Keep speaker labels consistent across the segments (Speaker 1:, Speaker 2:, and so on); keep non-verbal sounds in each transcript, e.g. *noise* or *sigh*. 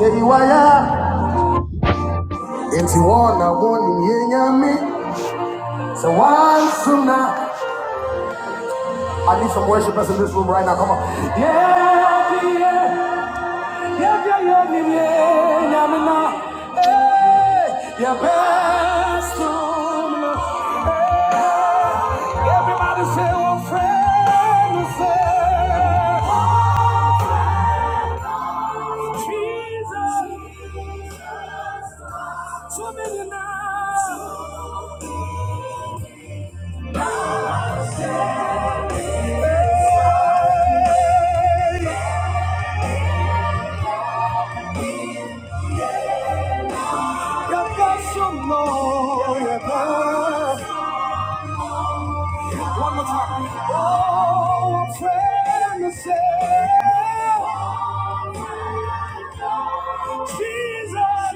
Speaker 1: Yeriwaya Enti wana woni yenyami So one sooner I need some worshipers in this room right now Come on Yeah, yeah, yeah, yeah, yeah, yeah, yeah, yeah, me now. Hey, yeah, best room, Lord. Hey, Everybody say, oh, friend, say, oh, friend, Jesus, to me now. One more time. Oh, a friend to say, Jesus.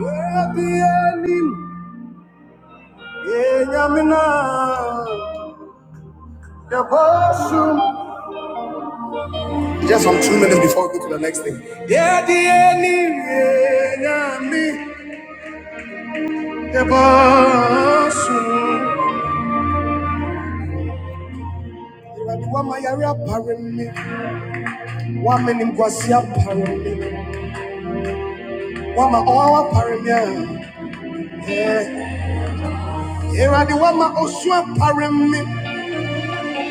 Speaker 1: Yeah, the enemy. Yeah, Yamina. you Just some two minutes before we go to the next thing. Yeah, the enemy. Yeah, Yamina. Yebasu. Awurade, wama yare apare wama nimguase apare wama ɔhaw apare eh. Awurade, wama osu apare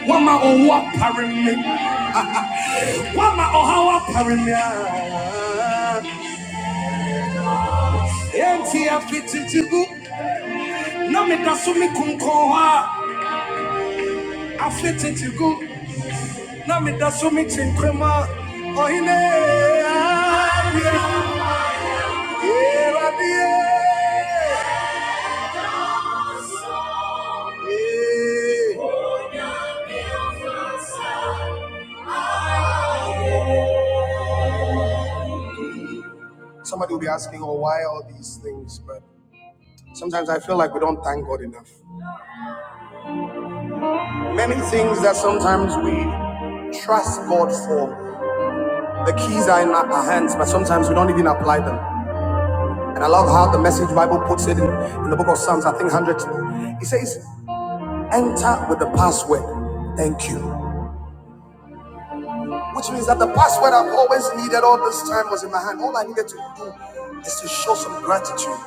Speaker 1: wama owu apare wama ɔhaw apare me a. na so me kunkun hɔ a, na so me kyenkwem a, ɔhene, adeɛ, Eh, Somebody will be asking, oh, why all these things? But sometimes I feel like we don't thank God enough. Many things that sometimes we trust God for. The keys are in our our hands, but sometimes we don't even apply them. And I love how the Message Bible puts it in, in the book of Psalms, I think 100. It says, enter with the password, thank you. Which means that the password I've always needed all this time was in my hand. All I needed to do is to show some gratitude.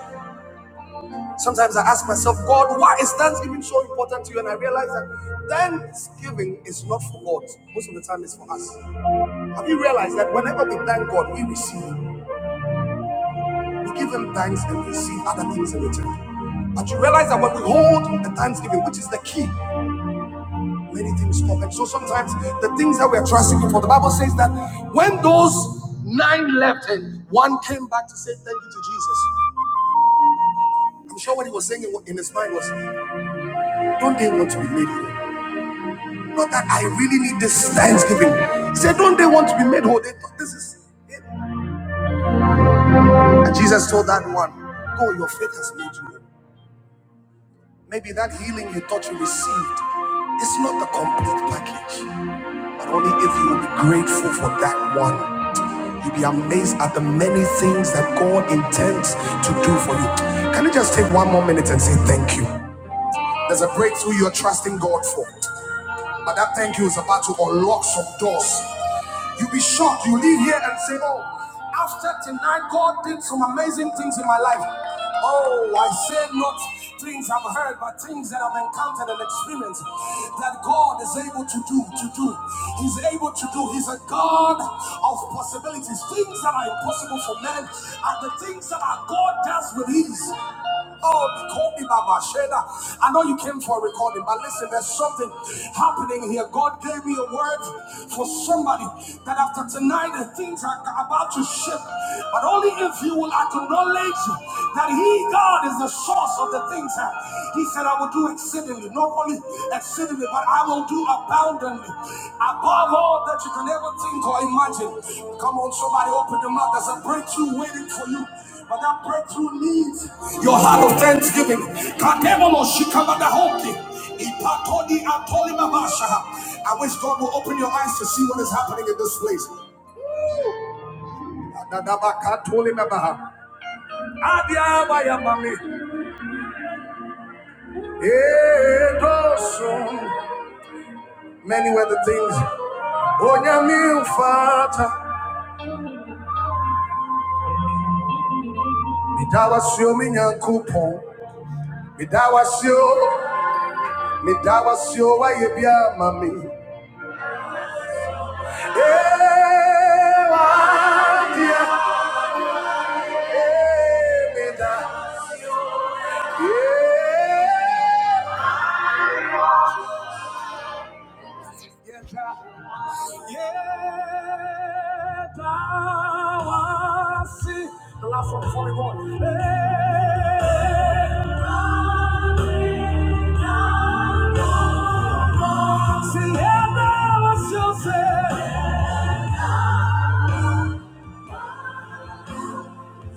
Speaker 1: Sometimes I ask myself, God, why is Thanksgiving so important to you? And I realize that Thanksgiving is not for God. Most of the time it's for us. Have you realized that whenever we thank God, we receive. We give him thanks and receive other things in return. But you realize that when we hold the Thanksgiving, which is the key, many things come. And so sometimes the things that we're trusting Him for, the Bible says that when those nine left and one came back to say thank you to Jesus, I'm sure what he was saying in in his mind was, Don't they want to be made whole? Not that I really need this thanksgiving. He said, Don't they want to be made whole? They thought this is it. And Jesus told that one, Go, your faith has made you whole. Maybe that healing you thought you received is not the complete package. But only if you will be grateful for that one. You'll be amazed at the many things that God intends to do for you. Can you just take one more minute and say thank you? There's a breakthrough you're trusting God for. But that thank you is about to unlock some doors. You'll be shocked. You leave here and say, Oh, after tonight, God did some amazing things in my life. Oh, I say not things I've heard, but things that I've encountered and experienced that God is able to do, to do. He's able to do. He's a God of possibilities. Things that are impossible for for men and the things that our God does with ease. Oh, they call me Baba Shela. I know you came for a recording, but listen, there's something happening here. God gave me a word for somebody that after tonight the things are about to shift. But only if you will acknowledge that He, God, is the source of the things. He said, I will do exceedingly, not only exceedingly, but I will do abundantly, above all that you can ever think or imagine. Come on, somebody, open your mouth. There's a breakthrough waiting for you. But that breakthrough needs your heart of thanksgiving. Kademolo shikabadahoki, ipatodi atolimabashaha. I wish God will open your eyes to see what is happening in this place. Adadabakatolimabaha. Adiabayamami. Edoso. many were the things. Onyame mfata, meda wasio me nyankopɔn, meda wasio, meda wasio wayɛ bi ama me. Eh, w'adeɛ, eh, meda, eh, yeta. Yet I see the last one, 41. Yet I see, yet I was yourself.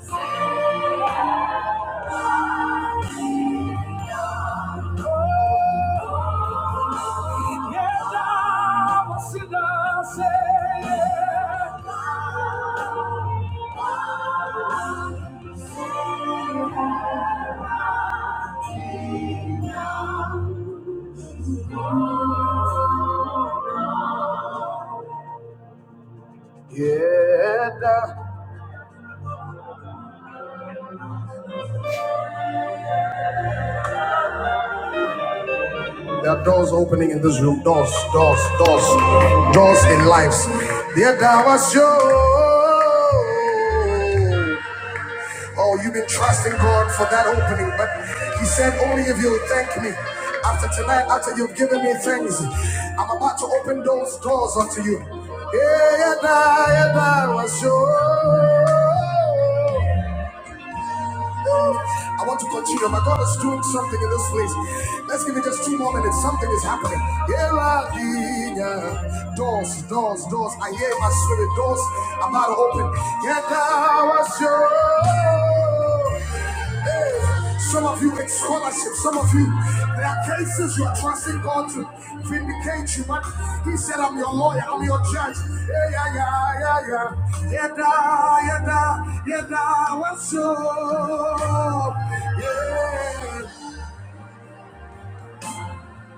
Speaker 1: Yet I was in the same. Yet I There are doors opening in this room. Doors, doors, doors, doors in lives. There thou was you. Oh, you've been trusting God for that opening, but He said only if you'll thank me. After tonight, after you've given me things, I'm about to open those doors unto you. Yeah, yeah, that, yeah, that was you. I want to continue. My God is doing something in this place. Let's give it just two more minutes. Something is happening. Here are the doors, doors, doors. I hear my spirit doors about to open. Yeah, now I was yours. Some of you in scholarship, some of you, there are cases you are trusting God to vindicate you, but He said, I'm your lawyer, I'm your judge. Yeah, yeah, yeah, yeah, yeah. Yada, yada, yada, what's up? Yeah.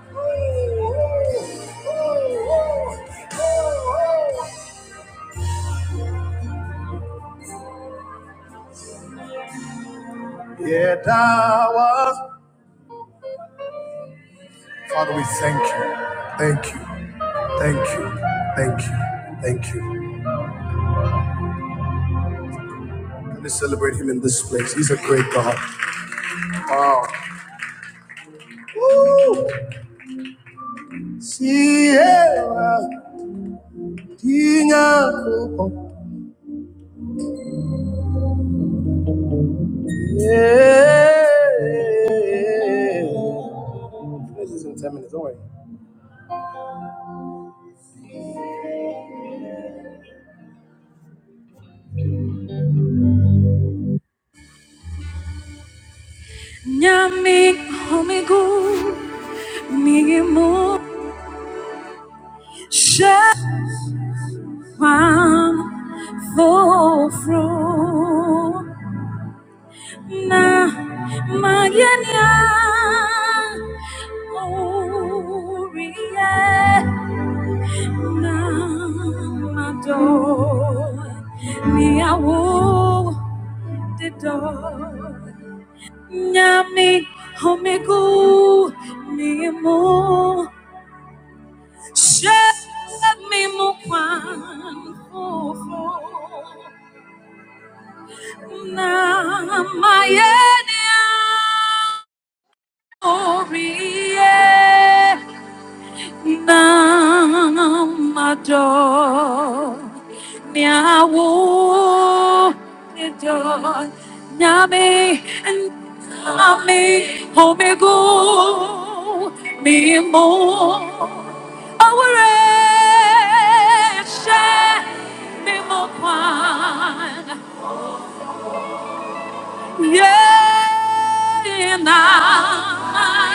Speaker 1: Oh, oh, oh, oh, oh. oh. Yeah, that was. Father, we thank you. Thank you. Thank you. Thank you. Thank you. Let's celebrate him in this place. He's a great God. Wow. Woo! Sierra, Tina, Kupo. Eh. Nyami homigu mimu shefam fofro na magenia. Oh, yeah. Nyami homegu ni mo shed me mo kwan fofo na my ori Nam ador nyawo nami, nyame nyame omego mi mo awure she mi mo kwan ye na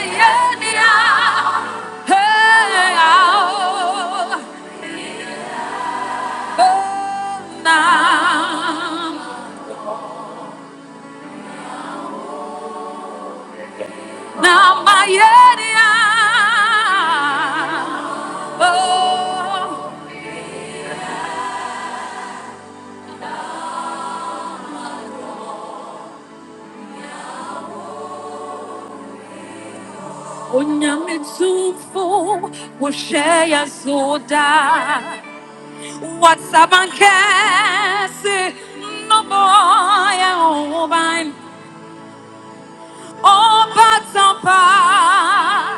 Speaker 1: ye dia hey oh. Now, now my area. Oh, onyamitufo woshaya zoda. What's up and case? No boy, Oh, but on fire.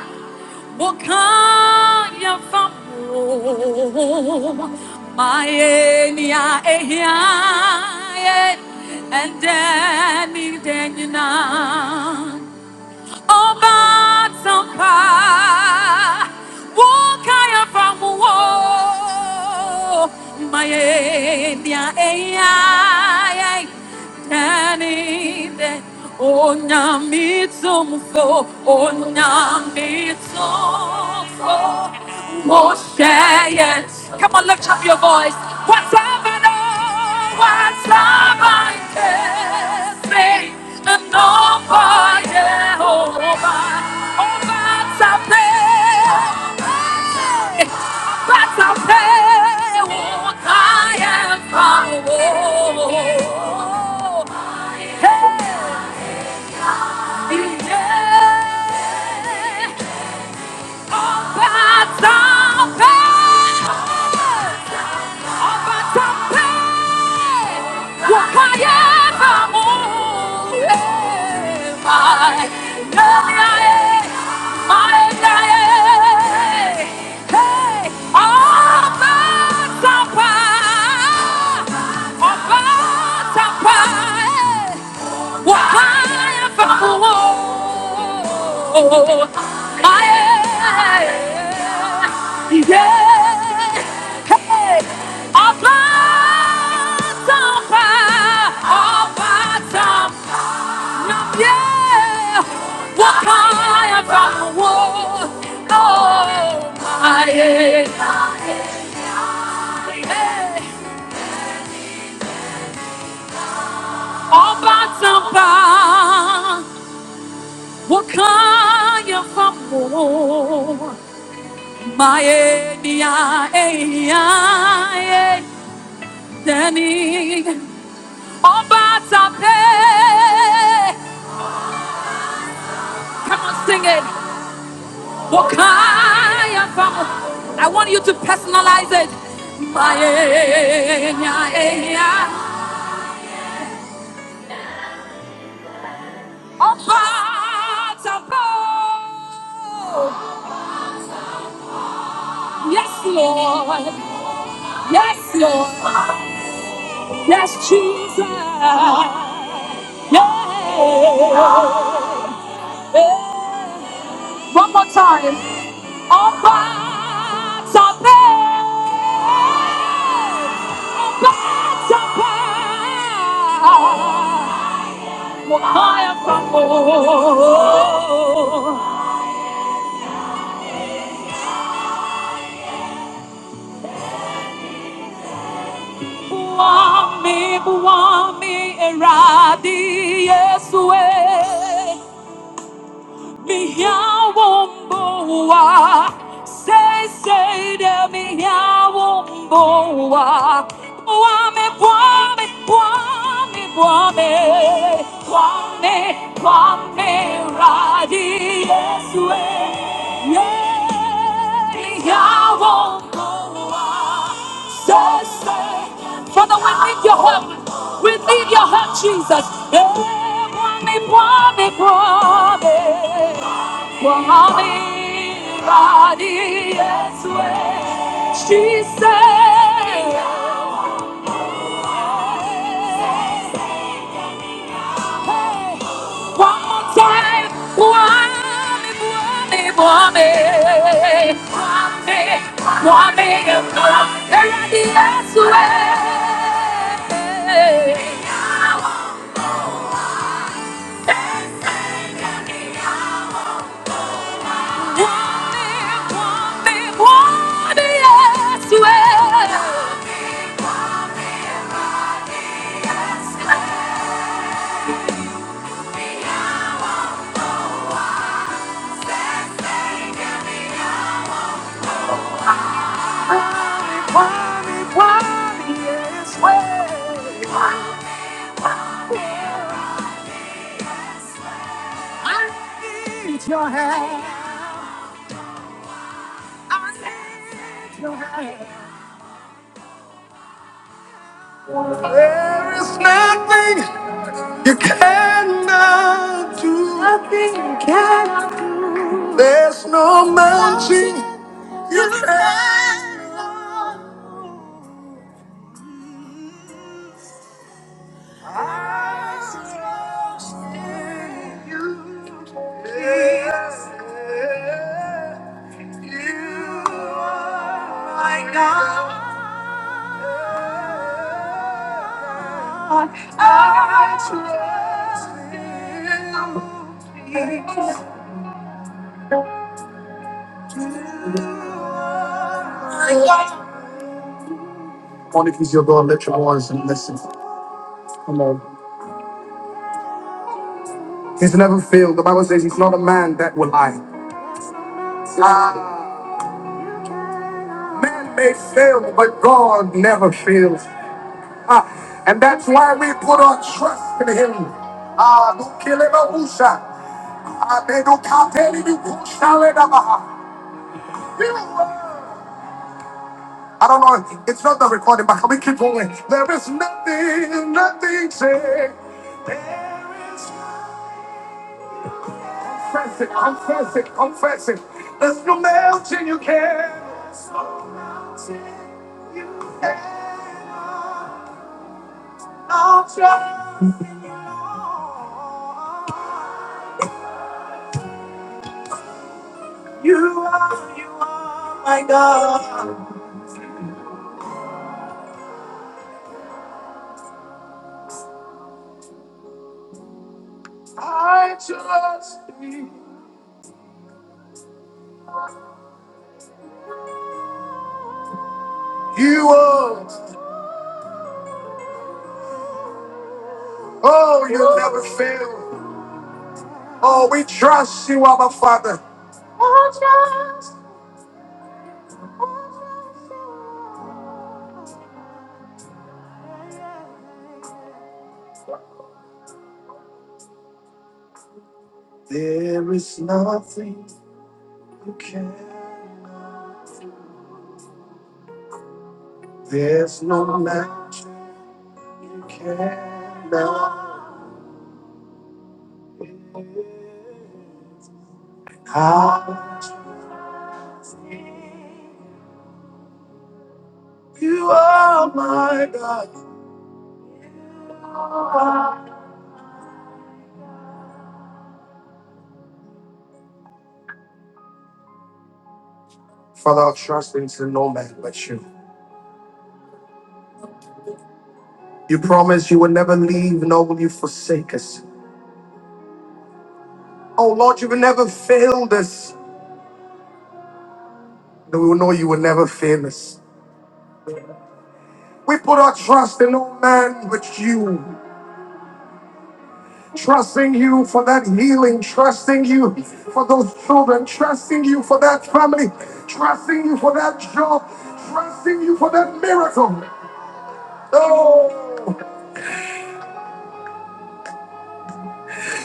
Speaker 1: 我看呀，发我，马耶尼亚耶呀耶，and then 你的你那。Obatampa, Wokaya from Wo, Mayendia Ai, Danny, Onyamitsumfo, Onyamitsumfo, Moshe, yes. Come on, lift up your voice. What's up and all? What's up and say? And no fire, Jehovah. Oh, oh, that's a pay. That's a pay. Oh, I am power. Hey, yeah. Oh, that's a pay. Ọbàtánpé, wọ̀káyé bàmú, ẹ̀, máa lórí ayé, máa dáyé. Hey, Ọbàtánpé, Ọbàtánpé, why if I want, I yeah, hey, all by some, all by some, yeah. Why if I want, oh my, all by some, what kind of a Maye dia e ya e deni Come on, sing it. Wakaya famo. I want you to personalize it. Maye dia e ya obata Yes, Lord. Yes, Lord. Yes, Jesus. Yeah. One more time. All backs are paid. All backs are paid. Mo kaya pa mo. Buwami, buwami, eradi, Yesu eh. Minha bomboa, sei, sei de minha bomboa. Boame, boame, boame, boame, boame, boame, radi, Yesu, yeah. Minha bomboa says, Father, we need your help. We need your help, Jesus. Eh, Kwame, Kwame, Kwame. Kwame, Radi, Yesu, eh. She said, "Hey, hey, hey." One more time. Wame, wame, wame. Wame, wame, wame. Eradi Yesu, eh. Wame, wame, wame, Yesu, eh. Wame, wame, Yesu, eh. I need your hand. I need your hand. My God, I trust you. Come if he's your God, let your voice and listen. Feel the man that will lie. Ah, man may fail, but God never fails. Ah, and that's why we put our trust in him. Ah, don't kill him, Abusa. Ah, they don't count any, you push, out I don't know, it's not the recording, but can we keep going? There is nothing, nothing saying you can stop my I trust you. You are, oh, you never fail. Oh, we trust you, our Father. There is nothing you can, there's no match you can. No, how you are my God. Father, I trust into no man but you. You promise you will never leave, nor will you forsake us. Oh Lord, you will never fail us. And we will know you will never fail us. We put our trust in no man but you. Trusting you for that healing, trusting you for those children, trusting you for that family, trusting you for that job, trusting you for that miracle. Oh,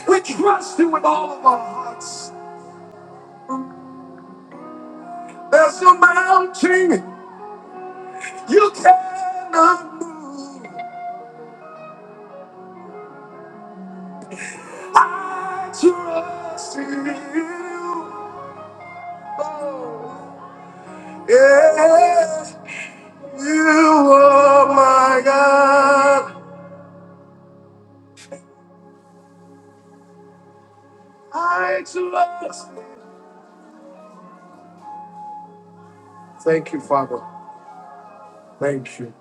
Speaker 1: we trust you with all of our hearts. Mounting, you cannot move. Trust in you. Oh, yes, you are my God. Thank you, Father. Thank you.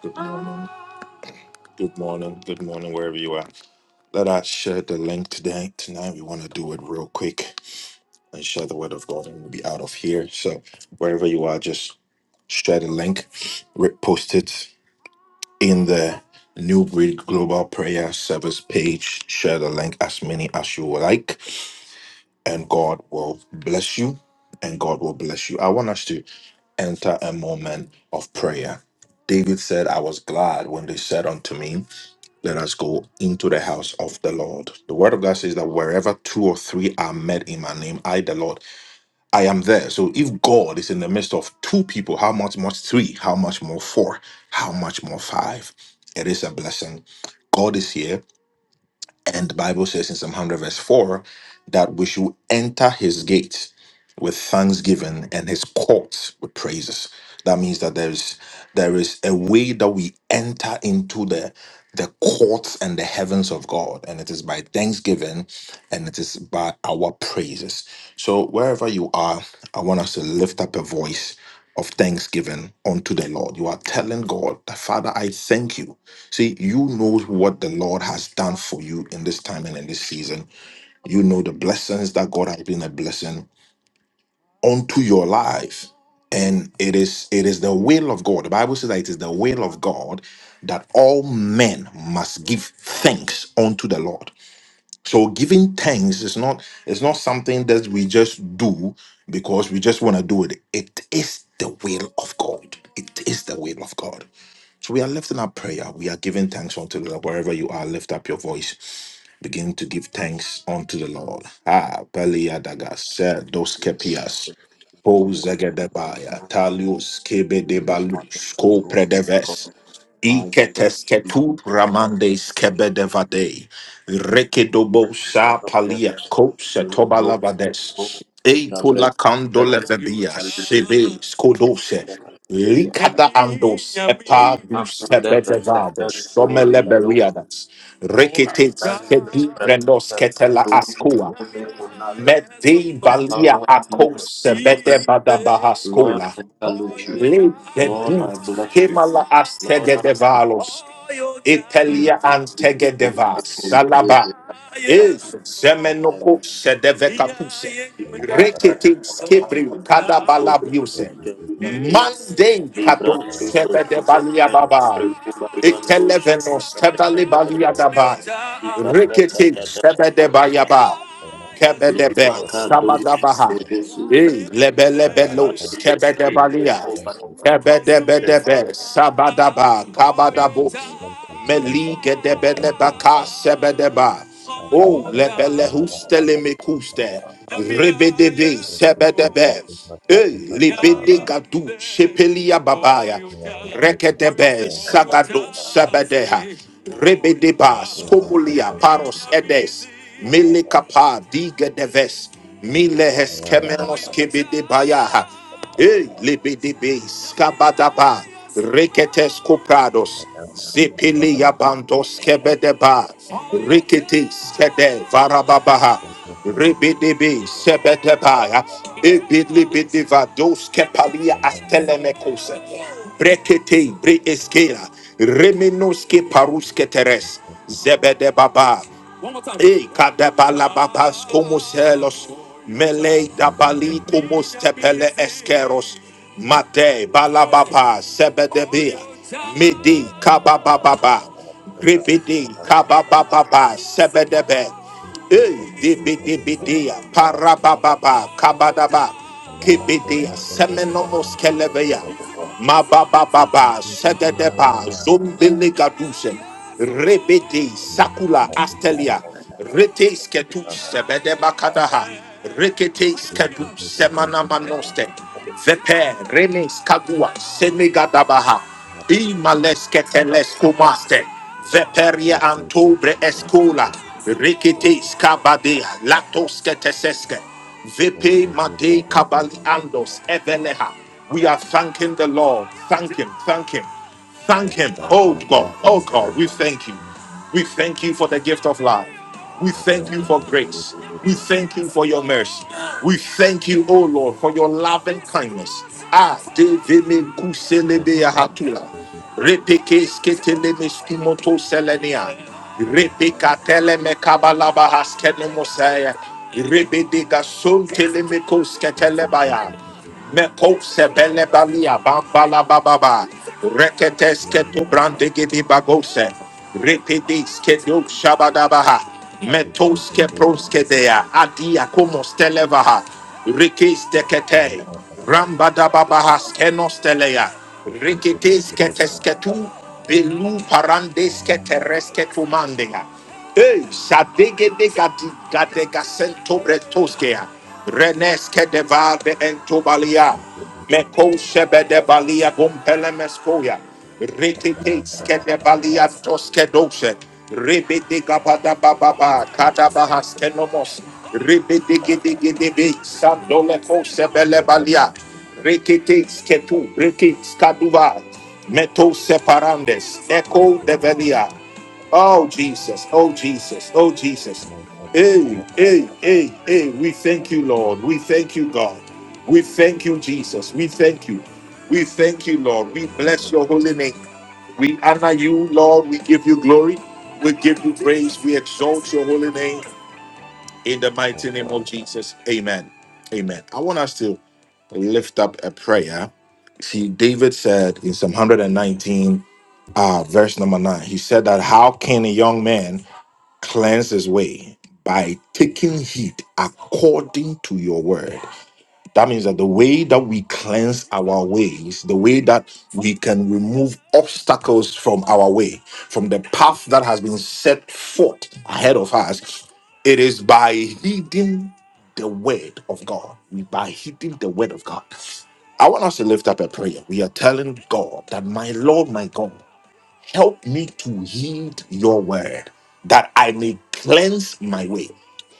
Speaker 1: Good morning. Good morning. Good morning, wherever you are. Let us share the link today. Tonight, we want to do it real quick and share the word of God, and we'll be out of here. So, wherever you are, just share the link, re- Post it in the New Breed Global Prayer Service page. Share the link as many as you like. and God will bless you, and God will bless you. I want us to enter a moment of prayer. David said, I was glad when they said unto me, Let us go into the house of the Lord. The word of God says that wherever two or three are met in my name, I, the Lord, I am there. So if God is in the midst of two people, how much more three? How much more four? How much more five? It is a blessing. God is here. And the Bible says in Psalm 100, verse 4, that we should enter his gates with thanksgiving and his courts with praises. That means that there is there is a way that we enter into the the courts and the heavens of God, and it is by thanksgiving and it is by our praises. So wherever you are, I want us to lift up a voice of thanksgiving unto the Lord. You are telling God, that, Father, I thank you. See, you know what the Lord has done for you in this time and in this season. You know the blessings that God has been a blessing Unto your life and it is it is the will of god the bible says that it is the will of god that all men must give thanks unto the lord so giving thanks is not it's not something that we just do because we just want to do it it is the will of god it is the will of god so we are lifting up prayer we are giving thanks unto the lord wherever you are lift up your voice begin to give thanks unto the lord ah pelia
Speaker 2: Yes,
Speaker 1: dagas
Speaker 2: for
Speaker 1: Pozegedebaya,
Speaker 2: I
Speaker 1: Talius
Speaker 2: speak your mother,
Speaker 1: Kebedebalus, Co
Speaker 2: who God,
Speaker 1: Predeves,
Speaker 2: I bless you,
Speaker 1: Iketesketu
Speaker 2: God,
Speaker 1: Ramandes Kebedevade,
Speaker 2: and Lord
Speaker 1: Rekedobosa
Speaker 2: of
Speaker 1: Palia,
Speaker 2: Lords,
Speaker 1: Co
Speaker 2: Rebroski,
Speaker 1: Setobalabades,
Speaker 2: Shabre,
Speaker 1: Eitola
Speaker 2: Ben,
Speaker 1: Candolevedia,
Speaker 2: and the living
Speaker 1: Sebe
Speaker 2: in
Speaker 1: Skodose,
Speaker 2: the Nigeria,
Speaker 1: Likata Andos,
Speaker 2: for you have
Speaker 1: Epadus
Speaker 2: not ever set them
Speaker 1: Kebedevades,
Speaker 2: to the Lados,
Speaker 1: Someleberiadas,
Speaker 2: and
Speaker 1: Reketes
Speaker 2: then the
Speaker 1: Kedu
Speaker 2: Spirit
Speaker 1: Brendos
Speaker 2: of the
Speaker 1: Ketela
Speaker 2: Lord
Speaker 1: Ascoa.
Speaker 2: shall come upon
Speaker 1: Mede
Speaker 2: the
Speaker 1: valia
Speaker 2: power of the
Speaker 1: akose
Speaker 2: Holy
Speaker 1: bede
Speaker 2: Spirit.
Speaker 1: bada
Speaker 2: Lord,
Speaker 1: bahaskola.
Speaker 2: I salute you.
Speaker 1: Le de
Speaker 2: Lord,
Speaker 1: du
Speaker 2: I bless you.
Speaker 1: kemala
Speaker 2: Lord,
Speaker 1: astege
Speaker 2: I
Speaker 1: de valos. Italia antege de vas. Salaba. is zemenoko sedeve kapuse.
Speaker 3: Father,
Speaker 1: Rekete
Speaker 3: we
Speaker 1: skibri kada balabiuse. Mande kado sebe de balia baba. Ekeleveno sebali balia daba. Rekete sebe de bayaba. Kebedebe,
Speaker 2: Makadosha,
Speaker 1: Sabadabaha,
Speaker 2: Odesu,
Speaker 1: Eh, Lebelebelos,
Speaker 2: Bade, Breke,
Speaker 1: Kebedebalia,
Speaker 2: Breko, Bade,
Speaker 3: Thank you.
Speaker 1: Kebedebedebe, Sabadaba,
Speaker 3: Thank
Speaker 1: Kabadabo,
Speaker 3: you. Thank you. Thank you. Thank you. Thank you. thank you, thank
Speaker 1: Meligedebedebaka,
Speaker 3: you.
Speaker 1: Sebedeba,
Speaker 3: And I'm
Speaker 1: Oh,
Speaker 3: so happy how that
Speaker 1: Lebelehustelemecuste, Rebedebe,
Speaker 3: is the focus
Speaker 1: Sebedebe,
Speaker 3: is not
Speaker 1: Eh,
Speaker 3: is not uh
Speaker 1: Libedegadu, Shepelia Babaya,
Speaker 3: one which is
Speaker 1: Rekedebe,
Speaker 3: very much is not
Speaker 1: Sagado,
Speaker 3: up
Speaker 1: Sebedeha,
Speaker 3: to
Speaker 1: Rebedeba,
Speaker 3: the business
Speaker 1: Skomulia, Paros,
Speaker 3: people
Speaker 1: Edes, Mele
Speaker 3: of
Speaker 1: kapa diga deves. Mile
Speaker 3: Iran, but
Speaker 1: heskemenos kebede bayaha. E lebedebe skabadaba. Reketes koprados.
Speaker 3: I am the people of
Speaker 1: Zepele
Speaker 3: the
Speaker 1: yabandos kebedeba. Reketes kede varababaha.
Speaker 3: business
Speaker 1: Rebedebe sebedebaya. Ebedebede vados kepalia
Speaker 3: and I'm so
Speaker 1: astelemekose. Brekete bre eskela. Remenos keparuske teres.
Speaker 3: happy.
Speaker 1: Zebede baba. E kadebala babas komos helos. Melei
Speaker 3: I'm so happy. I'm so happy. I'm so happy. I'm so
Speaker 1: dabali
Speaker 3: happy.
Speaker 1: komos tepele eskeros. Mate balababa sebedebea. Midi
Speaker 3: Thank
Speaker 1: kababababa. Gripidi kababababa sebedebe. Hey, debedebedea, parabababa, kabadaba, kebedea, semenomos kelebeya, mababababa, segedeba, zombelegaduse, rebede, sakula, astelia, rete sketu, sebedeba kadaha, rekete skedu, semanamanoste, vepe, rene skadua, senegadabaha, imales keteles kumaste, Veperia antobre escola. Rikete skabade latoske teseske. Vepe made kabali andos eveleha. We are thanking the Lord. Thank Him. Thank Him. Thank Him. Oh God. Oh God. We thank you. We thank you for the gift of life. We thank you for grace. We thank you for your mercy. We thank you, O Lord, for your love and kindness. Ah, de veme kuselebe yahatula. Repeke sketele meskimoto selenia. Repeka tele me kabalaba haskene mosaya. Rebede gason tele me kosketele baya. Meko sebele balia bambala bababa. Rekete sketo
Speaker 3: you.
Speaker 1: brande gidi bagose. Repede sketo shabadabaha. Metoske proskedea. Adia komostelevaha. Rikis dekete. Rambadababahas kenostelea. Rikitis ketesketu. Belu parandes keteres ketumandea. Hey, sadege de gadi gade gasento bretoskea. Renes kedeva de entobalia. Meko shebe de balia gompele meskoya. Reketes kedebaliatos kedoshe. Rebede gabada bababa kadabahas kenomos. Rebede gede gede be sandole kose belebalia. Reketes ketu reketes kaduva. Meto separandes. Echo de develia. Oh Jesus, oh Jesus, oh Jesus. Hey, hey, hey, hey, we thank you, Lord. We thank you, God. We thank you, Jesus. We thank you. We thank you, Lord. We bless your
Speaker 3: Thank
Speaker 1: holy name. We honor you, Lord. We give you glory. We give you praise. We exalt your holy name in the mighty name of Jesus. Amen. Amen. I want us to lift up a prayer. See, David said in Psalm 119, uh, verse number nine, he said that, How can a young man cleanse his way by taking heed according to your word. That means that the way that we cleanse our ways, the way that we can remove obstacles from our way, from the path that has been set forth ahead of us, it is by heeding the word of God. We by heeding the word of God. I want us to lift up a prayer. We are telling God that, my Lord, my God. Help me to heed your word that I may cleanse my way.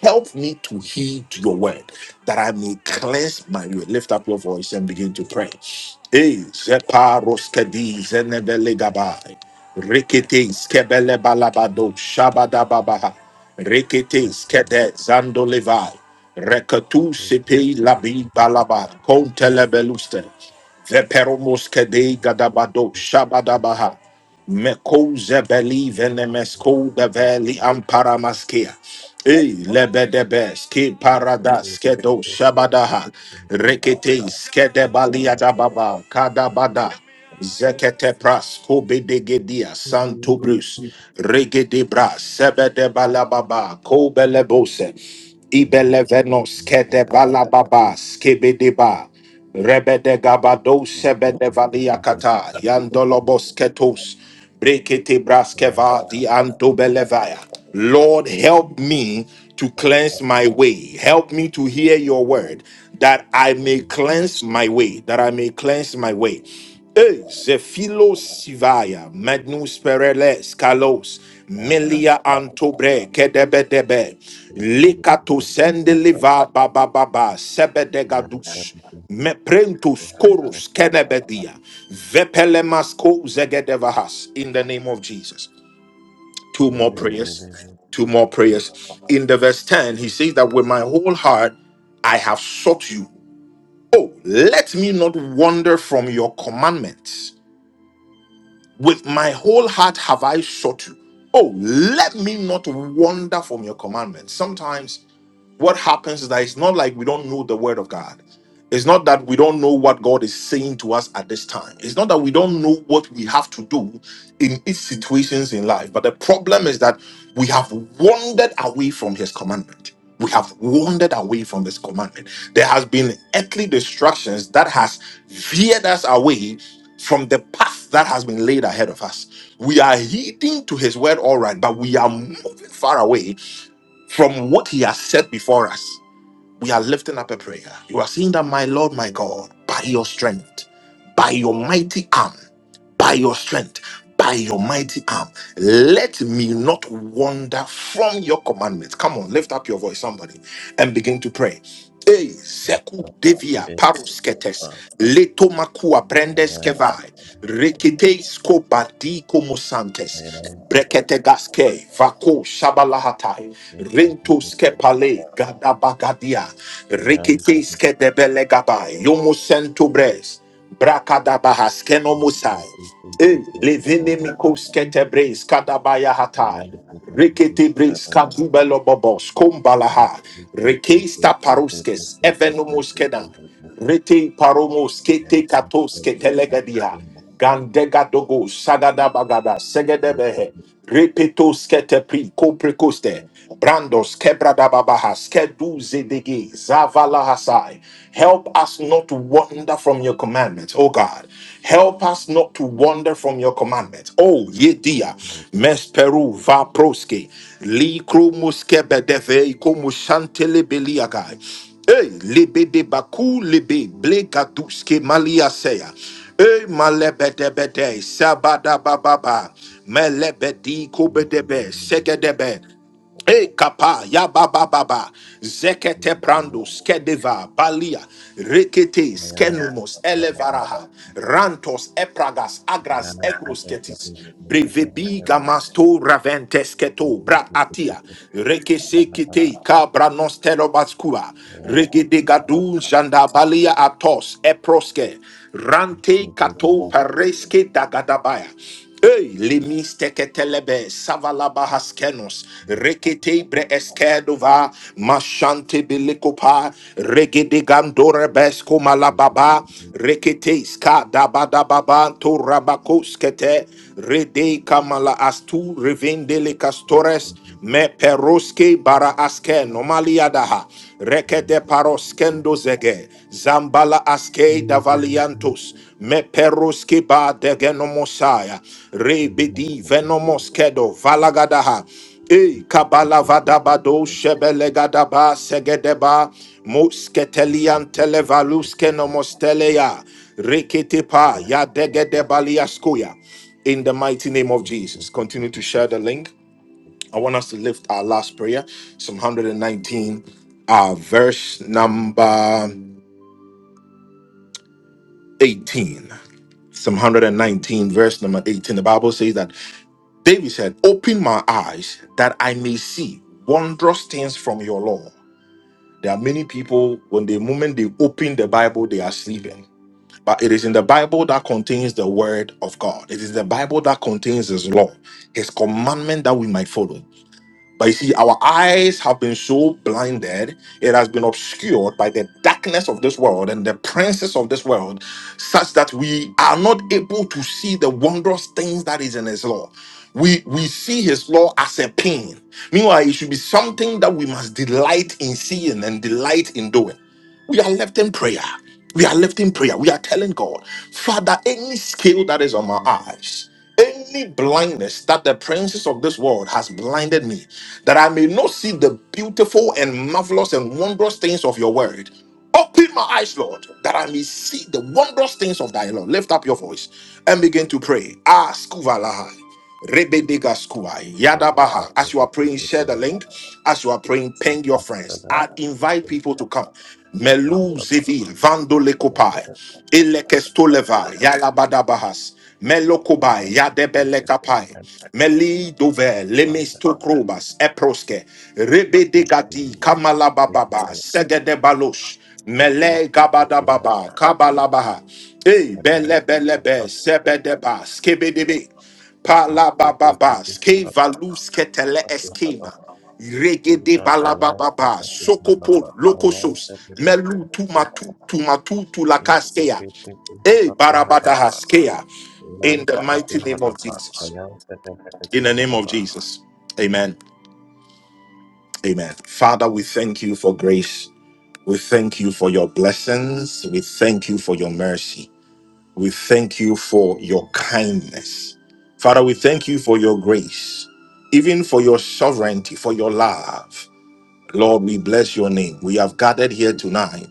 Speaker 1: Help me to heed your word that I may cleanse my way. Lift up your voice and begin to pray. Eh, zepa roskedi zenebele gabai. Rikete skebele balabado shabada babaha. Rikete skede zando levai. Rekatu sepe labi balaba. Kontele beluste. Veperomos kede gadabado shabadabaha. Meko zebeli venemesko develi amparamaskia. ei lebedebes ke paradas kedo shabadaha. Rekete skedebali adababa kadabada. Zekete pras kobedegedia santo brus. Regede bras sebede balababa kobelebose. Ibelevenos kede
Speaker 3: you.
Speaker 1: balababa skedeba. Rebede gabado sebede valia kata yandolobos ketos brekete braskeva di antobelevaya. Lord, help me to cleanse my way. Help me to hear your word, that I may cleanse my way. That I may cleanse my way. E Zefilo Sivaya, Magnus Pereles, Kalos, Melia Antobre, Kedebedebe, Likato Sendeliva Baba Baba, Sebedegadus. Meprentus korus kenebedia. Vepelemasko zegedevahas. In the name of Jesus. Two more prayers. Two more prayers. In the verse 10, he says that with my whole heart I have sought you. Oh, let me not wander from your commandments. With my whole heart have I sought you. Oh, let me not wander from your commandments. Sometimes what happens is that it's not like we don't know the word of God. It's not that we don't know what God is saying to us at this time. It's not that we don't know what we have to do in each situations in life. But the problem is that we have wandered away from his commandment. We have wandered away from his commandment. There has been earthly distractions that has veered us away from the path that has been laid ahead of us. We are heeding to his word all right, but we are moving far away from what he has said before us, we are lifting up a prayer. You are saying that, my Lord, my God, by your strength, by your mighty arm by your strength, by your mighty arm. Let me not wander from your commandments. Come on, lift up your voice, somebody, and begin to pray. Hey, Seku Devia Parusketes,
Speaker 3: I
Speaker 1: Letomakua Brendes Kevai, Reketes Kobadi Komosantes, Breketegaske, Vako Shabalahatai, Rento Skepale, Gadabagadia, Reketes Kedebele Gabai, Yomo Sento Bres. Brakadabahas kenomusai. Eh, levene mikos ketebres kadabaya hatai. Rekete bres kadubelo bobos kumbalaha. Rekesta paruskes evenomus kedan.
Speaker 3: am
Speaker 1: Rete paromos
Speaker 3: and
Speaker 1: kete
Speaker 3: I
Speaker 1: katos
Speaker 3: pray not that
Speaker 1: ketelegadia.
Speaker 3: you know,
Speaker 1: Gandega dogo sagada bagada
Speaker 3: spirit of
Speaker 1: segedebehe.
Speaker 3: the
Speaker 1: Repetos ketepri koprekoste. Brandos kebradababahas keduzedege zavalahasai. Help us not to wander from your commandments, oh God. Help us not to wander from your commandments. Oh yedia
Speaker 3: spirit,
Speaker 1: mesperu vaproske li kromuskebedefe ikomushantele beliagai. Hey, lebe de baku lebe bleka duske malia seya. Eh, malebedebede, sabadabababa, melebedi
Speaker 3: please forgive me
Speaker 1: kobedebe, sekedebe. E kapa ya baba baba
Speaker 3: for the
Speaker 1: zekete
Speaker 3: evil
Speaker 1: prando skedeva balia rekete
Speaker 3: man,
Speaker 1: skenumos
Speaker 3: of the man of
Speaker 1: elevaraha rantos epragas
Speaker 3: the man,
Speaker 1: agras
Speaker 3: and
Speaker 1: egros
Speaker 3: that the evil man of the
Speaker 1: brevebi
Speaker 3: man,
Speaker 1: gamasto raventes
Speaker 3: and that the evil
Speaker 1: keto
Speaker 3: man of the man, and
Speaker 1: brat
Speaker 3: that the
Speaker 1: atia
Speaker 3: man, and
Speaker 1: rekese
Speaker 3: that the man, and that the man,
Speaker 1: kite kabra nosterobaskua regede gadu janda balia atos eproske rante kato pareske dagadabaya Hey, limis teketelebe savalaba haskenos rekete bre eskedova mashante bilikopa regede gandore besko malababa rekete ska daba daba ba to rabakoskete rede kamala astu revendele castores
Speaker 3: and
Speaker 1: me peroske bara aske nomaliadaha Rekede paroskendo zege. Zambala aske davaliantus. Me peruski ba degenomosaya. Rebidi venomoskedo valagadaha. E kabala vadabado shebelegadaba segedeba musketelian televaluske nomosteleya reketepa ya degedebaliaskuya. In the mighty name of Jesus, continue to share the link. I want us to lift our last prayer, Psalm 119, uh, verse number 18. Psalm 119, verse number 18. The Bible says that David said, Open my eyes that I may see wondrous things from your law. There are many people, when the moment they open the Bible, they are sleeping. But it is in the Bible that contains the word of God. It is the Bible that contains his law, his commandment that we might follow. But you see, our eyes have been so blinded, it has been obscured by the darkness of this world and the princes of this world, such that we are not able to see the wondrous things that is in his law. We we see his law as a pain. Meanwhile, it should be something that we must delight in seeing and delight in doing. We are lifting prayer. We are lifting prayer. We are telling God, Father, any scale that is on my eyes, any blindness that the princes of this world has blinded me, that I may not see the beautiful and marvelous and wondrous things of your word. Open my eyes, Lord, that I may see the wondrous things of thy law. Lift up your voice and begin to pray. Ah, Skuvalahai. Rebedegaskuai, Yadabaha. As you are praying, share the link. As you are praying, ping your
Speaker 3: that the
Speaker 1: friends.
Speaker 3: man,
Speaker 1: I invite
Speaker 3: Excellent.
Speaker 1: people to come. Melu Zivi, Vando Lekopai, Elekestoleva, Yalabadabahas, Melokobai, Yadebelekapai, Meli Dove, Lemistokrobas, Eproske, Rebedegati, Kamalabababa, Segedebalosh, Mele Gabadababa, Kabalabaha, Hey, Bele Bele Be, Sebedeba, Skebedebe. Pala baba bas, ke valus ketele eskema. Regede balaba baba, sokopo lokosos, melu tumatu tumatu tulakaskeya. E barabadahaskeya. In the mighty name of Jesus. In the name of Jesus. Amen. Amen. Father, we thank you for grace. We thank you for your blessings. We thank you for your mercy. We thank you for your kindness. Father, we thank you for your grace, even for your sovereignty, for your love. Lord, we bless your name. We have gathered here tonight,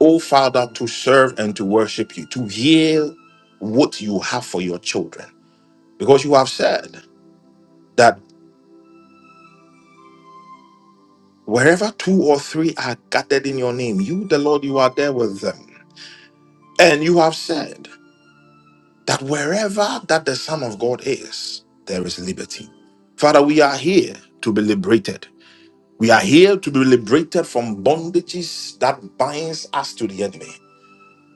Speaker 1: oh Father, to serve and to worship you, to hear what you have for your children. Because you have said that wherever two or three are gathered in your name, you, the Lord, you are there with them. And you have said that wherever that the Son of God is, there is liberty. Father, we are here to be liberated. We are here to be liberated from bondages that binds us to the enemy,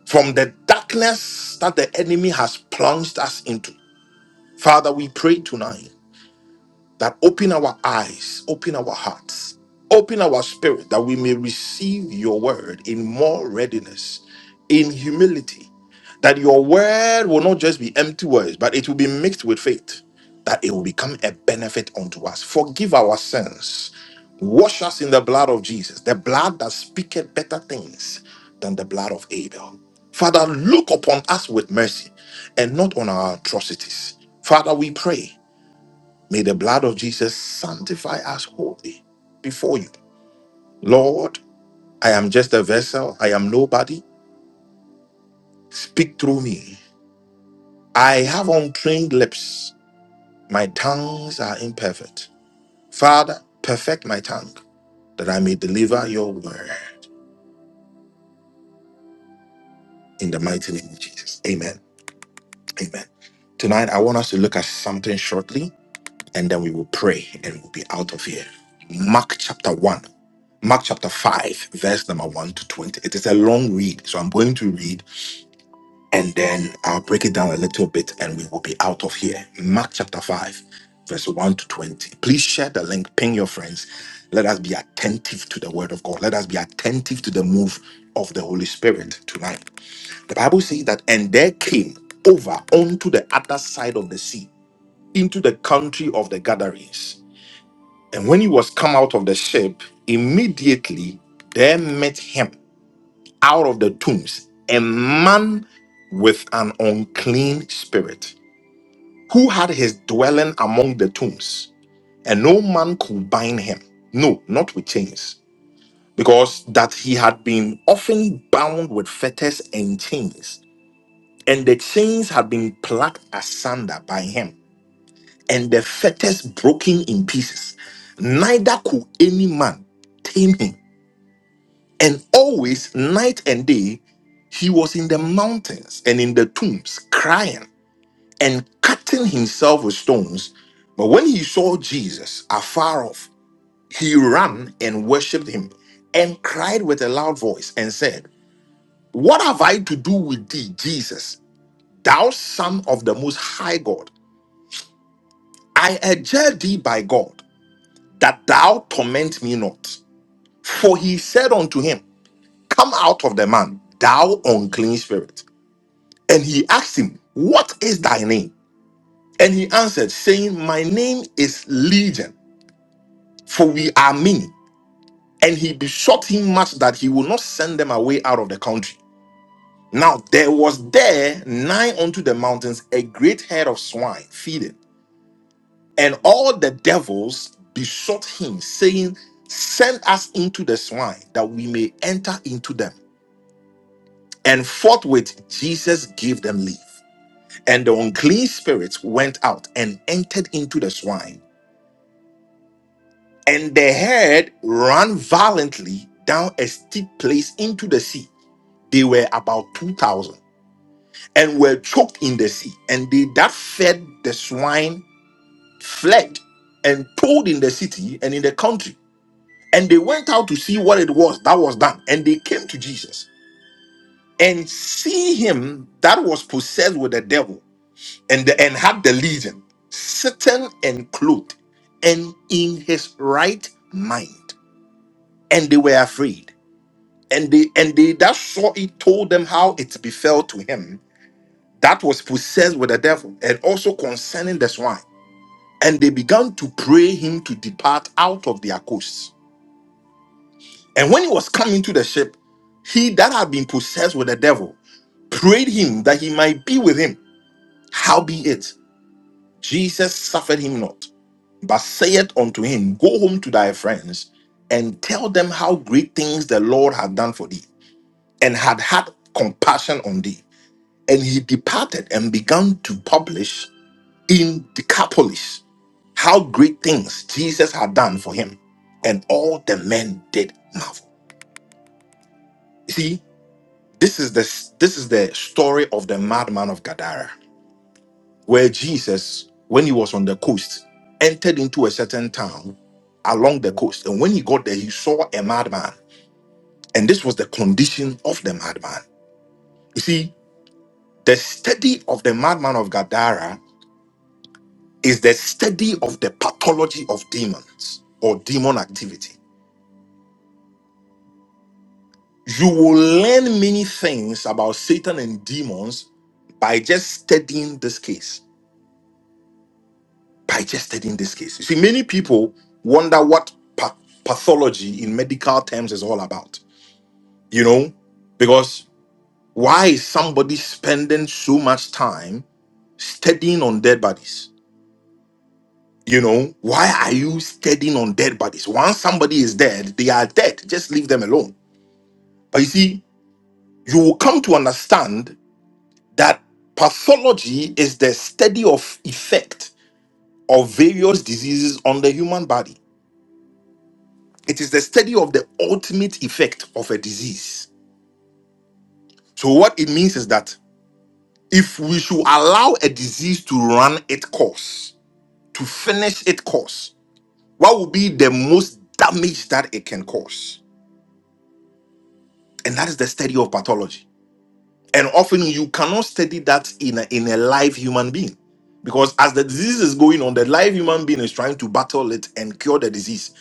Speaker 1: from the darkness that the enemy has plunged us into. Father, we pray tonight that open our eyes, open our hearts, open our spirit that we may receive your word in more readiness, in humility, that your word will not just be empty words, but it will be mixed with faith, that it will become a benefit unto us. Forgive our sins, wash us in the blood of Jesus, the blood that speaketh better things than the blood of Abel. Father, look upon us with mercy and not on our atrocities. Father, we pray May the blood of Jesus sanctify us wholly before you. Lord, I am just a vessel. I am nobody. Speak through me. I have untrained lips. My tongues are imperfect. Father, perfect my tongue that I may deliver your word in the mighty name of Jesus. Amen. Amen. Tonight, I want us to look at something shortly. and then we will pray and we'll be out of here. Mark chapter 1, Mark chapter 5, verse number 1 to 20. It is a long read, so I'm going to read and then I'll break it down a little bit and we will be out of here. Mark chapter 5, verse 1 to 20. Please share the link, ping your friends. Let us be attentive to the word of God. Let us be attentive to the move of the Holy Spirit tonight. The Bible says that, and there came over onto the other side of the sea into the country of the Gadarenes. And when he was come out of the ship, immediately there met him out of the tombs a man with an unclean spirit, who had his dwelling among the tombs, and no man could bind him. No, not with chains, because that he had been often bound with fetters and chains, and the chains had been plucked asunder by him, and the fetters broken in pieces. Neither could any man tame him. And always, night and day, he was in the mountains and in the tombs, crying and cutting himself with stones. But when he saw Jesus afar off, he ran and worshipped him and cried with a loud voice and said, What have I to do with thee, Jesus, thou son of the most high God? I adjure thee by God that thou torment me not. For he said unto him, Come out of the man, thou unclean spirit. And he asked him, What is thy name? And he answered, saying, My name is Legion, for we are many. And he besought him much that he would not send them away out of the country. Now there was there nigh unto the mountains a great herd of swine feeding. And all the devils besought him, saying, Send us into the swine, that we may enter into them. And forthwith Jesus gave them leave. And the unclean spirits went out and entered into the swine. And the herd ran violently down a steep place into the sea. They were about 2,000 and were choked in the sea. And they that fed the swine fled and told in the city and in the country. And they went out to see what it was that was done. And they came to Jesus and see him that was possessed with the devil and the, and had the legion sitting and clothed and in his right mind and they were afraid and they and they that saw it told them how it befell to him that was possessed with the devil and also concerning the swine and they began to pray him to depart out of their coasts and when he was coming to the ship he that had been possessed with the devil prayed him that he might be with him howbeit jesus suffered him not but saith unto him, Go home to thy friends and tell them how great things the Lord had done for thee, and had had compassion on thee. And he departed and began to publish in Decapolis how great things Jesus had done for him, and all the men did marvel. You See, this is the this is the story of the madman of Gadara. where Jesus, when he was on the coast, entered into a certain town along the coast. And when he got there, he saw a madman. And this was the condition of the madman. You see, the study of the madman of Gadara is the study of the pathology of demons or demon activity. You will learn many things about Satan and demons by just studying this case. digested in this case. You see, many people wonder what pa- pathology in medical terms is all about, you know, because why is somebody spending so much time studying on dead bodies? You know, why are you studying on dead bodies? Once somebody is dead, they are dead. Just leave them alone. But you see, you will come to understand that pathology is the study of effect of various diseases on the human body It is the study of the ultimate effect of a disease. So, what it means is that if we should allow a disease to run its course, to finish its course, what will be the most damage that it can cause? And that is the study of pathology. And often you cannot study that in a, in a live human being. Because as the disease is going on, the live human being is trying to battle it and cure the disease.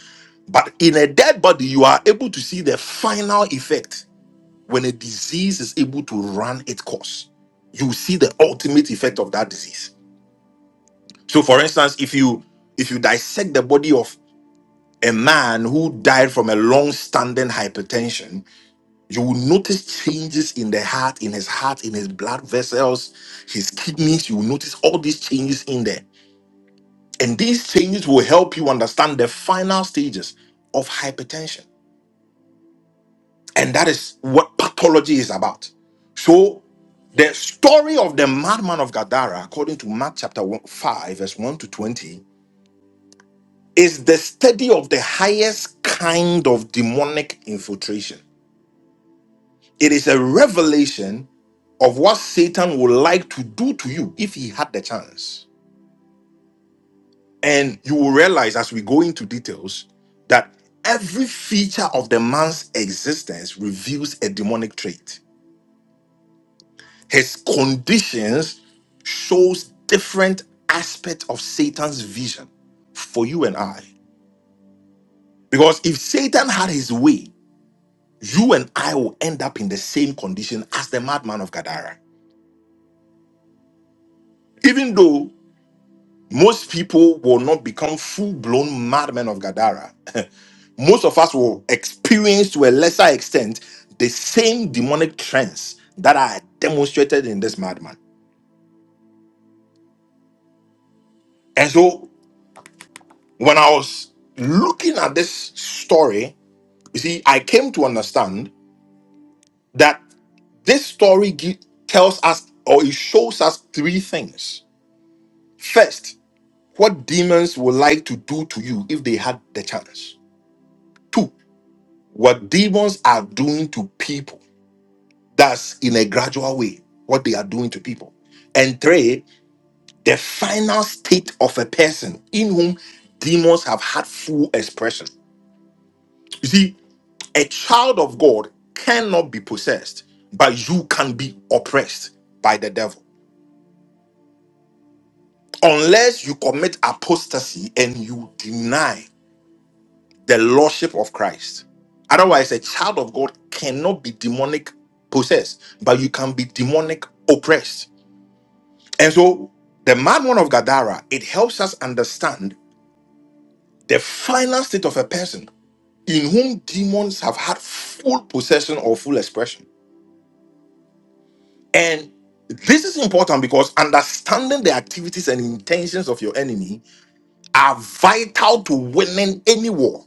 Speaker 1: But in a dead body, you are able to see the final effect When a disease is able to run its course, you see the ultimate effect of that disease. So, for instance, if you if you dissect the body of a man who died from a long-standing hypertension, you will notice changes in the heart, in his heart, in his blood vessels, his kidneys. You will notice all these changes in there. And these changes will help you understand the final stages of hypertension. And that is what pathology is about. So, the story of the madman of Gadara, according to Mark chapter one- 5, verse 1 to 20, is the study of the highest kind of demonic infiltration. It is a revelation of what Satan would like to do to you if he had the chance. And you will realize as we go into details that every feature of the man's existence reveals a demonic trait His conditions shows different aspect of Satan's vision for you and I. Because if Satan had his way, you and I will end up in the same condition as the madman of Gadara. Even though most people will not become full blown madmen of Gadara, *laughs* most of us will experience to a lesser extent the same demonic trends that are demonstrated in this madman. And so when I was looking at this story, You see, I came to understand that this story gi- tells us or it shows us three things. First, what demons would like to do to you if they had the chance. Two, what demons are doing to people. That's in a gradual way, what they are doing to people. And three, the final state of a person in whom demons have had full expression. You see, a child of God cannot be possessed, but you can be oppressed by the devil. Unless you commit apostasy and you deny the lordship of Christ. Otherwise, a child of God cannot be demonic possessed, but you can be demonic oppressed. And so, the madman of Gadara, it helps us understand the final state of a person in whom demons have had full possession or full expression. And this is important because understanding the activities and intentions of your enemy are vital to winning any war.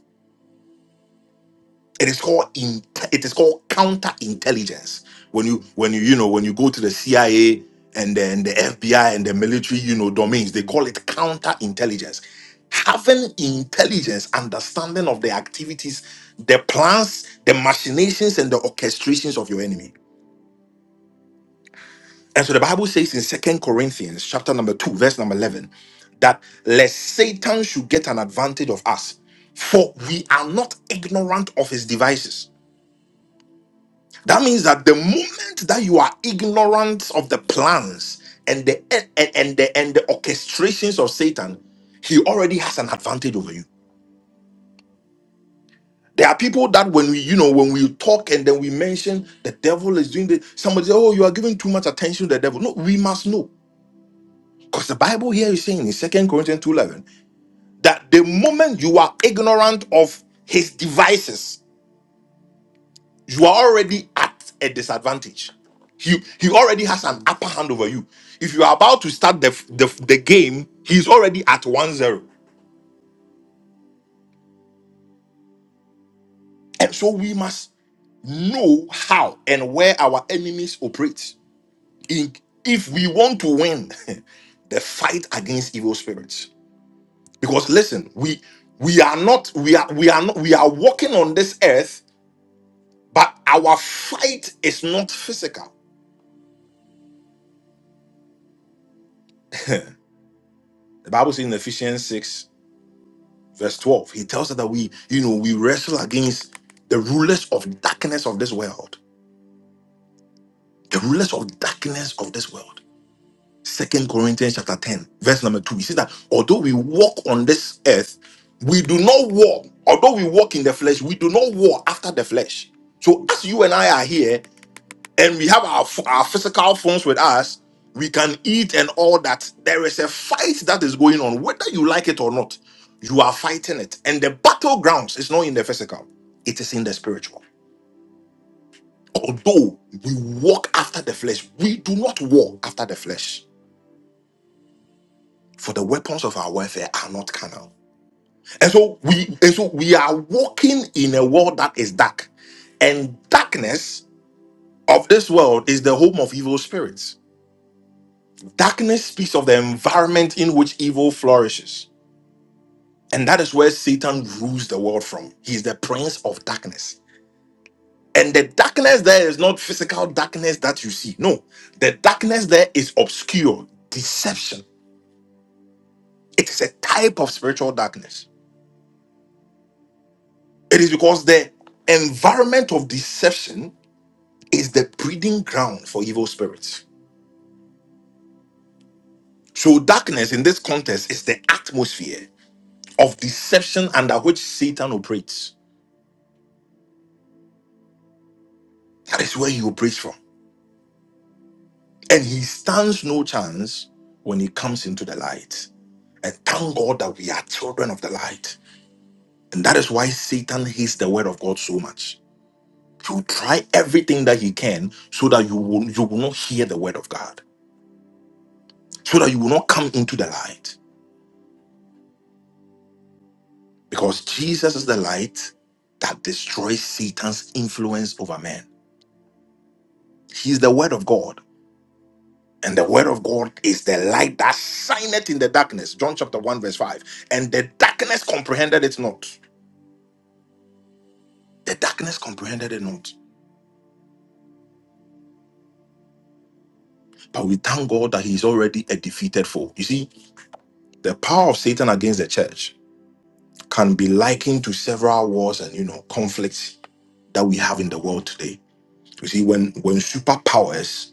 Speaker 1: It is called in, it is called counterintelligence. When you when you you know when you go to the CIA and then the FBI and the military you know domains, they call it counterintelligence. Having intelligence, understanding of the activities, the plans, the machinations, and the orchestrations of your enemy And so the Bible says in Second Corinthians chapter number 2, verse number 11, that lest Satan should get an advantage of us, for we are not ignorant of his devices. That means that the moment that you are ignorant of the plans and the and, and the and the orchestrations of Satan, he already has an advantage over you. There are people that when we, you know, when we talk and then we mention the devil is doing the somebody, say, oh, you are giving too much attention to the devil. No, we must know. Because the Bible here is saying in Second Corinthians 2.11 that the moment you are ignorant of his devices, you are already at a disadvantage. He, he already has an upper hand over you. If you are about to start the, the, the game, he's already at one zero. And so we must know how and where our enemies operate in, if we want to win *laughs* the fight against evil spirits. Because listen, we we are not we are we are not we are walking on this earth But our fight is not physical. The Bible says in Ephesians 6, verse 12, he tells us that we, you know, we wrestle against the rulers of darkness of this world. The rulers of darkness of this world. Second Corinthians chapter 10, verse number 2. He says that although we walk on this earth, we do not war. Although we walk in the flesh, we do not war after the flesh. So as you and I are here, and we have our, ph- our physical phones with us, we can eat and all that. There is a fight that is going on, whether you like it or not. You are fighting it. And the battlegrounds is not in the physical, it is in the spiritual. Although we walk after the flesh, we do not walk after the flesh. For the weapons of our warfare are not carnal. And so we and so we are walking in a world that is dark. And darkness of this world is the home of evil spirits. Darkness speaks of the environment in which evil flourishes. And that is where Satan rules the world from. He is the prince of darkness. And the darkness there is not physical darkness that you see. No, the darkness there is obscure, deception. It is a type of spiritual darkness. It is because the environment of deception is the breeding ground for evil spirits. So, darkness in this context is the atmosphere of deception under which Satan operates. That is where he operates from. And he stands no chance when he comes into the light. And thank God that we are children of the light. And that is why Satan hates the word of God so much. He will try everything that he can so that you will, you will not hear the word of God, so that you will not come into the light. Because Jesus is the light that destroys Satan's influence over man. He is the word of God. And the word of God is the light that shineth in the darkness. John chapter 1, verse 5. And the darkness comprehended it not The darkness comprehended it not. But we thank God that He is already a defeated foe. You see, the power of Satan against the church can be likened to several wars and you know conflicts that we have in the world today. You see, when when superpowers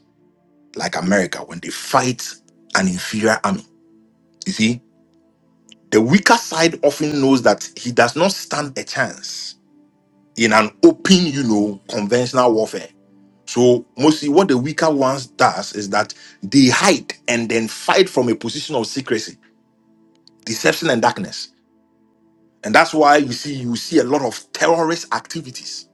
Speaker 1: like America, when they fight an inferior army, you see, the weaker side often knows that he does not stand a chance in an open, you know, conventional warfare. So mostly what the weaker ones does is that they hide and then fight from a position of secrecy, deception, and darkness. And that's why you see you see a lot of terrorist activities.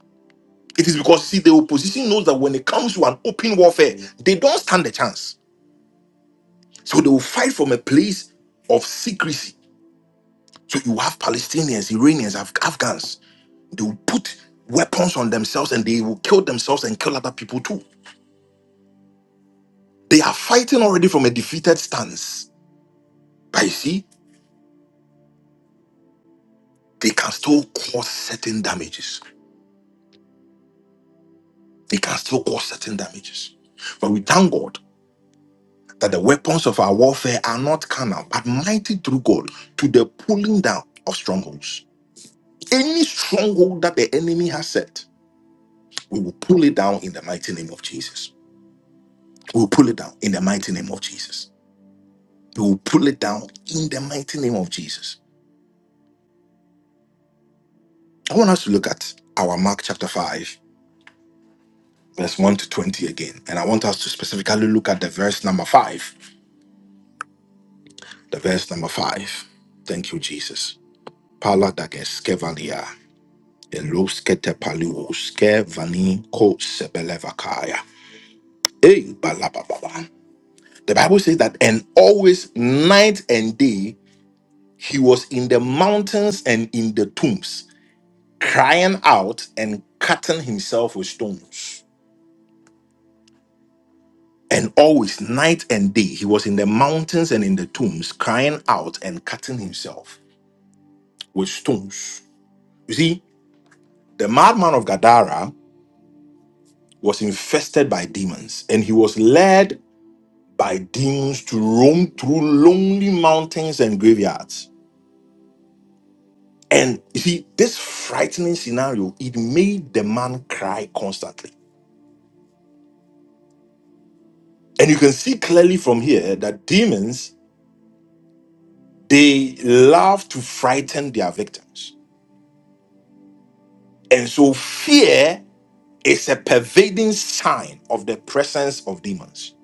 Speaker 1: It is because see the opposition knows that when it comes to an open warfare, they don't stand a chance. So they will fight from a place of secrecy. So you have Palestinians, Iranians, Af- Afghans. They will put weapons on themselves and they will kill themselves and kill other people too. They are fighting already from a defeated stance. But you see? they can still cause certain damages. They can still cause certain damages. But we thank God that the weapons of our warfare are not carnal, but mighty through God to the pulling down of strongholds. Any stronghold that the enemy has set, we will pull it down in the mighty name of Jesus. We will pull it down in the mighty name of Jesus. We will pull it down in the mighty name of Jesus. I want us to look at our Mark chapter 5, verse 1 to 20 again. And I want us to specifically look at the verse number 5 The verse number five. Thank you, Jesus. Pala dageskevalia. Eloskete paluoske vani ko sebelevakaya. Hey, balababa. The Bible says that, and always night and day, he was in the mountains and in the tombs, crying out and cutting himself with stones. And always night and day, he was in the mountains and in the tombs, crying out and cutting himself with stones. You see, the madman of Gadara was infested by demons, and he was led by demons to roam through lonely mountains and graveyards. And you see, this frightening scenario, it made the man cry constantly. And you can see clearly from here that demons, they love to frighten their victims. And so fear is a pervading sign of the presence of demons.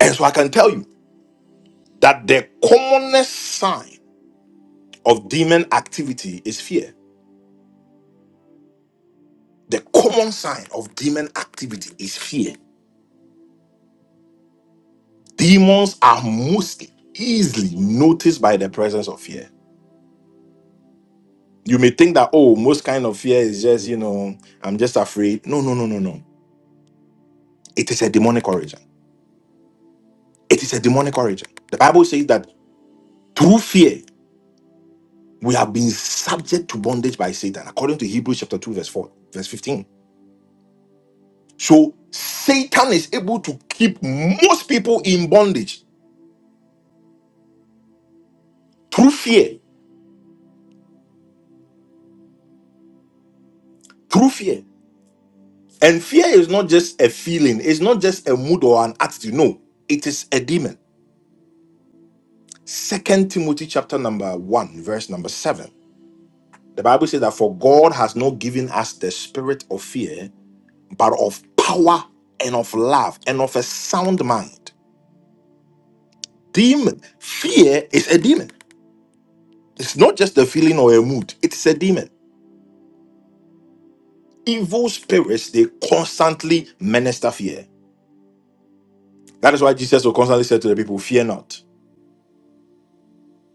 Speaker 1: And so I can tell you that the commonest sign of demon activity is fear. The common sign of demon activity is fear. Demons are most easily noticed by the presence of fear. You may think that, oh, most kind of fear is just, you know, I'm just afraid. No, no, no, no, no. It is a demonic origin. It is a demonic origin. The Bible says that through fear, we have been subject to bondage by Satan, according to Hebrews chapter 2, verse 4, verse 15. So Satan is able to keep most people in bondage through fear. Through fear. And fear is not just a feeling, it's not just a mood or an attitude. No, it is a demon. Second Timothy chapter number one, verse number seven. The Bible says that for God has not given us the spirit of fear, but of power and of love and of a sound mind. Demon. Fear is a demon. It's not just a feeling or a mood, it's a demon. Evil spirits, they constantly minister fear. That is why Jesus will constantly say to the people, Fear not.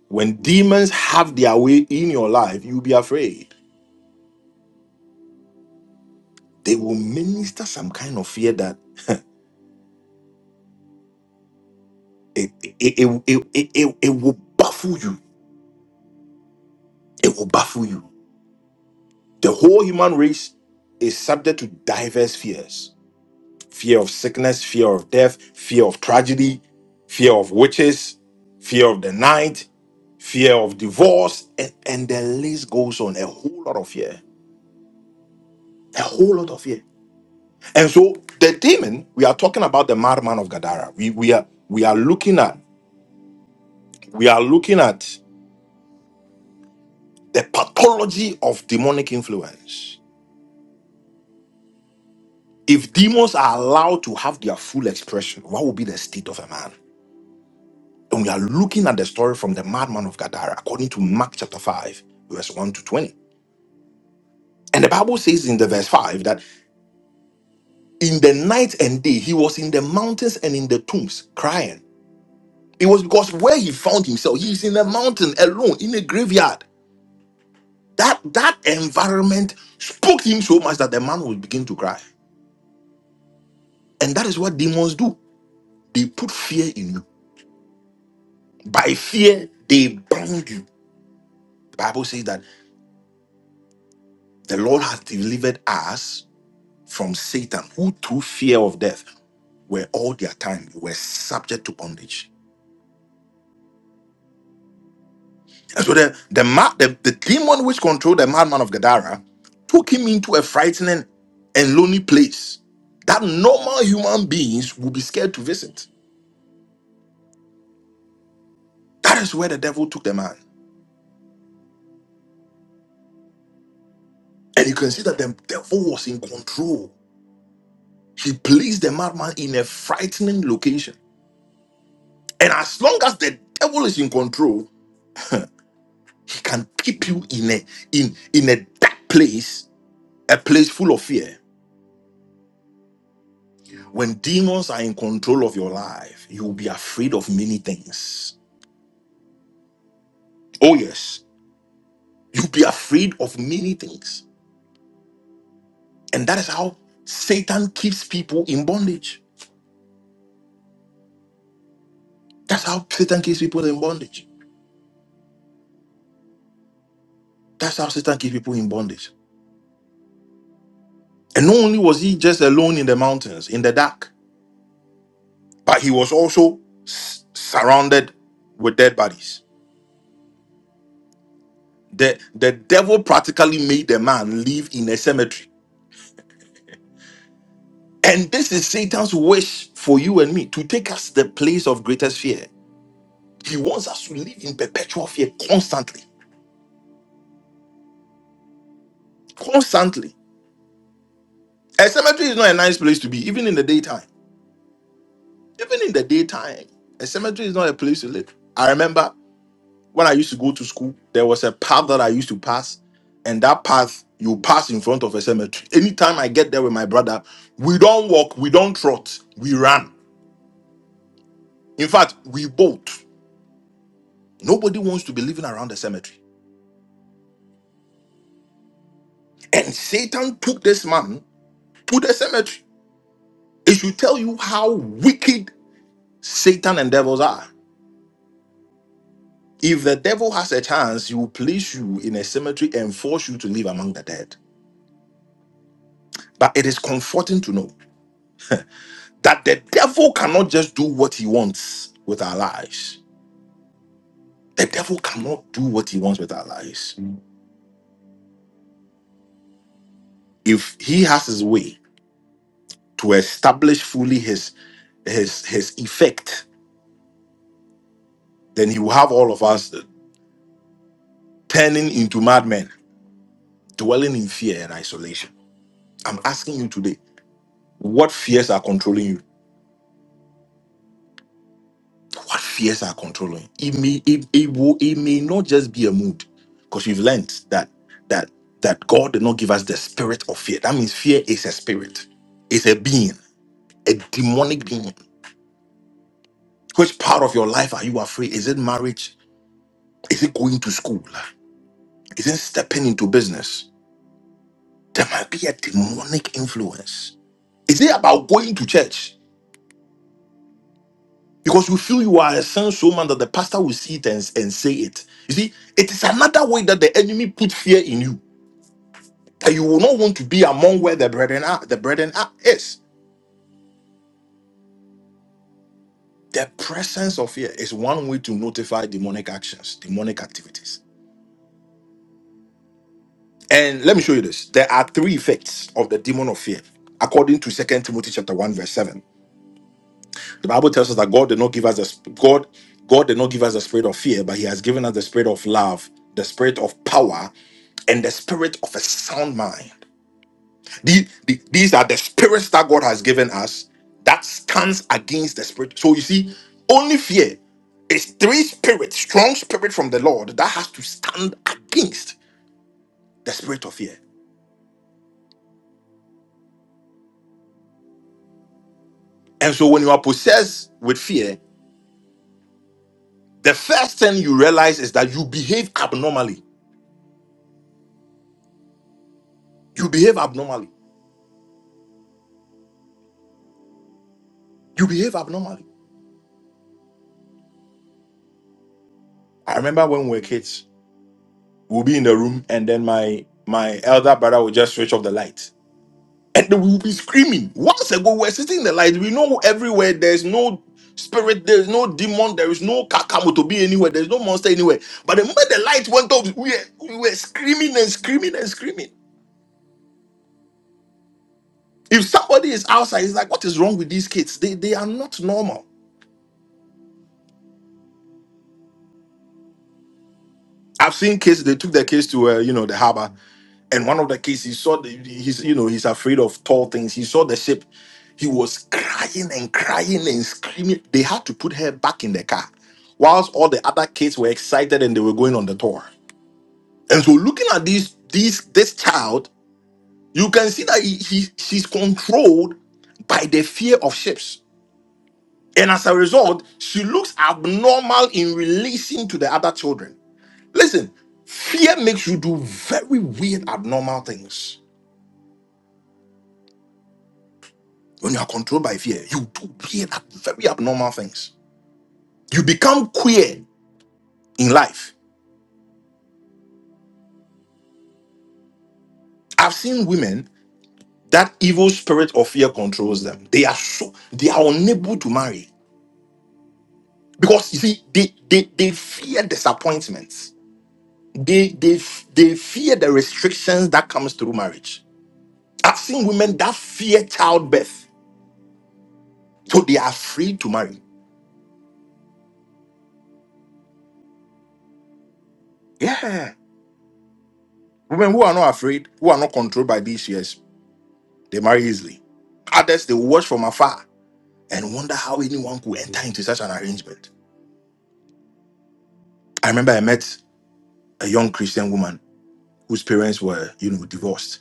Speaker 1: When demons have their way in your life, you'll be afraid. They will minister some kind of fear that it, it, it, it, it, it, it will baffle you. It will baffle you. The whole human race is subject to diverse fears fear of sickness, fear of death, fear of tragedy, fear of witches, fear of the night, fear of divorce, and, and the list goes on. A whole lot of fear. A whole lot of fear. And so the demon, we are talking about the madman of Gadara. We we are we are looking at we are looking at the pathology of demonic influence. If demons are allowed to have their full expression, what would be the state of a man? And we are looking at the story from the madman of Gadara, according to Mark chapter 5, verse 1 to 20. And the Bible says in the verse 5 that in the night and day he was in the mountains and in the tombs crying. It was because where he found himself, he's in the mountain alone in a graveyard That that environment spoke him so much that the man would begin to cry. And that is what demons do. They put fear in you. By fear, they bound you. The Bible says that the Lord has delivered us from Satan, who through fear of death were all their time were subject to bondage. And so the the, ma- the, the demon which controlled the madman of Gadara took him into a frightening and lonely place that normal human beings would be scared to visit. That is where the devil took the man. And you can see that the devil was in control. He placed the madman in a frightening location. And as long as the devil is in control, he can keep you in a in in a dark place, a place full of fear. When demons are in control of your life, you will be afraid of many things. Oh yes, you'll be afraid of many things. And that is how Satan keeps people in bondage. That's how Satan keeps people in bondage. That's how Satan keeps people in bondage. And not only was he just alone in the mountains, in the dark, but he was also s- surrounded with dead bodies. The, the devil practically made the man live in a cemetery. And this is Satan's wish for you and me to take us the place of greatest fear. He wants us to live in perpetual fear constantly. Constantly. A cemetery is not a nice place to be, even in the daytime. Even in the daytime, a cemetery is not a place to live. I remember when I used to go to school, there was a path that I used to pass, and that path you pass in front of a cemetery. Anytime I get there with my brother, we don't walk, we don't trot, we run. In fact, we bolt. Nobody wants to be living around the cemetery. And Satan took this man to the cemetery. It should tell you how wicked Satan and devils are. If the devil has a chance, he will place you in a cemetery and force you to live among the dead. But it is comforting to know. that the devil cannot just do what he wants with our lives. The devil cannot do what he wants with our lives. If he has his way to establish fully his his his effect, then he will have all of us turning into madmen, dwelling in fear and isolation. I'm asking you today, what fears are controlling you? What fears are controlling? It may it, it will it may not just be a mood, because we've learned that that that God did not give us the spirit of fear. That means fear is a spirit, it's a being, a demonic being. Which part of your life are you afraid? Is it marriage? Is it going to school? Is it stepping into business? There might be a demonic influence. Is it about going to church? Because you feel you are a son so man that the pastor will see it and, and say it. You see, it is another way that the enemy put fear in you. that you will not want to be among where the brethren are. The brethren are is the presence of fear is one way to notify demonic actions, demonic activities. And let me show you this. There are three effects of the demon of fear, according to Second Timothy chapter 1, verse 7. The Bible tells us that God did not give us the sp- God, God did not give us the spirit of fear, but He has given us the spirit of love, the spirit of power, and the spirit of a sound mind. The- the- these are the spirits that God has given us that stands against the spirit. So you see, only fear is three spirits, strong spirit from the Lord that has to stand against the spirit of fear. And so when you are possessed with fear, the first thing you realize is that you behave abnormally. You behave abnormally. You behave abnormally. I remember when we were kids, we'll be in the room and then my my elder brother would just switch off the light and we will be screaming. Once ago, we're sitting in the light. We know everywhere. There's no spirit. There's no demon. There is no kakamo to be anywhere. There's no monster anywhere. But the moment the light went off, we were, we were screaming and screaming and screaming. If somebody is outside, it's like, what is wrong with these kids? They they are not normal. I've seen kids. They took their kids to uh, you know the harbor, and one of the kids he saw the, he's you know he's afraid of tall things. He saw the ship. He was crying and crying and screaming. They had to put her back in the car, whilst all the other kids were excited and they were going on the tour. And so, looking at these these this child, you can see that he, he she's controlled by the fear of ships, and as a result, she looks abnormal in relation to the other children Listen, fear makes you do very weird, abnormal things. When you are controlled by fear, you do weird, ab- very abnormal things. You become queer in life. I've seen women that evil spirit of fear controls them. They are so they are unable to marry because you see they they, they fear disappointments. They they they fear the restrictions that comes through marriage. I've seen women that fear childbirth, so they are afraid to marry. Yeah. Women who are not afraid, who are not controlled by these fears, they marry easily. Others, they watch from afar and wonder how anyone could enter into such an arrangement. I remember I met a young Christian woman whose parents were, you know, divorced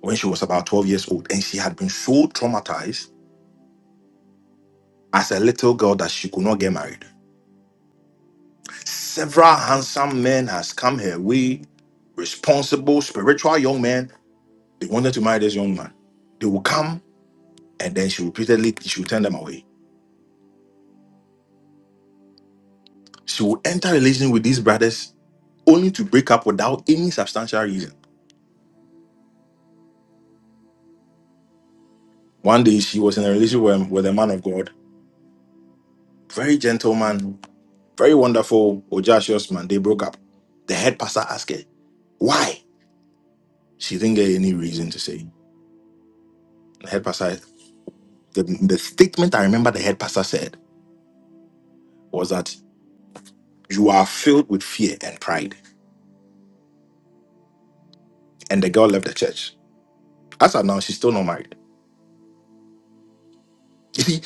Speaker 1: when she was about 12 years old, and she had been so traumatized as a little girl that she could not get married. Several handsome men has come her way, responsible, spiritual young men. They wanted to marry this young man. They would come, and then she repeatedly she would turn them away. She will enter a relation with these brothers only to break up without any substantial reason. One day she was in a relationship with, with a man of God, very gentleman, very wonderful, audacious man. They broke up. The head pastor asked her, why? She didn't get any reason to say. The head pastor, the, the statement I remember the head pastor said was that you are filled with fear and pride. And the girl left the church. As of now, she's still not married. You see,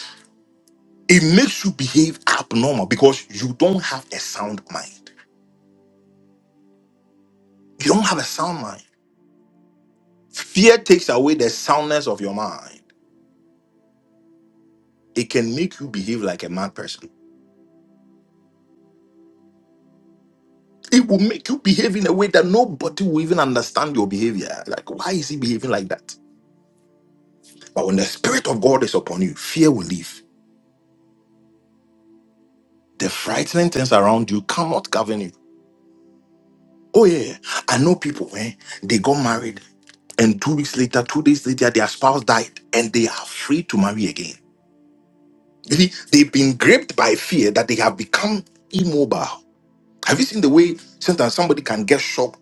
Speaker 1: it makes you behave abnormal because you don't have a sound mind. You don't have a sound mind. Fear takes away the soundness of your mind. It can make you behave like a mad person. It will make you behave in a way that nobody will even understand your behavior. Like, why is he behaving like that? But when the Spirit of God is upon you, fear will leave. The frightening things around you cannot govern you. Oh, yeah. I know people, eh? They got married, and two weeks later, two days later, their spouse died, and they are free to marry again. You see, They've been gripped by fear that they have become immobile. Have you seen the way sometimes somebody can get shocked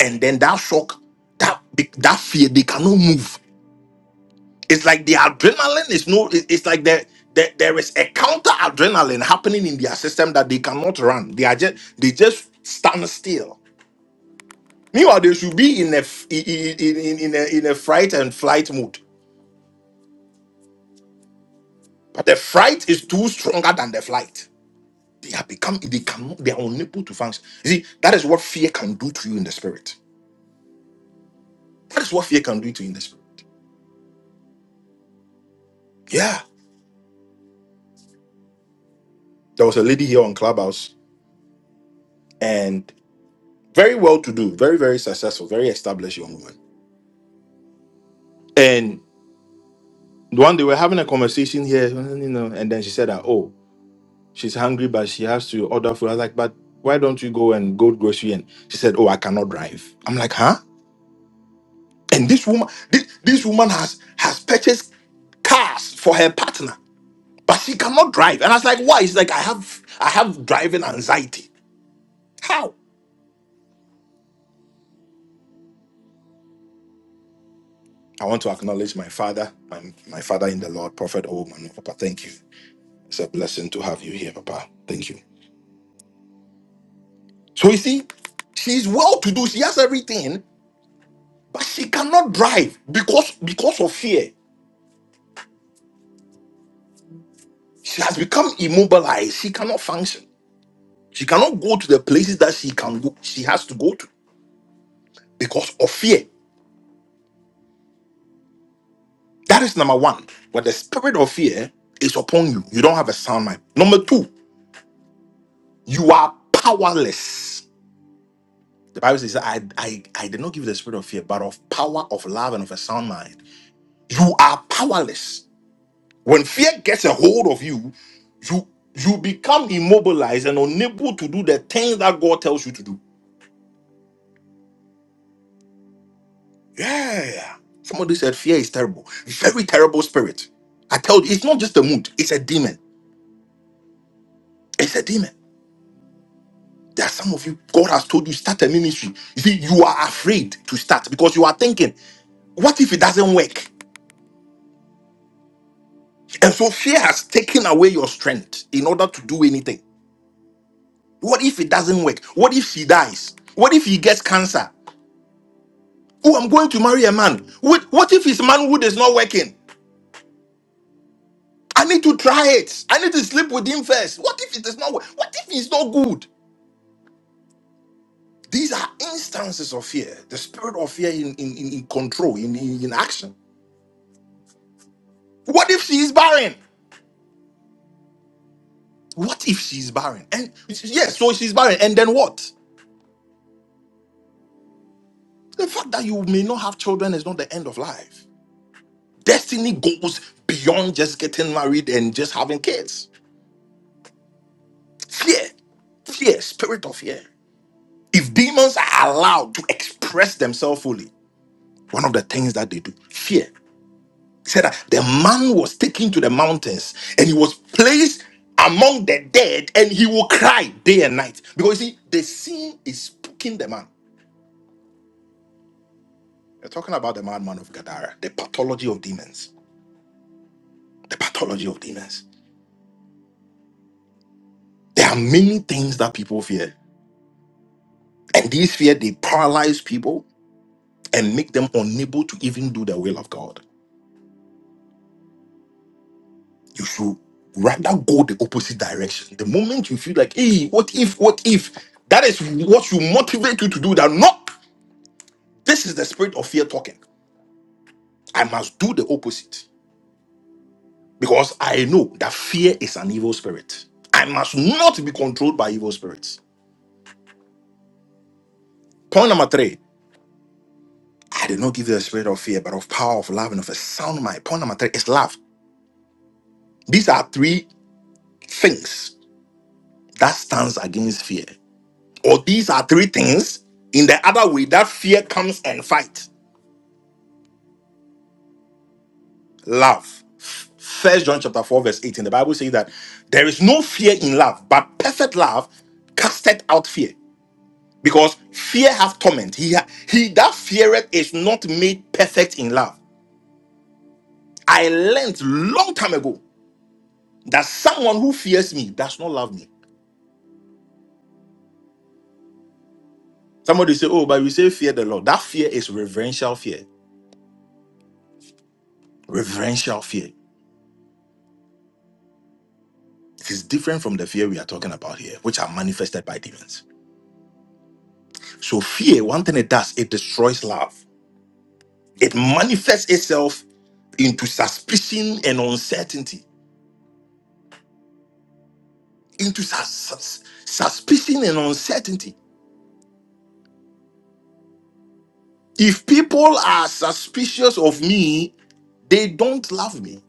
Speaker 1: and then that shock, that be- that fear, they cannot move. It's like the adrenaline is no. it- It's like there there there is a counter adrenaline happening in their system that they cannot run. They are just they just stand still. Meanwhile, they should be in a f- in in in, in a, in a fright and flight mode. But the fright is too stronger than the flight. They have become they cannot they are unable to function. You see, that is what fear can do to you in the spirit. That is what fear can do to you in the spirit. Yeah. There was a lady here on Clubhouse and very well to do, very, very successful, very established young woman. And one day we are having a conversation here, you know, and then she said that, oh, she's hungry, but she has to order food. I was like, but why don't you go and go grocery? And she said, oh, I cannot drive. I'm like, huh? And this woman, this, this woman has has purchased cars for her partner, but she cannot drive. And I was like, why? It's like I have I have driving anxiety. How? I want to acknowledge my father, my, my father in the Lord, Prophet Oman. Papa, thank you. It's a blessing to have you here, Papa. Thank you. So you see, she's well to do. She has everything, but she cannot drive because because of fear. She has become immobilized. She cannot function. She cannot go to the places that she can go. She has to go to because of fear. That is number one. But the spirit of fear is upon you. You don't have a sound mind. Number two, you are powerless The Bible says, I, I, I did not give you the spirit of fear, but of power, of love, and of a sound mind. You are powerless. When fear gets a hold of you, you you become immobilized and unable to do the things that God tells you to do. Yeah. Somebody said fear is terrible. Very terrible spirit. I tell you, it's not just a mood, it's a demon. It's a demon. There are some of you, God has told you, start a ministry. You see, you are afraid to start because you are thinking, what if it doesn't work? And so fear has taken away your strength in order to do anything. What if it doesn't work? What if she dies? What if he gets cancer? Oh, I'm going to marry a man. What, what if his manhood is not working? I need to try it. I need to sleep with him first. What if it is not work? What if he's not good? These are instances of fear, the spirit of fear in, in, in in control, in, in, in action. What if she is barren? What if she's barren? And yes, so she's barren. And then what? The fact that you may not have children is not the end of life. Destiny goes beyond just getting married and just having kids. Fear, fear, spirit of fear. If demons are allowed to express themselves fully, one of the things that they do, fear. He said that the man was taken to the mountains and he was placed among the dead and he will cry day and night. Because you see, the sin is spooking the man. We're talking about the madman of Gadara, the pathology of demons. The pathology of demons. There are many things that people fear. And these fear they paralyze people and make them unable to even do the will of God. You should rather go the opposite direction. The moment you feel like, hey, what if, what if? That is what should motivate you to do that. No, this is the spirit of fear talking. I must do the opposite because I know that fear is an evil spirit. I must not be controlled by evil spirits. Point number three, I did not give you a spirit of fear, but of power, of love, and of a sound mind. Point number three is love. These are three things that stands against fear. Or these are three things in the other way that fear comes and fight. Love. First John chapter 4, verse 18. The Bible says that there is no fear in love, but perfect love casteth out fear. Because fear hath torment. He, ha- he that feareth is not made perfect in love. I learned long time ago that someone who fears me does not love me. Somebody say, Oh, but we say fear the Lord. That fear is reverential fear. Reverential fear. It is different from the fear we are talking about here, which are manifested by demons. So, fear, one thing it does, it destroys love. It manifests itself into suspicion and uncertainty. Into sus- sus- suspicion and uncertainty. If people are suspicious of me, they don't love me.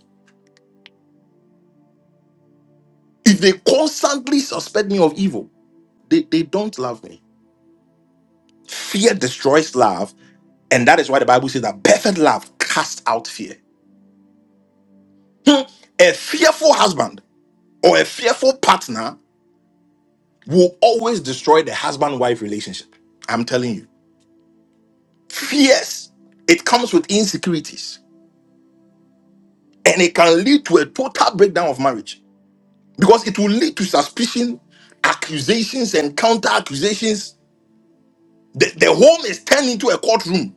Speaker 1: If they constantly suspect me of evil, they, they don't love me. Fear destroys love and that is why the Bible says that perfect love casts out fear. Hmm. A fearful husband. or a fearful partner will always destroy the husband wife relationship. I'm telling you. Fears, it comes with insecurities and it can lead to a total breakdown of marriage because it will lead to suspicion, accusations, and counter accusations. The, the home is turned into a courtroom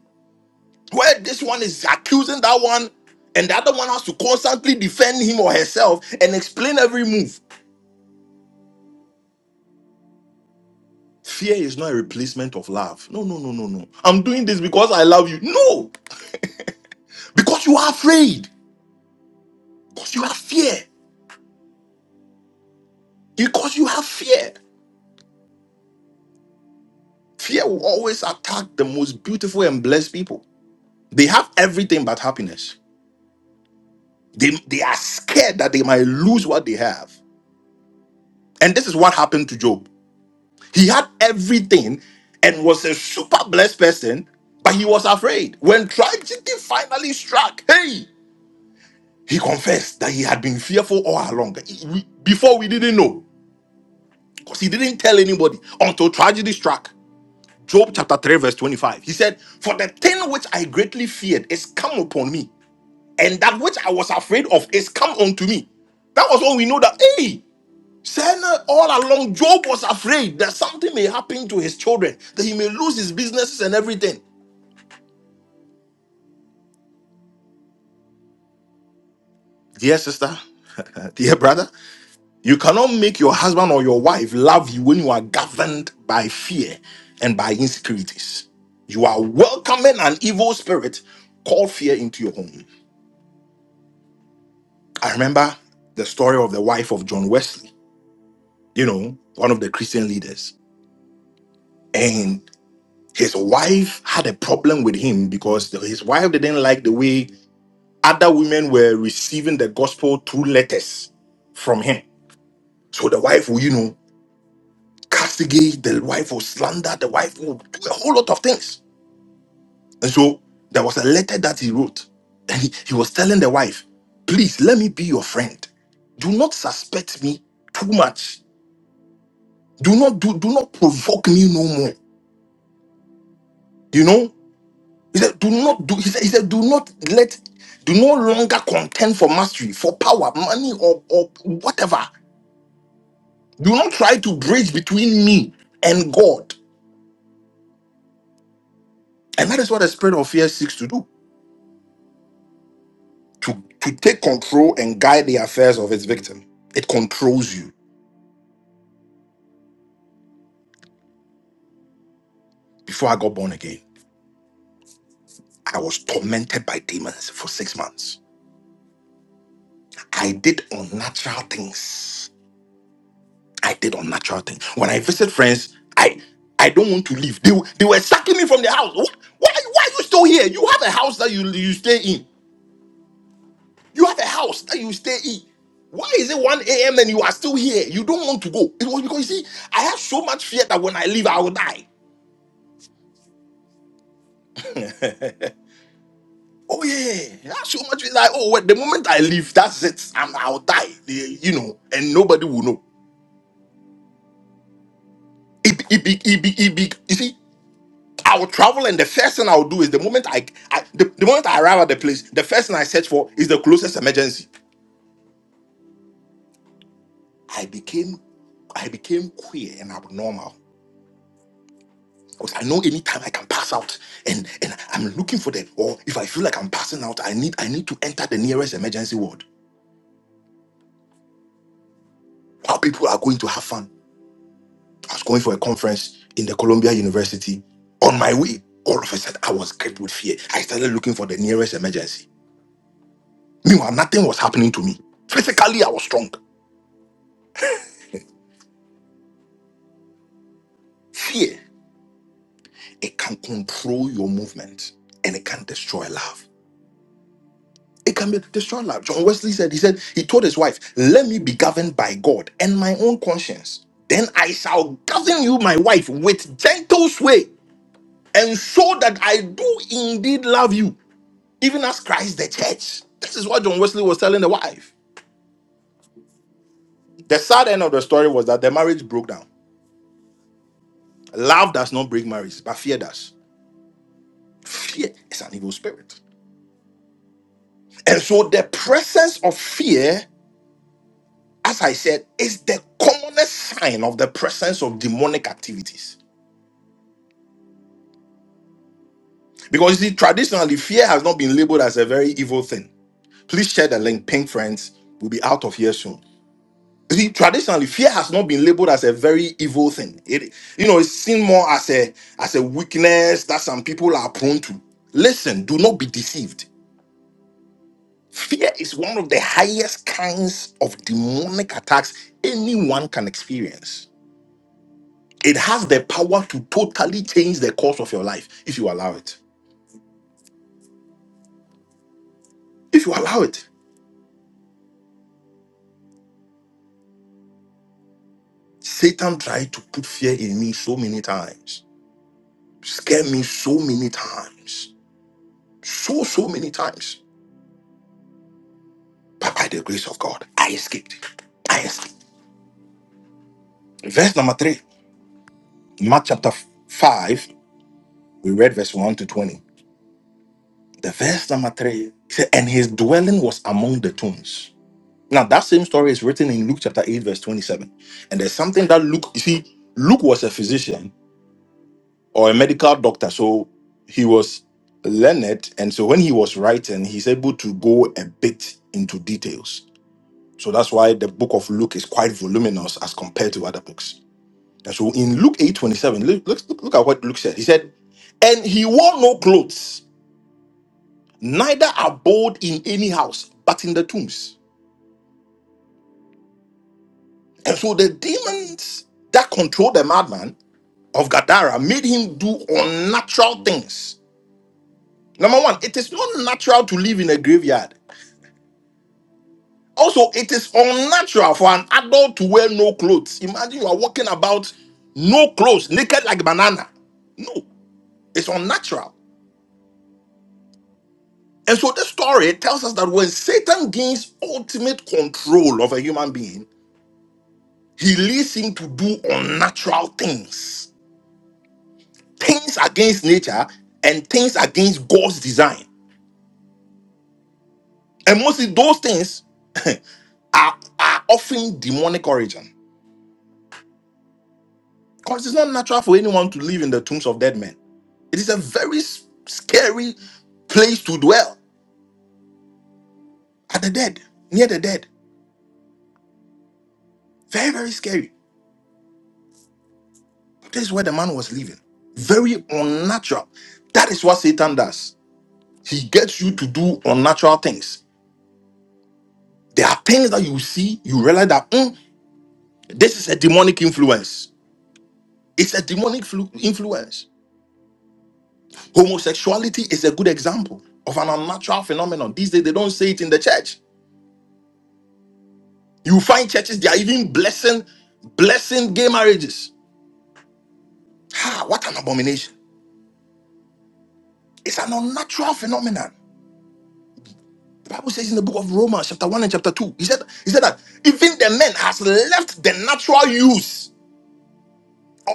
Speaker 1: where this one is accusing that one and the other one has to constantly defend him or herself and explain every move. Fear is not a replacement of love. No, no, no, no, no. I'm doing this because I love you. No. *laughs* Because you are afraid. Because you have fear. Because you have fear. Fear will always attack the most beautiful and blessed people. They have everything but happiness. They, they are scared that they might lose what they have. And this is what happened to Job. He had everything and was a super blessed person, but he was afraid. When tragedy finally struck, hey, he confessed that he had been fearful all along. He- we- Before we didn't know, because he didn't tell anybody until tragedy struck. Job chapter 3, verse 25. He said, For the thing which I greatly feared is come upon me, and that which I was afraid of is come unto me. That was when we know that, hey, Sarah, all along, Job was afraid that something may happen to his children, that he may lose his businesses and everything. Dear sister, *laughs* dear brother, you cannot make your husband or your wife love you when you are governed by fear and by insecurities. You are welcoming an evil spirit called fear into your home. I remember the story of the wife of John Wesley, you know, one of the Christian leaders. And his wife had a problem with him because his wife didn't like the way other women were receiving the gospel through letters from him. So the wife will, you know, castigate, the wife will slander, the wife will do a whole lot of things. And so there was a letter that he wrote, and he, he was telling the wife, Please let me be your friend. Do not suspect me too much do not do do not provoke me no more you know he said do not do he said, he said do not let do no longer contend for mastery for power money or, or whatever do not try to bridge between me and god and that is what the spirit of fear seeks to do to to take control and guide the affairs of its victim it controls you before i got born again i was tormented by demons for six months i did unnatural things I did unnatural things. When I visit friends, I I don't want to leave. They, were- they were sucking me from the house. What? Why, why are you still here? You have a house that you, you stay in. You have a house that you stay in. Why is it 1 a.m. and you are still here? You don't want to go. It was because you see, I have so much fear that when I leave, I will die. *laughs* Oh yeah, that's so much. It's Like oh, well, the moment I leave, that's it. I'm, I'll die. Eh, You know, and nobody will know. It, it, it, it, it, it, I will travel, and the first thing I will do is the moment I, I the, the moment I arrive at the place, the first thing I search for is the closest emergency. I became, I became queer and abnormal because I know anytime I can pass out, and and I'm looking for them. Or if I feel like I'm passing out, I need I need to enter the nearest emergency ward. How people are going to have fun. I was going for a conference in the Columbia University. On my way, all of a sudden I was gripped with fear. I started looking for the nearest emergency. Meanwhile, nothing was happening to me. Physically, I was strong. Fear. It can control your movement and it can destroy love. It can be destroy love. John Wesley said, he said, he told his wife, Let me be governed by God and my own conscience. Then I shall govern you, my wife, with gentle sway, and so that I do indeed love you, even as Christ the church. This is what John Wesley was telling the wife. The sad end of the story was that the marriage broke down. Love does not break marriage, but fear does. Fear is an evil spirit. And so the presence of fear as I said, it's the commonest sign of the presence of demonic activities. Because you see, traditionally, fear has not been labeled as a very evil thing. Please share the link, pink friends. We'll be out of here soon. You see, traditionally, fear has not been labeled as a very evil thing. It, you know, it's seen more as a as a weakness that some people are prone to. Listen, do not be deceived. Fear is one of the highest kinds of demonic attacks anyone can experience. It has the power to totally change the course of your life if you allow it. If you allow it, Satan tried to put fear in me so many times, scare me so many times, so, so many times. But by the grace of God, I escaped. I escaped. Verse number three, Mark chapter 5, we read verse 1 to 20. The verse number 3 it said, And his dwelling was among the tombs. Now, that same story is written in Luke chapter 8, verse 27. And there's something that Luke, you see, Luke was a physician or a medical doctor. So he was learned. And so when he was writing, he's able to go a bit into details. So that's why the book of Luke is quite voluminous as compared to other books. And so in Luke 8 27, look, look, look at what Luke said. He said, And he wore no clothes, neither abode in any house, but in the tombs. And so the demons that controlled the madman of Gadara made him do unnatural things. Number one, it is not natural to live in a graveyard. Also, it is unnatural for an adult to wear no clothes. Imagine you are walking about no clothes, naked like banana. No, it's unnatural. And so this story tells us that when Satan gains ultimate control of a human being, he leads him to do unnatural things, things against nature and things against God's design. And mostly those things are, are often demonic origin. Because it's not natural for anyone to live in the tombs of dead men. It is a very s- scary place to dwell at the dead, near the dead. Very, very scary. This is where the man was living. Very unnatural. That is what Satan does. He gets you to do unnatural things. There are things that you see, you realize that "Mm, this is a demonic influence. It's a demonic flu- influence. Homosexuality is a good example of an unnatural phenomenon. These days, they don't say it in the church. You find churches, they are even blessing, blessing gay marriages Ah, what an abomination. It's an unnatural phenomenon. The Bible says in the book of Romans, chapter 1 and chapter 2, he said, he said that even the men has left the natural use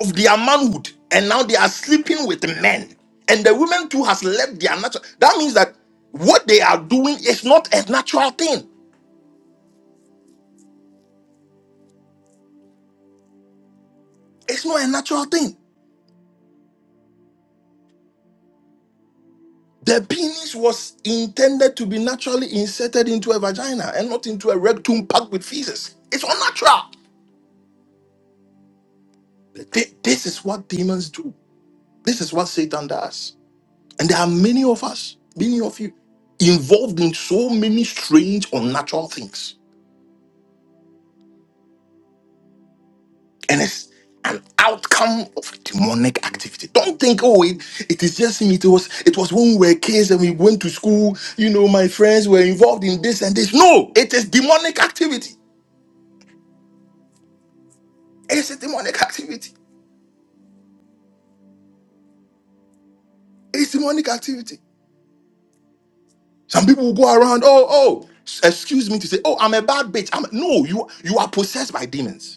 Speaker 1: of their manhood, and now they are sleeping with men. And the women too has left their natural. That means that what they are doing is not a natural thing. It's not a natural thing. The penis was intended to be naturally inserted into a vagina and not into a rectum packed with feces. It's unnatural. Th- This is what demons do. This is what Satan does. And there are many of us, many of you, involved in so many strange, unnatural things. And it's an outcome of demonic activity. Don't think, oh, it, it is just me. It was, it was when we were kids and we went to school, you know, my friends were involved in this and this. No, it is demonic activity. It's a demonic activity. It's demonic activity. Some people will go around, oh, oh, s- excuse me to say, oh, I'm a bad bitch. I'm no, you you are possessed by demons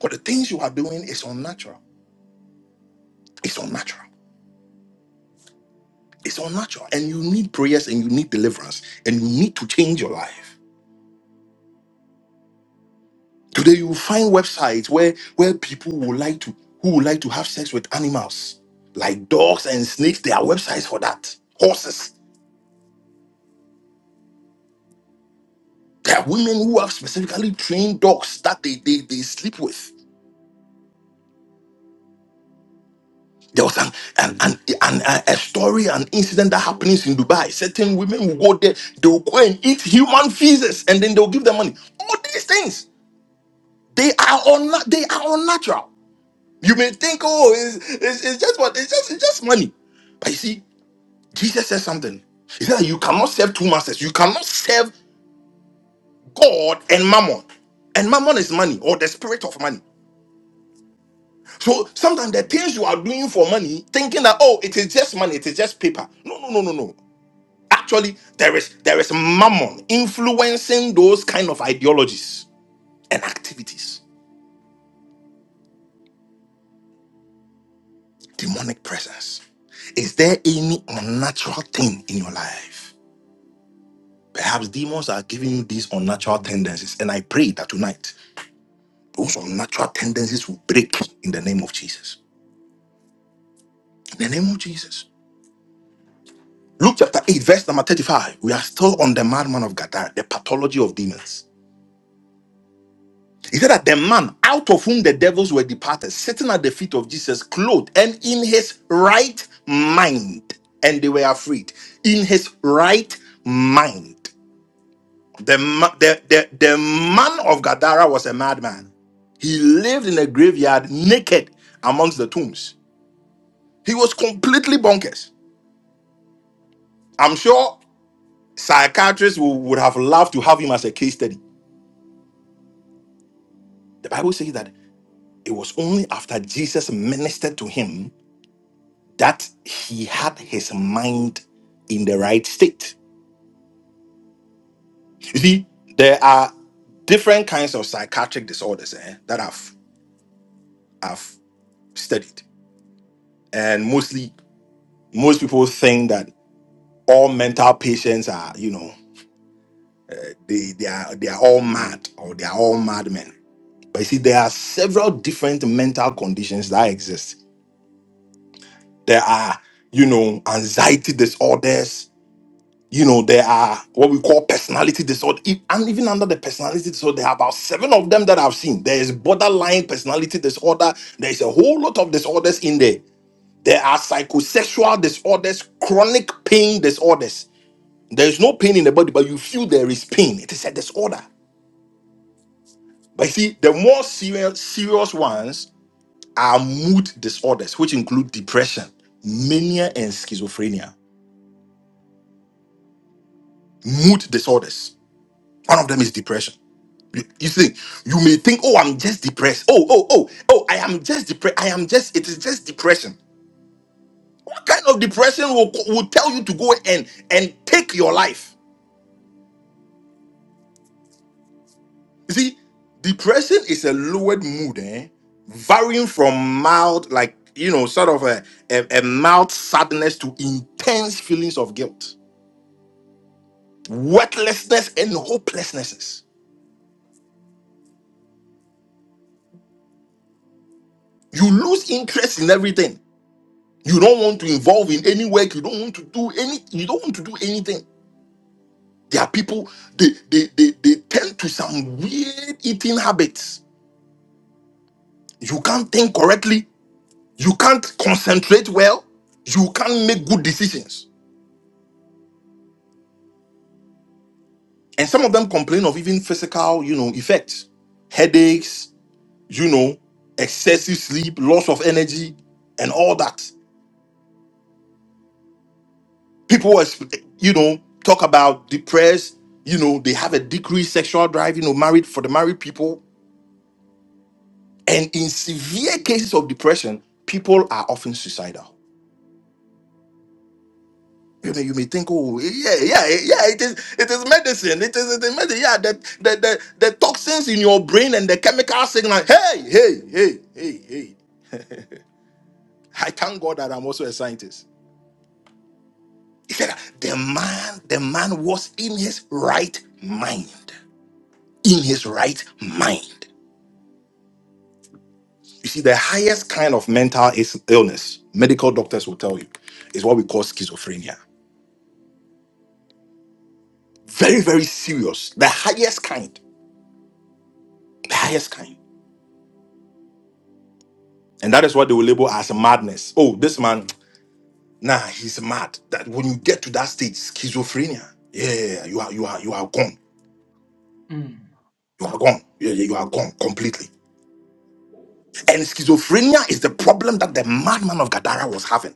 Speaker 1: But the things you are doing is unnatural. It's unnatural. It's unnatural. And you need prayers and you need deliverance and you need to change your life. Today you will find websites where where people would like to who would like to have sex with animals, like dogs and snakes. There are websites for that. Horses. There are women who have specifically trained dogs that they, they, they sleep with. There was an, an, an, an, a a story, an incident that happens in Dubai. Certain women will go there, they will go and eat human feces, and then they'll give them money. All these things, they are unna- they are unnatural. You may think, oh, it's, it's, it's just what it's just it's just money. But you see, Jesus says something. He said that you cannot serve two masters, you cannot serve God and Mammon. And mammon is money or the spirit of money. So sometimes the things you are doing for money, thinking that, oh, it is just money, it is just paper. No, no, no, no, no. Actually, there is there is mammon influencing those kind of ideologies and activities. Demonic presence. Is there any unnatural thing in your life? Perhaps demons are giving you these unnatural tendencies, and I pray that tonight those unnatural tendencies will break in the name of Jesus. In the name of Jesus. Luke chapter 8, verse number 35. We are still on the madman of Gadara, the pathology of demons. He said that the man out of whom the devils were departed, sitting at the feet of Jesus, clothed and in his right mind, and they were afraid. In his right mind. The, ma- the, the, the man of Gadara was a madman. He lived in a graveyard naked amongst the tombs. He was completely bonkers. I'm sure psychiatrists wou- would have loved to have him as a case study. The Bible says that it was only after Jesus ministered to him that he had his mind in the right state. You see, there are different kinds of psychiatric disorders eh, that I've I've studied, and mostly most people think that all mental patients are you know they they are they are all mad or they are all madmen. But you see, there are several different mental conditions that exist. There are you know anxiety disorders you know, there are what we call personality disorder. E- And even under the personality disorder, there are about seven of them that I've seen. There is borderline personality disorder. There is a whole lot of disorders in there. There are psychosexual disorders, chronic pain disorders. There is no pain in the body, but you feel there is pain. It is a disorder. But you see, the more serious, serious ones are mood disorders, which include depression, mania, and schizophrenia. Mood disorders. One of them is depression You, you see, you may think, oh, I'm just depressed. Oh, oh, oh, oh, I am just depressed. I am just, it is just depression. What kind of depression will, will tell you to go and, and take your life? You see, depression is a lowered mood, eh? Varying from mild, like, you know, sort of a, a, a mild sadness to intense feelings of guilt, worthlessness, and hopelessnesses. You lose interest in everything. You don't want to involve in any work. You don't want to do any. You don't want to do anything There are people they they they, they tend to some weird eating habits. You can't think correctly, you can't concentrate well, you can't make good decisions. And some of them complain of even physical, you know, effects, headaches, you know, excessive sleep, loss of energy, and all that. People are, you know, talk about depressed, you know, they have a decreased sexual drive, you know, married for the married people. And in severe cases of depression, people are often suicidal You may, you may think, oh, yeah, yeah, yeah, it is, it is medicine. It is, it is medicine. Yeah, the, the, the, the toxins in your brain and the chemical signal. Hey, hey, hey, hey, hey. I thank God that I'm also a scientist. He said, that the man, the man was in his right mind. In his right mind. You see, the highest kind of mental is illness, medical doctors will tell you, is what we call schizophrenia. Very, very serious. The highest kind. The highest kind. And that is what they will label as madness. Oh, this man, nah, he's mad. That when you get to that stage, schizophrenia, yeah, you are you are you are gone.
Speaker 4: Mm,
Speaker 1: You are gone. Yeah, yeah, you are gone completely. And schizophrenia is the problem that the madman of Gadara was having.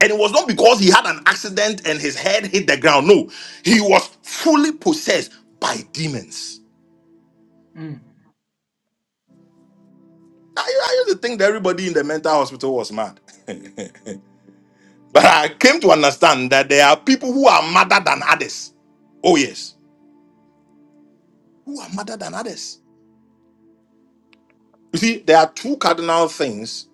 Speaker 1: And it was not because he had an accident and his head hit the ground. No, he was fully possessed by demons.
Speaker 4: mm,
Speaker 1: I, I used to think that everybody in the mental hospital was mad. *laughs* But I came to understand that there are people who are madder than others. Oh, yes. who are madder than others. You see, there are two cardinal things,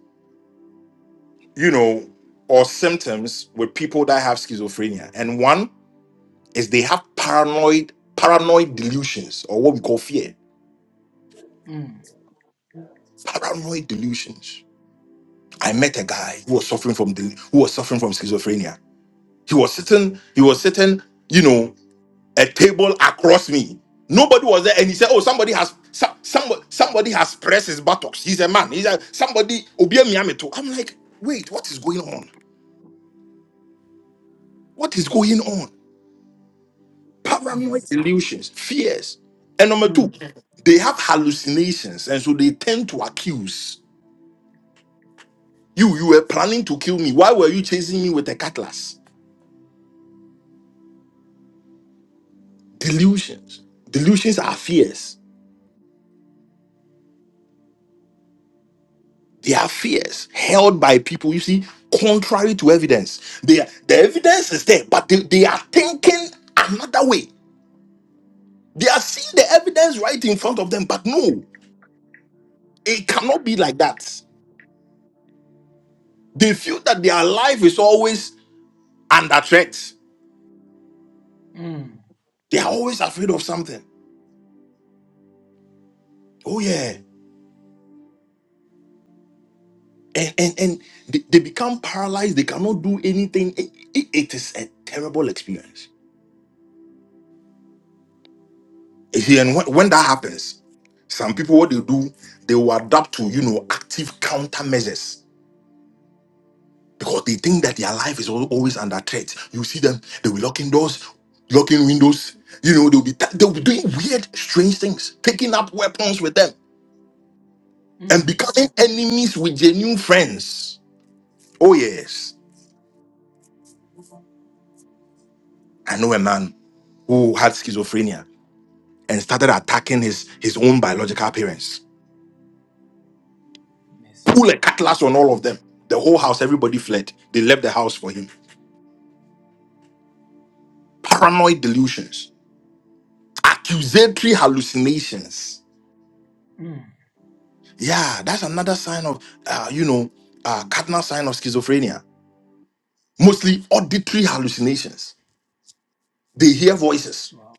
Speaker 1: you know, or symptoms with people that have schizophrenia. And one is they have paranoid, paranoid delusions, or what we call fear.
Speaker 4: mm,
Speaker 1: Paranoid delusions. I met a guy who was suffering from del- who was suffering from schizophrenia. He was sitting, he was sitting, you know, a table across me. Nobody was there, and he said, "Oh, somebody has some, somebody somebody has pressed his buttocks." He's a man. He's a somebody. Obi Miyamoto. I'm like, wait, what is going on? What is going on? Paranoid
Speaker 4: Messi.
Speaker 1: illusions, fears. And number two,
Speaker 4: Mm,
Speaker 1: they have hallucinations, and so they tend to accuse you. You were planning to kill me. Why were you chasing me with a cutlass? Delusions. Delusions are fears. They are fears held by people, you see, contrary to evidence. They are, the evidence is there, but they, they are thinking another way. They are seeing the evidence right in front of them, but no, it cannot be like that. They feel that their life is always under threat.
Speaker 4: mm,
Speaker 1: They are always afraid of something. Oh yeah, and and and they, they become paralyzed. They cannot do anything. It, it- it is a terrible experience. You see, and when, when that happens, some people what they do, they will adapt to you know active countermeasures because they think that their life is al- always under threat. You see them, they will locking doors, locking windows. You know they'll be ta- they'll be doing weird, strange things, taking up weapons with them, and
Speaker 4: mm,
Speaker 1: becoming enemies with genuine friends. Oh yes. I know a man who had schizophrenia and started attacking his, his own biological parents.
Speaker 4: Messi.
Speaker 1: Pull a cutlass on all of them. The whole house, everybody fled. They left the house for him. Paranoid delusions, accusatory hallucinations.
Speaker 4: Mm,
Speaker 1: Yeah, that's another sign of, uh, you know, uh, cardinal sign of schizophrenia. Mostly auditory hallucinations. They hear voices.
Speaker 4: wow.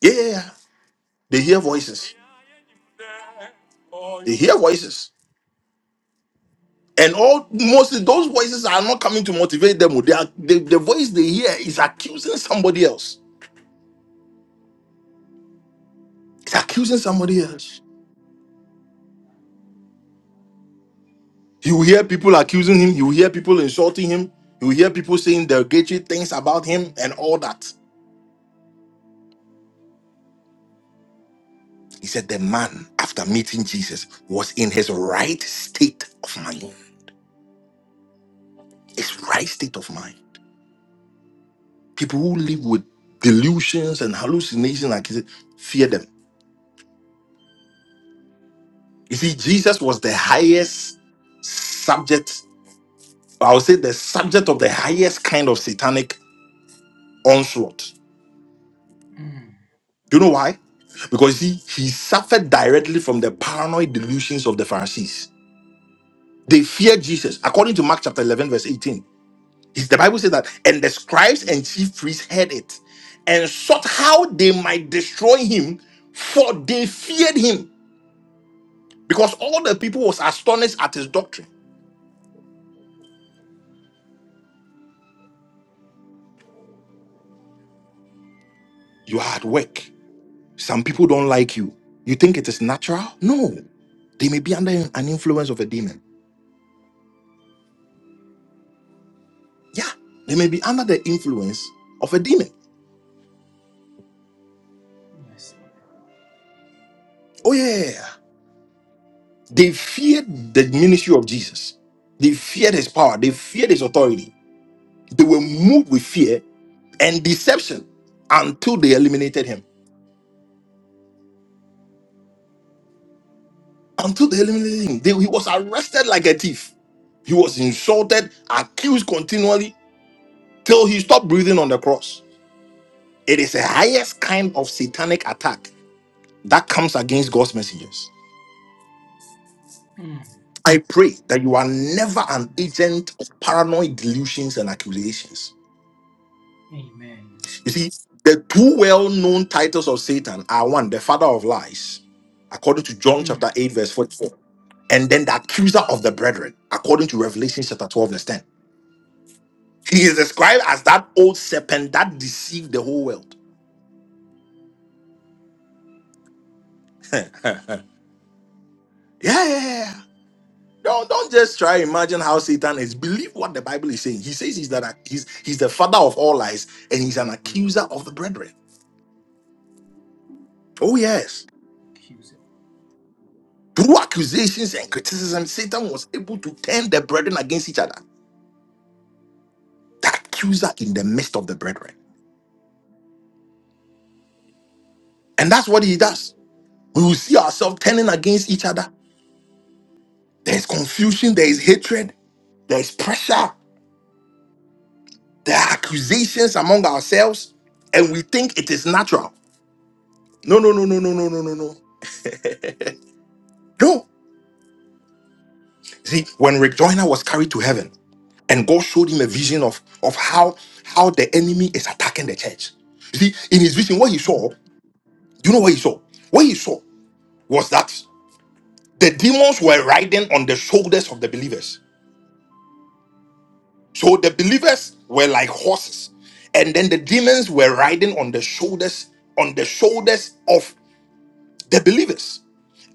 Speaker 1: Yeah, yeah, yeah. They hear voices. They hear voices. And all mostly those voices are not coming to motivate them. They are, the, the voice they hear is accusing somebody else. It's accusing somebody else. You hear people accusing him, you hear people insulting him, you hear people saying derogatory things about him and all that. He said, The man, after meeting Jesus, was in his right state of mind. His right state of mind. People who live with delusions and hallucinations, like he said, fear them. You see, Jesus was the highest subject I would say the subject of the highest kind of satanic onslaught.
Speaker 4: Mm,
Speaker 1: Do you know why? Because he, he suffered directly from the paranoid delusions of the Pharisees. They feared Jesus. According to Mark chapter 11, verse 18, Is the Bible says that, and the scribes and chief priests heard it and sought how they might destroy him, for they feared him because all the people was astonished at his doctrine. You are at work. Some people don't like you. You think it is natural? No. They may be under an influence of a demon Yeah, they may be under the influence of a demon.
Speaker 4: Messi.
Speaker 1: Oh, yeah. yeah, yeah. They feared the ministry of Jesus, they feared his power, they feared his authority. They were moved with fear and deception until they eliminated him. Until they eliminated him, they- he was arrested like a thief. He was insulted, accused continually till he stopped breathing on the cross. It is the highest kind of satanic attack that comes against God's messengers.
Speaker 4: Mm,
Speaker 1: I pray that you are never an
Speaker 4: Messi.
Speaker 1: agent of paranoid delusions and accusations.
Speaker 4: Amen.
Speaker 1: You see, the two well known titles of Satan are one, the father of lies, according to John
Speaker 4: Mm,
Speaker 1: chapter 8, verse 44, and then the accuser of the brethren, according to Revelation chapter 12, verse 10. He is described as that old serpent that deceived the whole world. *laughs* yeah, yeah, yeah. yeah. Don't, don't just try imagine how Satan is. Believe what the Bible is saying. He says he's that he's he's the father of all lies and he's an accuser of the brethren. Oh, yes.
Speaker 4: accuse it.
Speaker 1: Through accusations and criticism, Satan was able to turn the brethren against each other, the accuser in the midst of the brethren. And that's what he does. We will see ourselves turning against each other. There's confusion, there is hatred, there is pressure, there are accusations among ourselves, and we think it is natural. No, no, no, no, no, no, no, no, no. No. See, when Rick Joyner was carried to heaven, and God showed him a vision of, of how, how the enemy is attacking the church. You see, in his vision, what he
Speaker 4: Mm,
Speaker 1: saw Do you know what he saw? What he saw was that the demons were riding on the shoulders of the believers. So the believers were like horses, and then the demons were riding on the shoulders on the shoulders of the believers.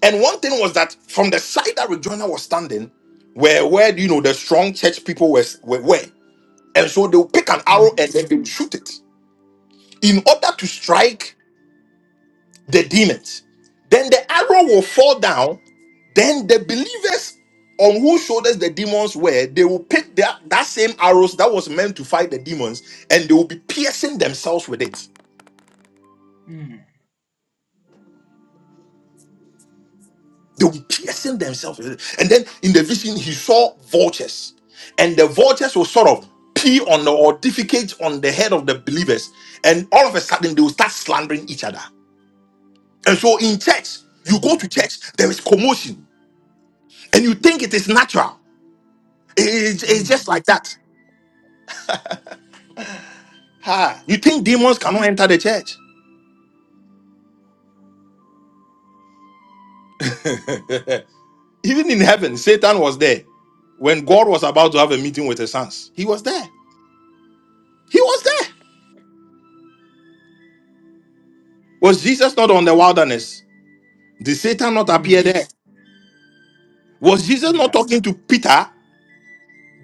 Speaker 1: And one thing was that from the side that Rejoinder was standing, where where you know the strong church people were were, were. and so they would pick an arrow
Speaker 4: mm,
Speaker 1: and then they would shoot it in order to strike the demons. Then the arrow will fall down Then the believers on whose shoulders the demons were, they will pick that, that same arrows that was meant to fight the demons, and they will be piercing themselves with it.
Speaker 4: mm,
Speaker 1: They will be piercing themselves with it. And then in the vision, he saw vultures, and the vultures will sort of pee on the, or defecate on the head of the believers, and all of a sudden they will start slandering each other. And so in church, you go
Speaker 4: mm,
Speaker 1: to church, there is commotion, and you think it is natural. It- it's it's just
Speaker 4: mm,
Speaker 1: like that. Ha! You think demons
Speaker 4: mercy.
Speaker 1: cannot enter the church? *laughs* Even in heaven, Satan was there. When God was about to have a meeting with his sons, he was there. He was there. Was Jesus not on the wilderness? Did Satan not appear
Speaker 4: Mm,
Speaker 1: there? Was Jesus not
Speaker 4: yeah.
Speaker 1: talking to Peter?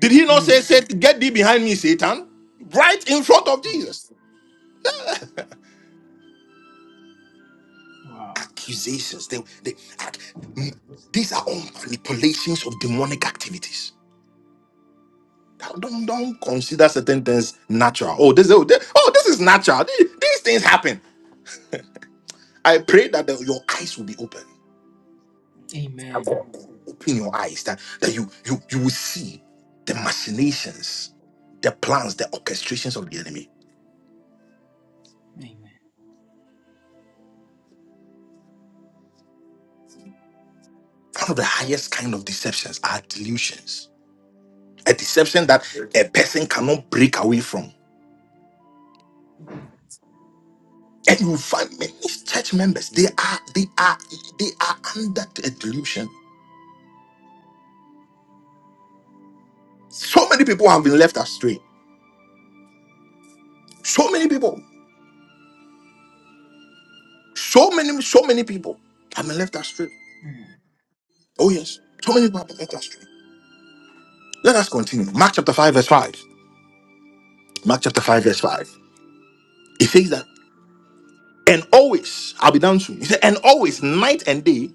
Speaker 1: Did he not say,
Speaker 4: Mm,
Speaker 1: say Get thee behind me, Satan? Right in front of
Speaker 4: yeah.
Speaker 1: Jesus.
Speaker 4: Wow.
Speaker 1: Accusations. They, they, ac- mm, these are all manipulations of demonic activities. Don't, don't don't consider certain things natural. Oh, this, oh, this, oh, this is natural. These, these things happen. I pray that the- your eyes will be open.
Speaker 4: Amen.
Speaker 1: Open your eyes that, that you, you you will see the machinations, the plans, the orchestrations of the enemy.
Speaker 4: Amen.
Speaker 1: One of the highest kind of deceptions are delusions. A deception that a person cannot break away from. And you find many church members, they are they are they are under a delusion. So many people have been left astray. So many people. So many, so many people have been left astray.
Speaker 4: Mm,
Speaker 1: Oh yes. So many people have been left astray. Let us continue. Mark chapter 5, verse 5. Mark chapter 5, verse 5. It says that, and always, I'll be down soon. He said, and always, night and day,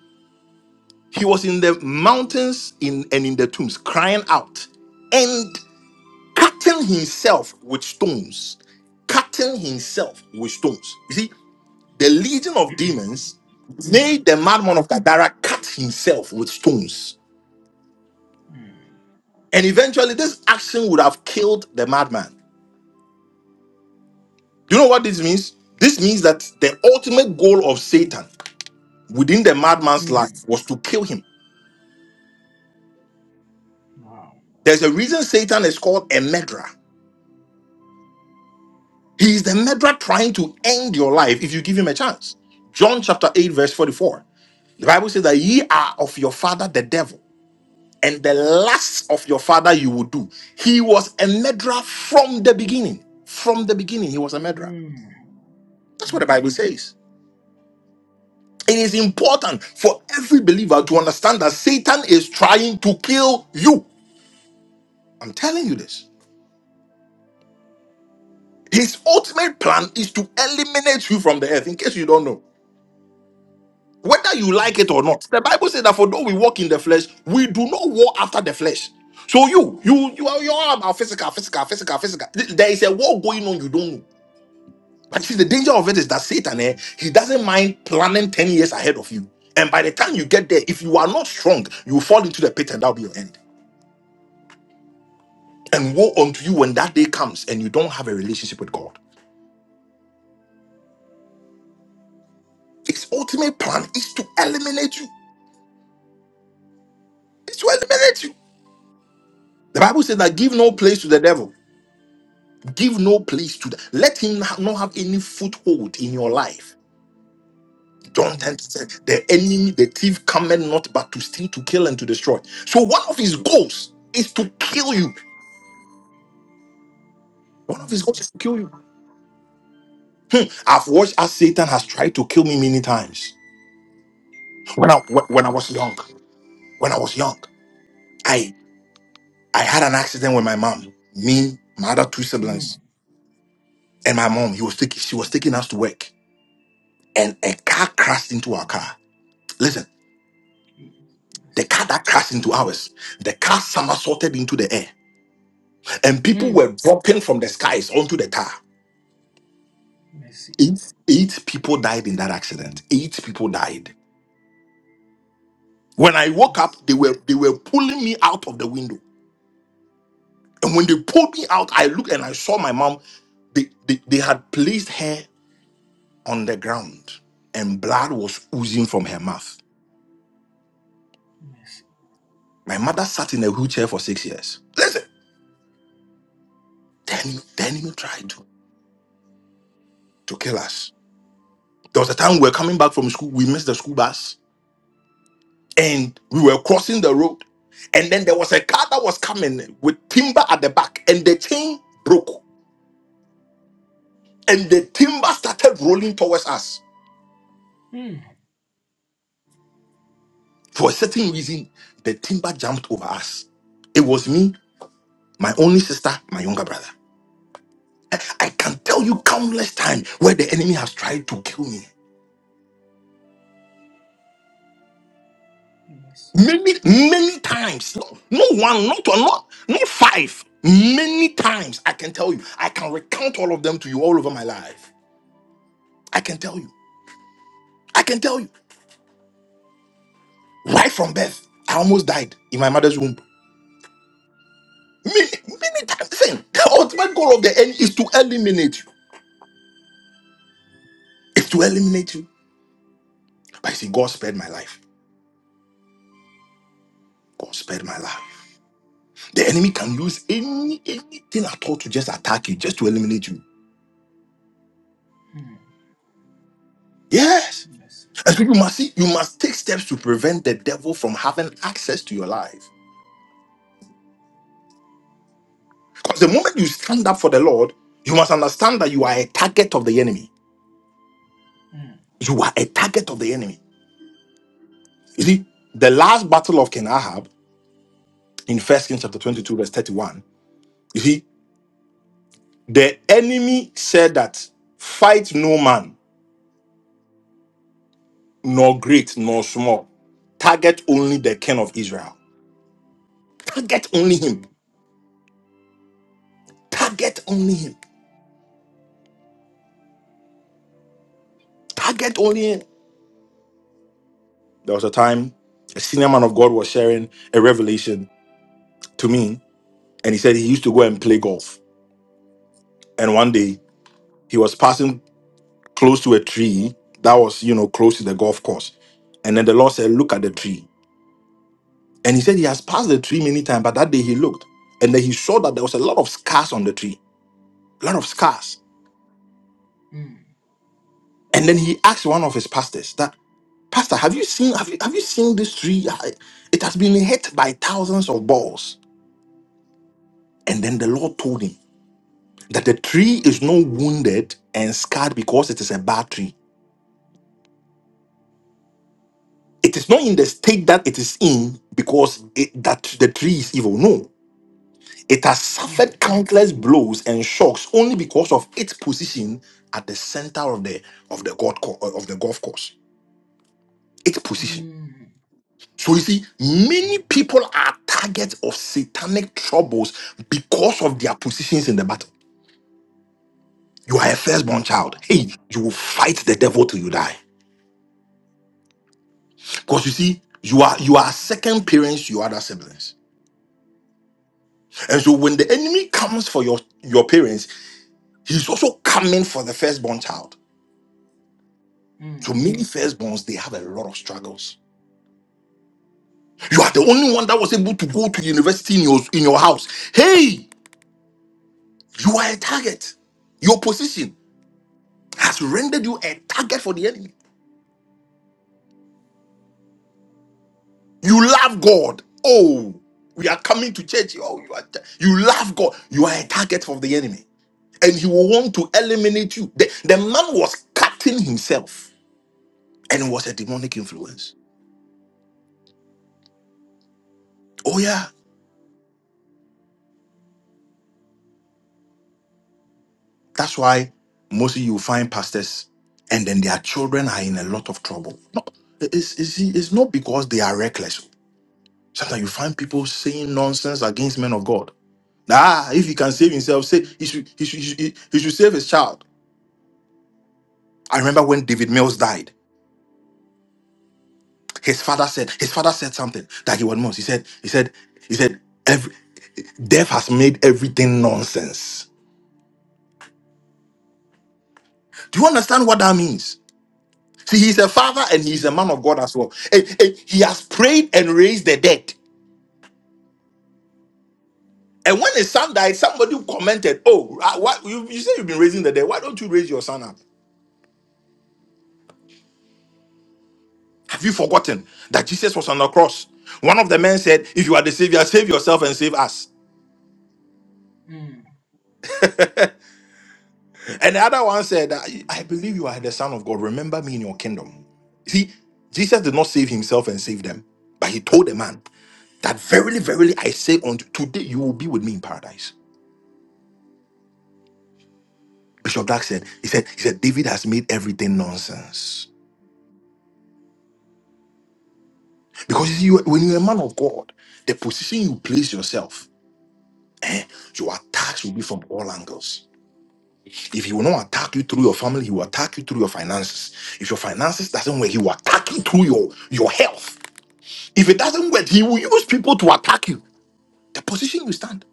Speaker 1: he was in the mountains in and in the tombs, crying out and cutting himself with stones. Cutting himself with stones. You see, the legion of
Speaker 4: *clears throat*
Speaker 1: demons
Speaker 4: mm,
Speaker 1: made the madman of Gadara cut himself with stones.
Speaker 4: mm,
Speaker 1: And eventually, this action would have killed the madman. Do you know what this means? This means that the ultimate goal of Satan within the madman's life
Speaker 4: mm,
Speaker 1: was to kill him.
Speaker 4: wow.
Speaker 1: There's a reason Satan is called a murderer. He is the murderer trying to end your life if you give him a chance. John chapter 8, verse 44. The Bible says that ye are of your father the devil, and the lusts of your father you will do. He was a murderer from the beginning. From the beginning, he was a murderer.
Speaker 4: Mm,
Speaker 1: That's what the
Speaker 4: mm,
Speaker 1: Bible says. It is important for every believer to understand that Satan is trying to kill you. I'm telling you this. His ultimate plan is to eliminate you from the earth, in case you don't know. Whether you like it or
Speaker 4: Messi.
Speaker 1: not. The Bible says that for though we walk in the flesh, we do not war after the flesh. So you, you, you are, you are about physical, physical, physical, physical. There is a war going on you don't know. But see, the danger of it is that Satan, eh, he doesn't mind planning 10 years ahead of you. And by the time you get there, if you are not strong, you fall into the pit and that'll be your end. And woe unto you when that day comes and you don't have a relationship with God. His ultimate plan is to eliminate you. It's to eliminate you. The Bible says that give no place to the devil. Give no place to the. Let him ha- not have any foothold in your life. John
Speaker 4: Mm,
Speaker 1: 10 said, The enemy, the thief, cometh not but to steal, to kill, and to destroy. So one of his goals is to kill you. One of his goals
Speaker 4: Messi.
Speaker 1: is to kill you. I've watched as Satan has tried to kill me many times. When I when I was young, when I was young. I had an accident with my mom, me, my other two
Speaker 4: Mm,
Speaker 1: siblings, and my mom. He was taking, she was taking us to work, and a car crashed into our car. Listen,
Speaker 4: Messi.
Speaker 1: the
Speaker 4: Mercy.
Speaker 1: car that crashed into ours, the car somersaulted into the air, and people
Speaker 4: Mm,
Speaker 1: were dropping from the skies onto the car.
Speaker 4: Messi.
Speaker 1: Eight, eight people died in that accident. Eight people died. When I woke
Speaker 4: Mercy.
Speaker 1: up, they were they were pulling me out of the window, and when they pulled me out, I looked and I saw my mom. They they, they had placed her. on the ground and blood was oozing from her mouth.
Speaker 4: Messi.
Speaker 1: My mother sat in a wheelchair for six years. Listen, the enemy, the enemy tried to, to kill us. There was a time we were coming back from school, we missed the school bus and we were crossing the road. And then there was a car that was coming with timber at the back and the chain broke and the timber started rolling towards us.
Speaker 4: Mm.
Speaker 1: For a certain reason, the timber jumped over us. It was me, my only sister, my younger brother. I I can tell you countless times where the enemy has tried to kill me.
Speaker 4: Messi.
Speaker 1: Many, many times. No, no one, not one, not, not five. Many times I can tell you. I can recount all of them to you all over my life. I can tell you. I can tell you. Right from birth, I almost died in my mother's womb. Many, many times. Listen, the ultimate goal of the enemy is to eliminate you. It's to eliminate you. But you see, God spared my life. God spared my life. The enemy can use any anything at all to just attack you, just to eliminate you.
Speaker 4: Mm.
Speaker 1: Yes.
Speaker 4: Messi.
Speaker 1: And so you must see, you must take steps to prevent the devil from having access to your life. Because the moment you stand up for the Lord, you must understand that you are a target of the enemy.
Speaker 4: Mm.
Speaker 1: You are a target of the enemy. You see, the last battle of King Ahab in First Kings chapter 22, verse 31, you see, the enemy said that fight no man, nor great, nor small. Target only the king of Israel. Target only
Speaker 4: Mm.
Speaker 1: him. Target only him. Target only him. There was a time a senior man of God was sharing a revelation to me, and he said he used to go and play golf. And one day he was passing close to a tree that was, you know, close to the golf course. And then the Lord said, Look at the tree. And he said he has passed the tree many times, but that day he looked and then he saw that there was a lot of scars on the tree, a lot of scars.
Speaker 4: Mm.
Speaker 1: And then he asked one of his pastors that, Pastor, have you seen have you, have you seen this tree? I- It has been hit by thousands of balls. And then the Lord told him. that the tree is not wounded and scarred because it is a bad tree. It is not in the state that it is in because it, that the tree is evil. No, it has
Speaker 4: Mm.
Speaker 1: suffered countless blows and shocks only because of its position at the center of the of the golf co- uh, of the golf course. Its position.
Speaker 4: Mm.
Speaker 1: So you see, many people are targets of satanic troubles because of their positions in the battle. You are a firstborn
Speaker 4: Wow.
Speaker 1: child. Hey, you will fight the devil till you die. Because you see, you are you are second parents to your other siblings. And so when the enemy comes for your, your parents, he's also coming for the firstborn child. So
Speaker 4: Mm.
Speaker 1: many firstborns, they have a lot of struggles. You are the only one that was able to go to university in your, in your house. Hey, you are a target. Your position has rendered you a target for the enemy. You love God. Oh, we are coming to church. Oh, you are you love God. You are a target for the enemy. and he will want to eliminate you. The, the man was cutting himself and it was a demonic influence. Oh, yeah. That's why mostly you find pastors and then their children are in a lot of trouble. No, it's, it's, it's not because they are reckless. Sometimes you find people saying nonsense against men of God. Ah, if he can save himself, say he should, he should, he should, he should save his child. I remember when David Mills died. His father said, his father said something that he was most. He said, he said, he said, every, death has made everything nonsense. Do you understand what that means? See, he's a father and he's a
Speaker 4: Mm.
Speaker 1: man of God as well. And- and he has prayed and raised the dead. And when his son died, somebody commented, Oh, uh, what you, you say you've been raising the dead. Why don't you raise your son up? Have you forgotten that Jesus was on the cross? One of the men said, If you are the savior, save yourself and save us.
Speaker 4: Mm.
Speaker 1: And the other one said, that, I believe you are the Son of God. Remember me in your kingdom. See, Jesus did not save himself and save them, but he told the man that verily, verily, I say unto today you will be with me in paradise. Bishop Dark said, he said, he said, David has made everything nonsense. Because you see, you- when you're a man of God, the position you place yourself, eh, your attacks will be from all angles. If he will not attack you through your family, he will attack you through your finances. If your finances doesn't work, he will attack you through your, your health. If it doesn't work, he will use people to attack you. The position you stand.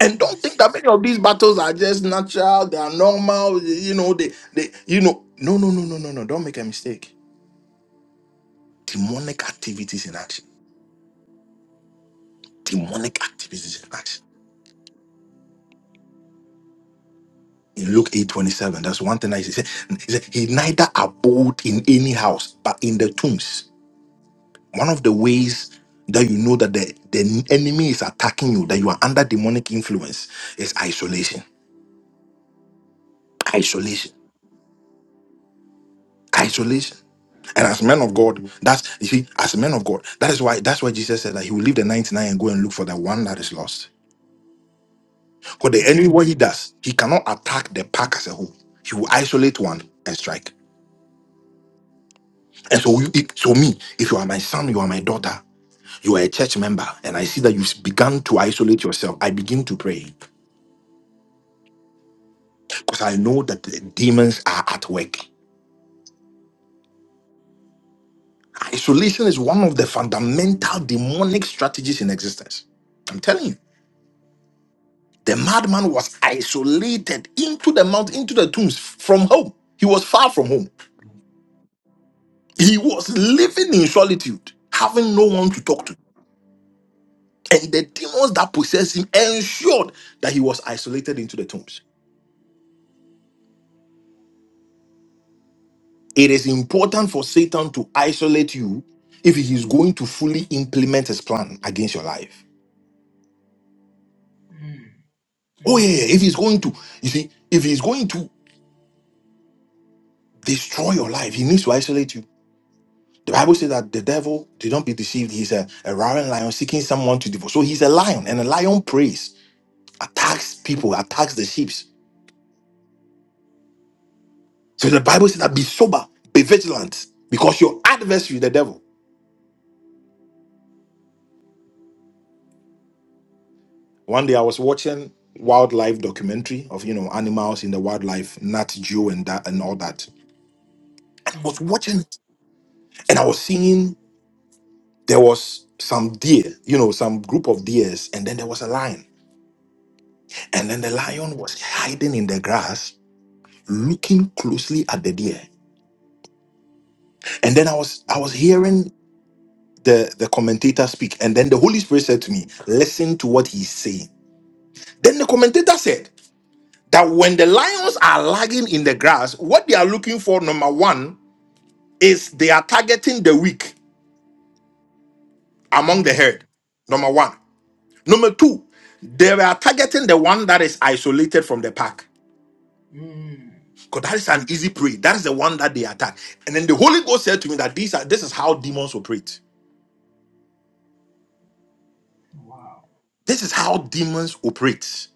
Speaker 1: And don't think
Speaker 4: Messi.
Speaker 1: that many of these battles are just natural, they are normal, you know, they they you know. No, no, no, no, no, no. Don't make a mistake. Demonic activities in action. Demonic activities in action. In Luke eight twenty-seven, 27, that's one thing I said. He said, He neither abode in any house, but in the tombs. One of the ways that you know that the, the enemy is attacking you, that you are under demonic influence, is isolation. Isolation Isolation. And as men of God, that's you see, as men of God, that is why that's why Jesus said that he will leave the 99 and go and look for the one that is lost. Because the
Speaker 4: Mm.
Speaker 1: enemy, what he does, he cannot attack the pack as a whole. He will isolate one and strike. And so, you, if- so me, if you are my son, you are my daughter, you are a church member, and I see that you've begun to isolate yourself, I begin to pray because I know that the demons are at work. Isolation is one of the fundamental demonic strategies in existence. I'm telling you. The madman was isolated into the mountain, into the tombs from home. He was far from home. He was living in solitude, having no one to talk to. And the demons that possessed him ensured that he was isolated into the tombs. It is important for Satan to isolate you if he is going to fully implement his plan against your life.
Speaker 4: Mm.
Speaker 1: Oh, yeah,
Speaker 4: Mm.
Speaker 1: yeah. yeah. if he's going to, you see, if he's going to destroy your life, he needs to isolate you. The Bible says that the devil do not be deceived. He's a, a roaring lion seeking someone to devour. So he's a lion, and a lion preys, attacks people, attacks the sheep. So the Bible says that be sober, be vigilant, because your adversary, the devil. One day I was watching wildlife documentary of you know animals in the wildlife, Nat Geo and that and all that. And I
Speaker 4: Mm.
Speaker 1: was watching it, and I was seeing there was some deer, you know, some group of deers, and then there was a lion, and then the
Speaker 4: Okay.
Speaker 1: lion was hiding in the grass looking closely at the deer. And then I was I was hearing the, the commentator speak, and then the Holy Spirit said to me, Listen to what he's saying. Then the commentator said that when the lions are lagging in the grass, what they are looking for, number one, is they are targeting the weak among the
Speaker 4: Mm.
Speaker 1: herd. Number one. Number two, they are targeting the one that is isolated from the pack.
Speaker 4: Mm.
Speaker 1: Because that is an easy prey. That is the one that they attack. And then the Holy Ghost said to me that these are this is how demons operate
Speaker 4: Wow.
Speaker 1: This is how demons operate.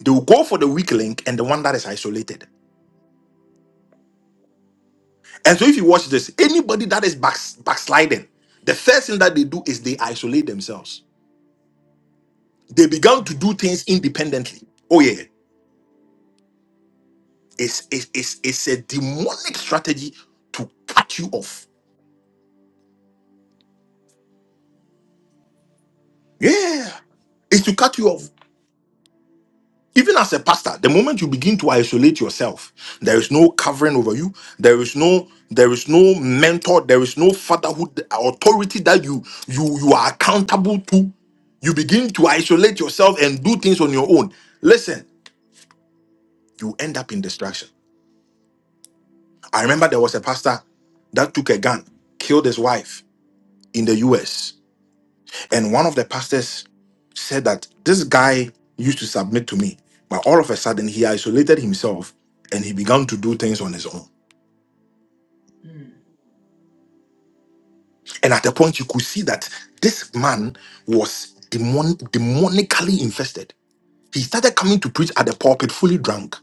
Speaker 1: They will go for the weak link and the one that is isolated. And so if you watch this, anybody that is back, backsliding, the first thing that they do is they isolate themselves. They began to
Speaker 4: Mm.
Speaker 1: do things independently. Oh yeah, it's it's it's, it's a demonic strategy to cut you off. Yeah, it's to cut you off. Even as a pastor, the moment you begin to isolate yourself, there is no covering over you. There is no there is no mentor. There is no fatherhood authority that you you you are accountable to. You begin to isolate yourself and do things on your own. Listen, you end up in distraction. I remember there was a pastor that took a gun, killed his wife in the U.S. And one of the pastors said that this guy used to submit to me, but all of a sudden he isolated himself and he began to do things on his own.
Speaker 4: Mm.
Speaker 1: And at a point, you could see that this man was demon- demonically infested. He started coming to preach at the pulpit fully drunk.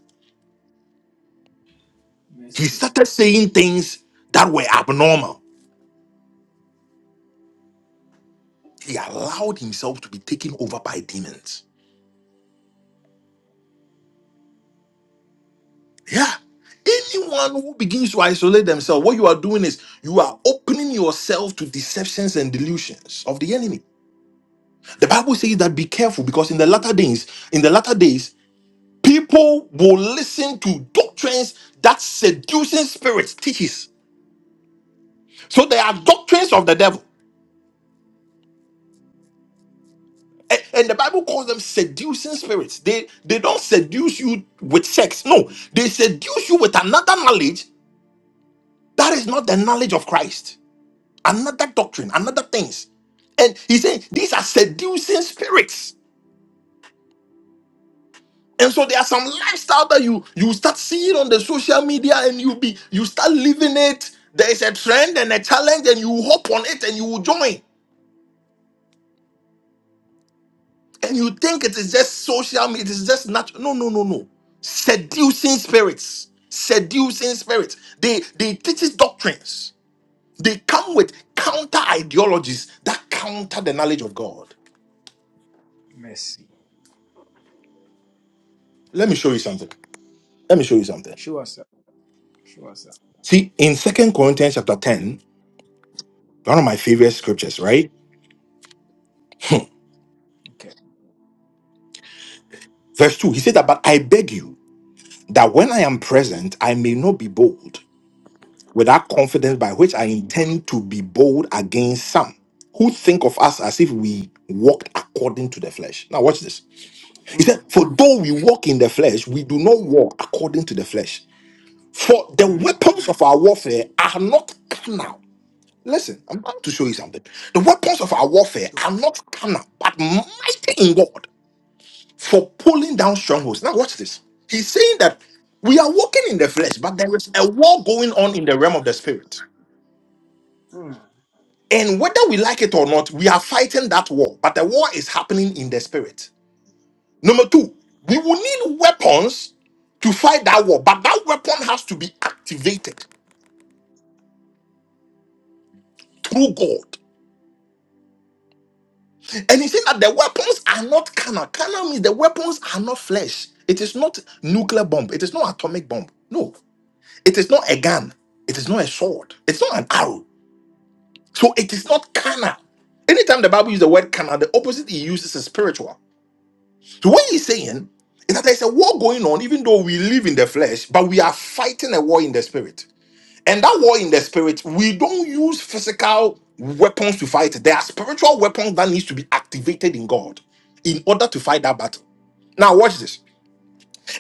Speaker 1: He
Speaker 4: Messi.
Speaker 1: started saying things that were abnormal. He allowed himself to be taken over by demons. Yeah. Anyone who begins to isolate themselves, what you are doing is you are opening yourself to deceptions and delusions of the enemy. The Bible says that be careful because in the latter days, in the latter days, people will listen to doctrines that seducing spirits teaches. So there are doctrines of the devil. A- And the Bible calls them seducing spirits. They they don't seduce you with sex. No, they seduce you with another knowledge that is not the knowledge of Christ. another doctrine, another things. And he saying these are seducing spirits. And so there are some lifestyle that you you start seeing on the social media and you be you start living it. There is a trend and a challenge, and you hop on it and you will join. And you think it is just social media, it is just natural. No, no, no, no. Seducing spirits. Seducing spirits. They they teach doctrines. They come with counter ideologies that counter the knowledge of God.
Speaker 4: Messi.
Speaker 1: Let me show you something. Let me show you something.
Speaker 4: Show us up. Show us up.
Speaker 1: See, in Second Corinthians chapter ten, one of my favorite scriptures, right?
Speaker 4: Okay.
Speaker 1: Verse 2, he said that, but I beg you that when I am present, I may not be bold with that confidence by which I intend to be bold against some who think of us as if we walked according to the flesh. Now, watch this. He
Speaker 4: Mm.
Speaker 1: said, For though we walk in the flesh, we do not walk according to the flesh. For the
Speaker 4: Mm.
Speaker 1: weapons of our warfare are not carnal. Listen, I'm about to show you something. The weapons of our warfare
Speaker 4: Show
Speaker 1: are
Speaker 4: us.
Speaker 1: not carnal, but mighty in God. for pulling down strongholds. Now, watch this. He's saying that we are walking in the flesh, but there is a war going on in the realm of the spirit.
Speaker 4: Mm.
Speaker 1: And whether we like it or not, we are fighting that war, but the war is happening in the spirit. Number two, we will need weapons to fight that war, but that weapon has to be activated through God. And he said that the weapons are not carnal. Carnal means the weapons are not flesh. It is not nuclear bomb. It is not atomic bomb. No, It is not a gun. It is not a sword. It's not an arrow. So it is not carnal. Anytime the Bible uses the word carnal, the opposite he uses is spiritual. So what he's saying is that there's a war going on, even though we live in the flesh, but we are fighting a war in the spirit. And that war in the spirit, we don't use physical weapons to fight. it. There are spiritual weapons that needs to be activated in God in order to fight that battle. Now watch this.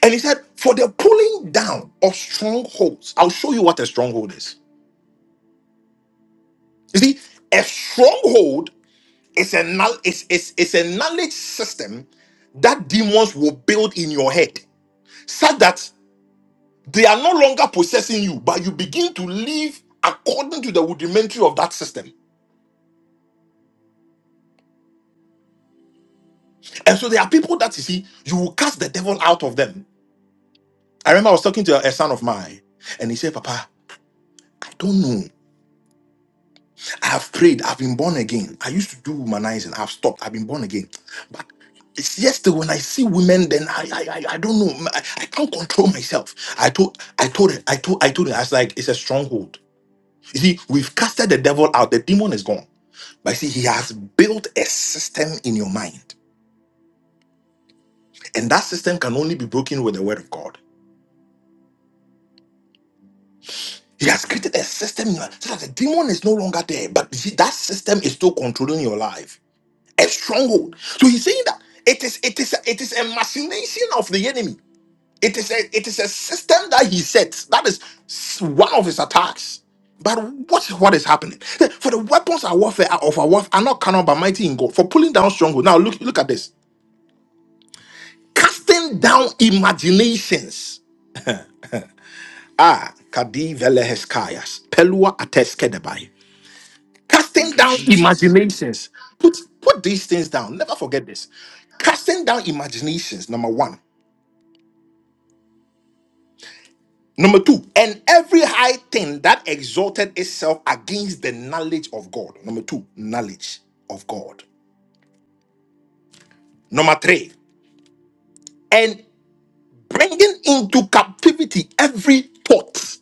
Speaker 1: And he said, for the pulling down of strongholds, I'll show you what a stronghold is. You see, a stronghold is a knowl- is, is, is a knowledge system that demons will build in your head, such that they are no longer possessing you, but you begin to live according to the rudimentary of that system. And so there are people that you see, you will cast the devil out of them. I remember I was talking to a a son of mine, and he said, Papa, I don't know. I've prayed. I've been born again. I used to do womanizing. I've stopped. I've been born again. But it's yesterday when I see women, then I I, I, I don't know. I, I can't control myself. I told I told her, I told I told her, I was like, it's a stronghold. You see, we've casted the devil out, the demon is gone. But see, he has built a system in your mind. And that system can only be broken with the word of God. He has created a system in your- so that the demon is no longer there. But you see, that system is still controlling your life. a stronghold. So he's saying that it is it is it is a machination of the enemy. It is a it is a system that he sets. That is s- one of his attacks. But what is what is happening? Hey, For the weapons of warfare are of our warfare are not carnal but mighty in God. For pulling down stronghold. Now look look at this. Casting down imaginations. Ah, Kadi Veleheskayas. Pelua Ateskedebai. Casting
Speaker 4: Thank you,
Speaker 1: down imag
Speaker 4: Jesus.
Speaker 1: put put these things down. Never forget this. Casting down imaginations, number one Number two, and every high thing that exalted itself against the knowledge of God. Number two, knowledge of God. Number three, and bringing into captivity every thought,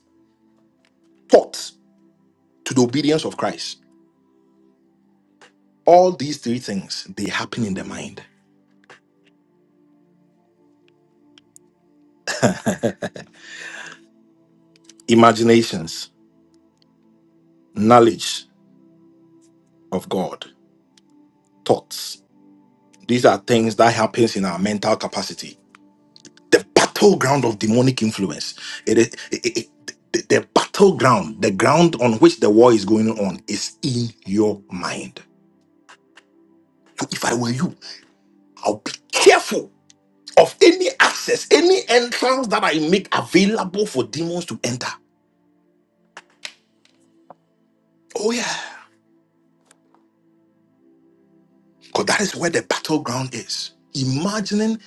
Speaker 1: thought to the obedience of Christ. All these three things, they happen in the mind. Imaginations, knowledge of God, thoughts. These are things that happens in our mental capacity the battleground of demonic influence. It is it, it, it- the battleground, the ground on which the war is going on, is in your mind. So, if I were you, I'll be careful of any access, any entrance that I make available for demons to enter. Oh yeah, because that is where the battleground is. Imagining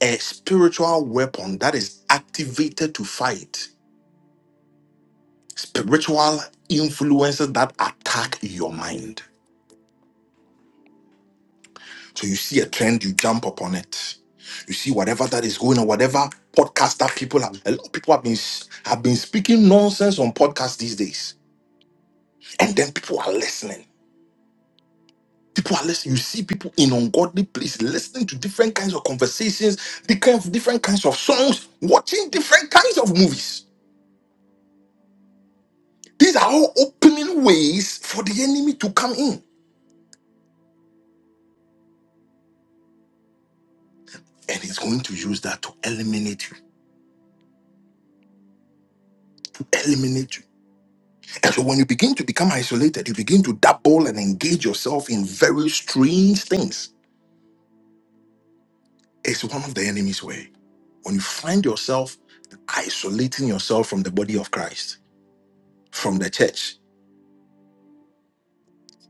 Speaker 1: a spiritual weapon that is activated to fight spiritual influences that attack your mind. So you see a trend, you jump upon it. You see whatever that is going on, whatever podcast that people have. A lot of people have been have been speaking nonsense on podcasts these days, and then people are listening. People are listening. You see people in ungodly places listening to different kinds of conversations, different different kinds of songs, watching different kinds of movies. These are all opening ways for the enemy to come in, and he's going to use that to eliminate you. To eliminate you And so when you begin to become isolated, you begin to dabble and engage yourself in very strange things. It's one of the enemy's way. When you find yourself isolating yourself from the body of Christ, from the church,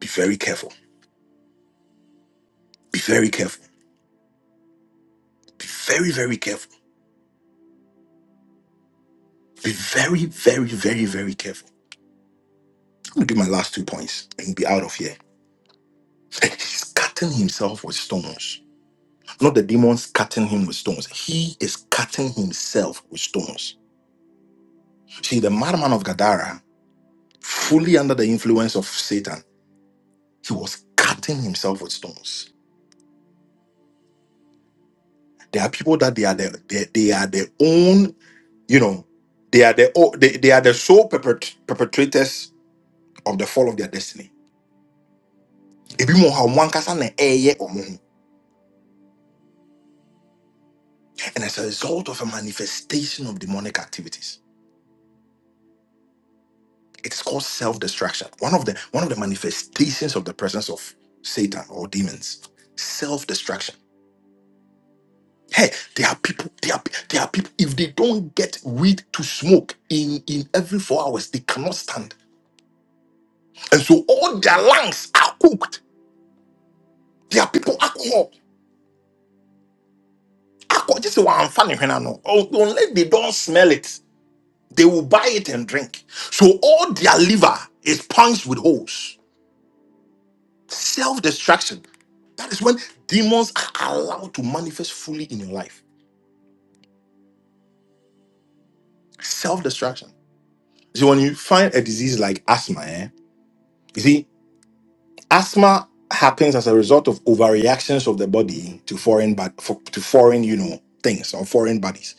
Speaker 1: be very careful. Be very careful. Be very, very careful. Be very, very, very, very careful. I'm gonna give my last two points and be out of here. *laughs* And He's cutting himself with stones. Not the demons cutting him with stones. He is cutting himself with stones. See, the madman of Gadara fully under the influence of Satan, he was cutting himself with stones. There are people that they are the they, they are their own, you know, they are the o- they, they are the sole perpet- perpetrators of the fall of their destiny. Ebi mo ha, ɔmo ankasa na ɛyɛ ɔmo ho. And as a result of a manifestation of demonic activities, it is called self-destruction. One of the one of the manifestations of the presence of Satan or demons, self-destruction Hey, there are people, there are, there are people, if they don't get weed to smoke in, in every four hours, they cannot stand. And so all their lungs are cooked. There are people, alcohol, alcohol, just one funny when I know. Un- Unless they don't smell it, they will buy it and drink. So all their liver is punched with holes. Self destruction. That is when demons are allowed to manifest fully in your life. Self destruction. See, when you find a disease like asthma, eh? Asthma happens as a result of overreactions of the body to foreign but for, to foreign, you know, things or foreign bodies,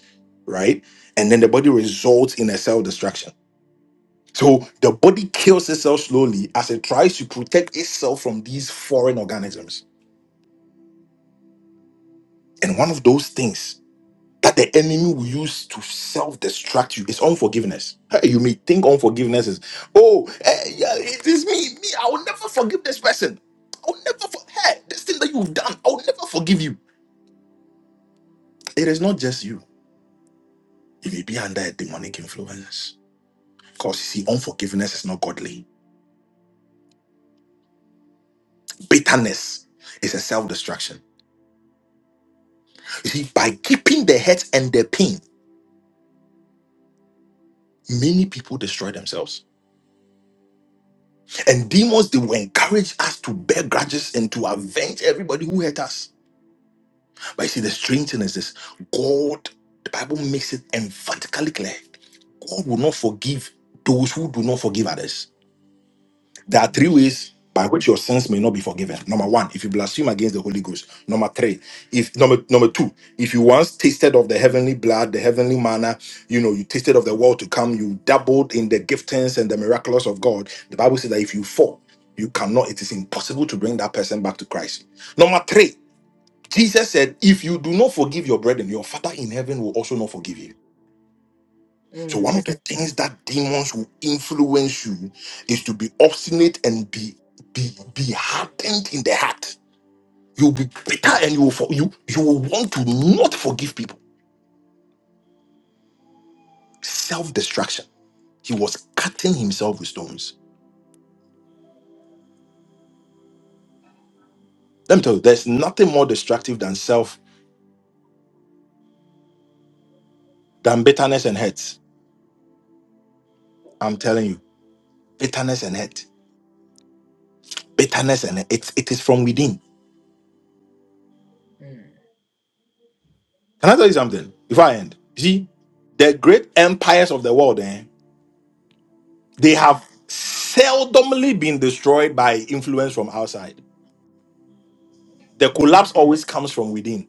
Speaker 1: right? And then the body results in a cell destruction. So the body kills itself slowly as it tries to protect itself from these foreign organisms. And one of those things that the enemy will use to self-destruct you is unforgiveness. Hey, you may think unforgiveness is, oh, eh, yeah, it is me, me. I will never forgive this person. I will never for hey, this thing that you've done. I will never forgive you. It is not just you. You may be under a demonic influence. Because you see, unforgiveness is not godly. Bitterness is a self-destruction. You see, by keeping the hurt and the pain, many people destroy themselves. And demons, they will encourage us to bear grudges and to avenge everybody who hurt us. But you see, the strange thing is this God, the Bible makes it emphatically clear God will not forgive those who do not forgive others. There are three ways by which your sins may not be forgiven. Number one, if you blaspheme against the Holy Ghost. Number three, if number number two, if you once tasted of the heavenly blood, the heavenly manna, you know, you tasted of the world to come, you dabbled in the giftings and the miraculous of God. The Bible says that if you fall, you cannot, it is impossible to bring that person back to Christ. Number three, Jesus said, If you do not forgive your brethren, your Father in heaven will also not forgive you. So,
Speaker 4: Mm.
Speaker 1: one of the things that demons will influence you is to be obstinate and be be, be hardened in the heart. You'll be bitter and you will, for, you, you will want to not forgive people. Self destruction. He was cutting himself with stones. Let me tell you, there's nothing more destructive than self, than bitterness and hate. I'm telling you, bitterness and hate. Bitterness and hate. It's, it is from within
Speaker 4: Mm.
Speaker 1: Can I tell you something before I end? You see, the great empires of the world, eh, they
Speaker 4: Mm.
Speaker 1: have seldomly been destroyed by influence from outside. The
Speaker 4: Mm.
Speaker 1: collapse always comes from within.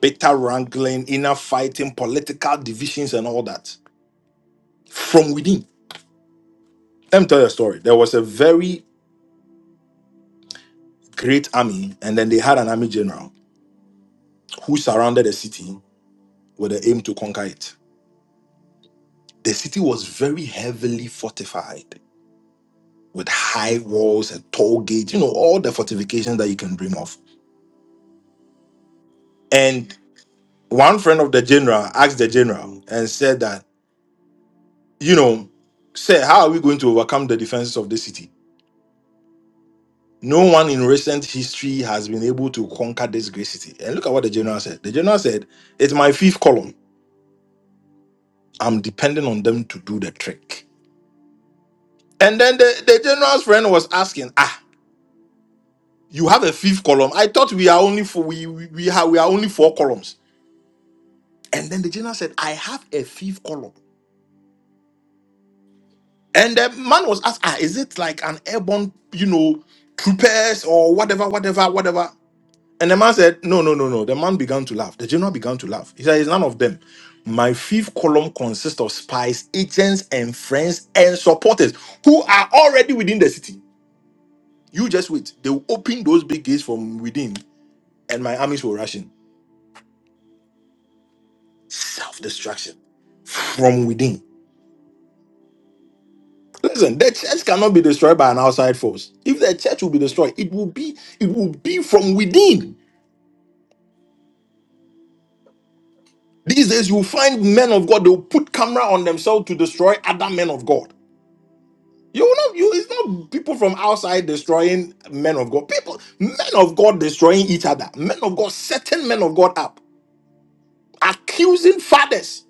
Speaker 1: Bitter wrangling, inner fighting, political divisions, and all that from within. Let me tell you a story. There was a very great army, and then they had an army general who surrounded a city with the aim to conquer it. The city was very heavily fortified with high walls and toll gates, you know, all the fortifications that you can dream of. And one friend of the general asked the general and said that, you know, sir, how are we going to overcome the defenses of the city? No one in recent history has been able to conquer this great city. And look at what the general said. The general said, It's my fifth column. I'm depending on them to do the trick. And then the, the general's friend was asking, Ah, you have a fifth column. I thought we are only four, we, we, we, have, we are only four columns And then the general said, I have a fifth column. And the man was asked, ah, is it like an airborne, you know, troopers or whatever, whatever, whatever? And the man said, no, no, no, no. The man began to laugh. The general began to laugh. He said, it's none of them. My fifth column consists of spies, agents, and friends and supporters who are already within the city. You just wait. They will open those big gates from within, and my armies will rush in. Self destruction from within. Listen, the church cannot be destroyed by an outside force. If the church will be destroyed, it will be it will be from within. These days you find men of God, they'll put camera on themselves to destroy other men of God. You will not you it's not people from outside destroying men of God. People, men of God destroying each other. Men of God, setting men of God up, accusing fathers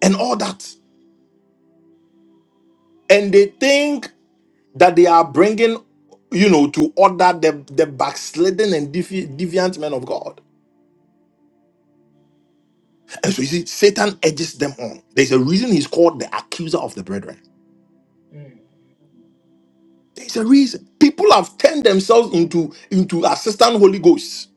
Speaker 1: and all that. And they think that they are bringing, you know, to order the, the backslidden and devi- deviant men of God. And so you see, Satan edges them on. There's a reason he's called the accuser of the brethren.
Speaker 4: Mm.
Speaker 1: There's a reason. People have turned themselves into, into assistant Holy Ghosts,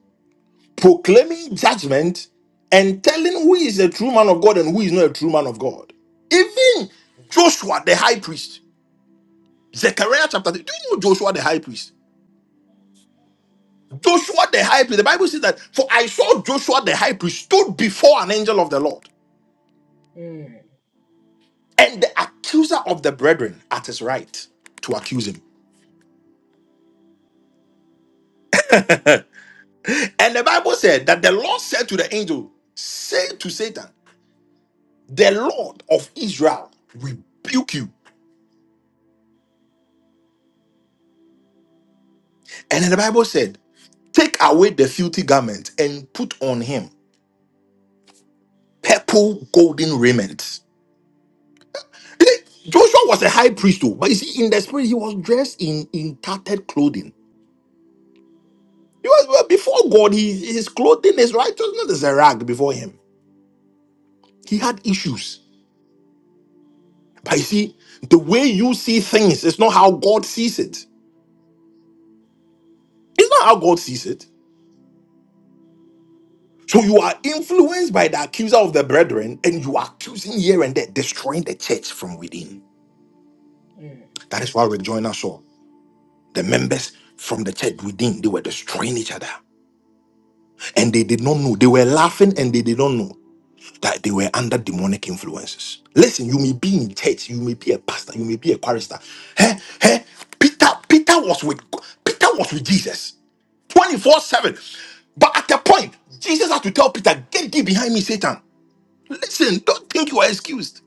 Speaker 1: proclaiming judgment and telling who is a true man of God and who is not a true man of God. Even Joshua, the high priest, Zechariah chapter 3. Do you know Joshua, the high priest? Joshua, the high priest. The Bible says that, For I saw Joshua, the high priest, stood before an angel of the Lord
Speaker 4: Mm.
Speaker 1: and the accuser of the brethren at his right to accuse him. And the Bible said that the Lord said to the angel, Say to Satan, the Lord of Israel rebuke you. And then the Bible said, Take away the filthy garment and put on him purple golden raiment. You see, Joshua was a high priest, too, but you see, in the spirit, he was dressed in, in tattered clothing. He was well, before God, he, his clothing is righteousness is a rag before him. He had issues. But you see, the way you see things is not how God sees it. It's not how God sees it. So you are influenced by the accuser of the brethren, and you are accusing here and there, destroying the church from within. That is why rejoin us all. The members from the church within, they were destroying each other. And they did not know. They were laughing and they did not know that they were under demonic influences. Listen, you may be in church, you may be a pastor, you may be a chorister. Hey, hey, Peter, Peter was with Peter was with Jesus 24-7. But at a point, Jesus had to tell Peter, get thee behind me, Satan. Listen, don't think you are excused.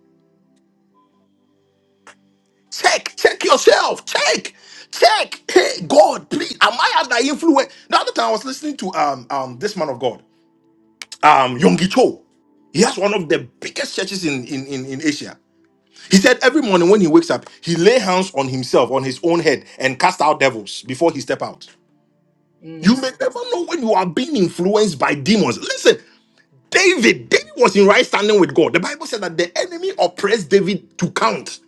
Speaker 1: Check, check yourself. Check, check. Hey, God, please, am I under influence? The other time I was listening to um um this man of God, um Yonggi Cho. He has one of the biggest churches in, in in in Asia. He said every morning when he wakes up, he lay hands on himself, on his own head, and cast out devils before he step out. You
Speaker 4: Mm.
Speaker 1: may never know when you are being influenced by demons. Listen, David, David was in right standing with God. The Bible said that the enemy oppressed David to count.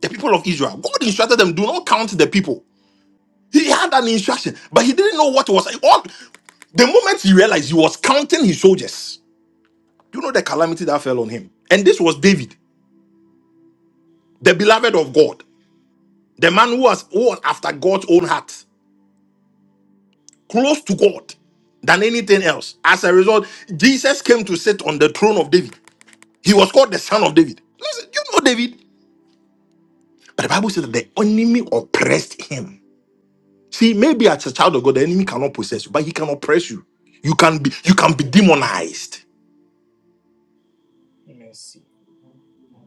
Speaker 1: the people of Israel. God instructed them, do not count the people. He had an instruction, but he didn't know what was all. The moment he realized he was counting his soldiers, Do you know the calamity that fell on him. And this was David, the beloved of God, the man who was one after God's own heart, close to God than anything else. As a result, Jesus came to sit on the throne of David. He was called the son of David. Listen, you know David, but the Bible says that the enemy oppressed him. See, maybe as a child of God, the enemy
Speaker 4: Mm.
Speaker 1: cannot possess you, but he can oppress you. You can be you can be
Speaker 4: Mm.
Speaker 1: demonized.
Speaker 4: Messi.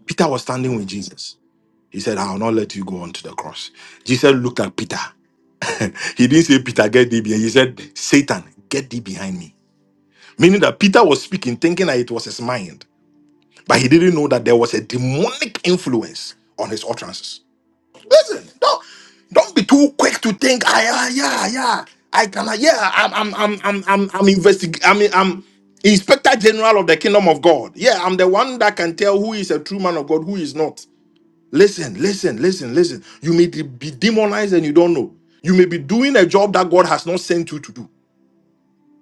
Speaker 1: Peter was standing with Jesus. He said, I will not let you go onto the cross. Jesus looked at Peter. He didn't say, Peter, get thee behind. He said, Satan, get thee behind me. Meaning that Peter was speaking, thinking that it was his mind, but he didn't know that there was a demonic influence on his utterances. Listen, don't don't be too quick to think. I uh, yeah yeah I can uh, yeah I'm I'm I'm I'm I'm, I'm investig- I mean I'm Inspector General of the Kingdom of God. Yeah, I'm the one that can tell who is a true man of God, who is not. Listen, listen, listen, listen. You may de- be demonized and you don't know. You may be doing a job that God has not sent you to do.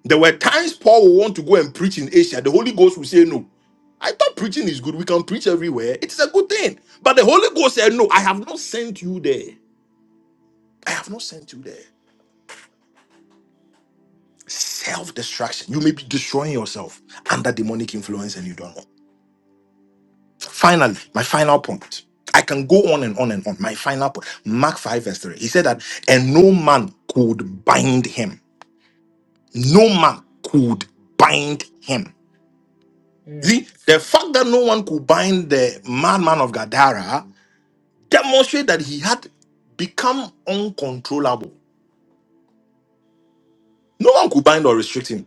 Speaker 1: There were times Paul would want to go and preach in Asia. The Holy Ghost will say no. I thought preaching is good. We can preach everywhere. It is a good thing. But the Holy Ghost said, No, I have not sent you there. I have not sent you there. Self destruction. You may be destroying yourself under demonic influence and you don't know. Finally, my final point. I can go on and on and on. My final point. Mark 5, verse 3. He said that, and no man could bind him. No man could bind him.
Speaker 4: Mm.
Speaker 1: See, the fact that no one could bind the madman of Gadara demonstrates that he had become uncontrollable. No one could bind or restrict him.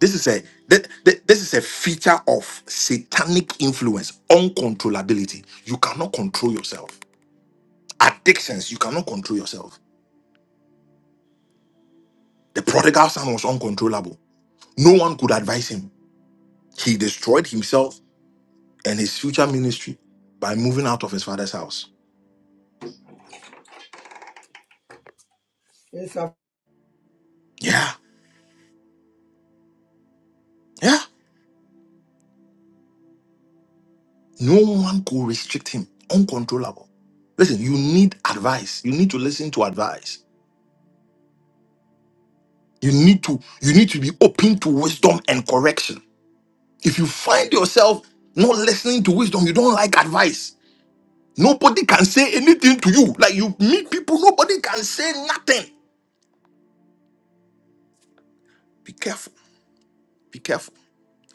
Speaker 1: This is a th- th- this is a feature of satanic influence, uncontrollability. You cannot control yourself. Addictions, you cannot control yourself. The prodigal son was uncontrollable. No one could advise him. He destroyed himself and his future ministry by moving out of his father's house.
Speaker 4: It's a
Speaker 1: Yeah, yeah. No one could restrict him. Uncontrollable. Listen, you need advice. You need to listen to advice. You need to you need to be open to wisdom and correction If you find yourself not listening to wisdom, you don't like advice. Nobody can say anything to you. Like you meet people, nobody can say nothing. Be careful. Be careful.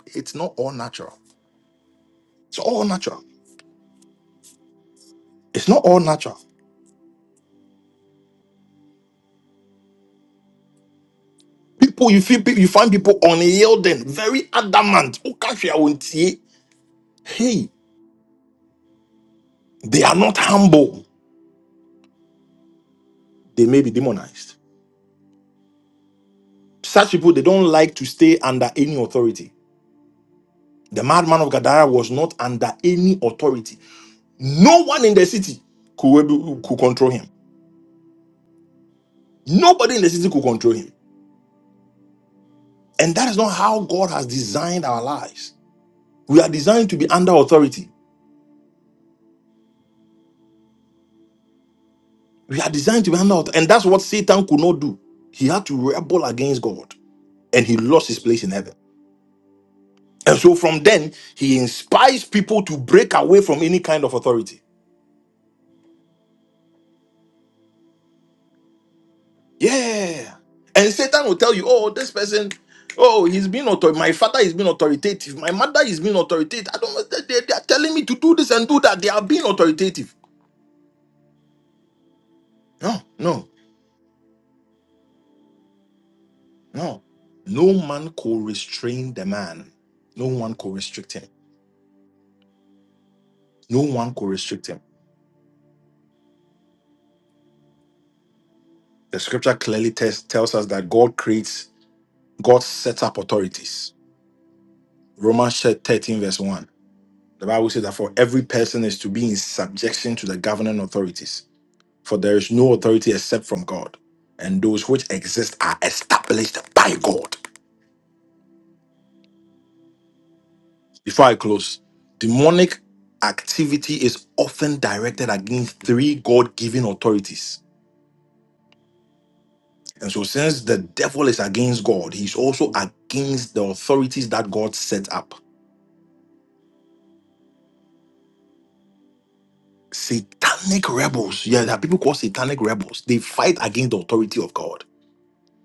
Speaker 1: It's not all natural. It's all natural. It's not all natural. People, you feel you find people unyielding, very adamant. Hey, they are not humble. They may be demonized. Such people, they don't like to stay under any authority. The madman of Gadara was not under any authority No one in the city could, be- could control him. Nobody in the city could control him. And that is not how God has designed our lives. We are designed to be under authority. We are designed to be under authority. And that's what Satan could not do. He had to rebel against God and he lost his place in heaven. And so from then, he inspires people to break away from any kind of authority. Yeah. And Satan will tell you, oh, this person, oh, he's been author. My father is being authoritative. My mother is being authoritative. I don't They, they- they are telling me to do this and do that. They are being authoritative. No, no, no. No man could restrain the man. No one could restrict him. No one could restrict him. The scripture clearly tells, tells us that God creates, God sets up authorities. Romans 13, verse 1. The Bible says that for every person is to be in subjection to the governing authorities For there is no authority except from God, and those which exist are established by God. Before I close, demonic activity is often directed against three God given authorities. And so, since the devil is against God, he's also against the authorities that God set up. Satanic rebels, yeah, there are people called satanic rebels. They fight against the authority of God.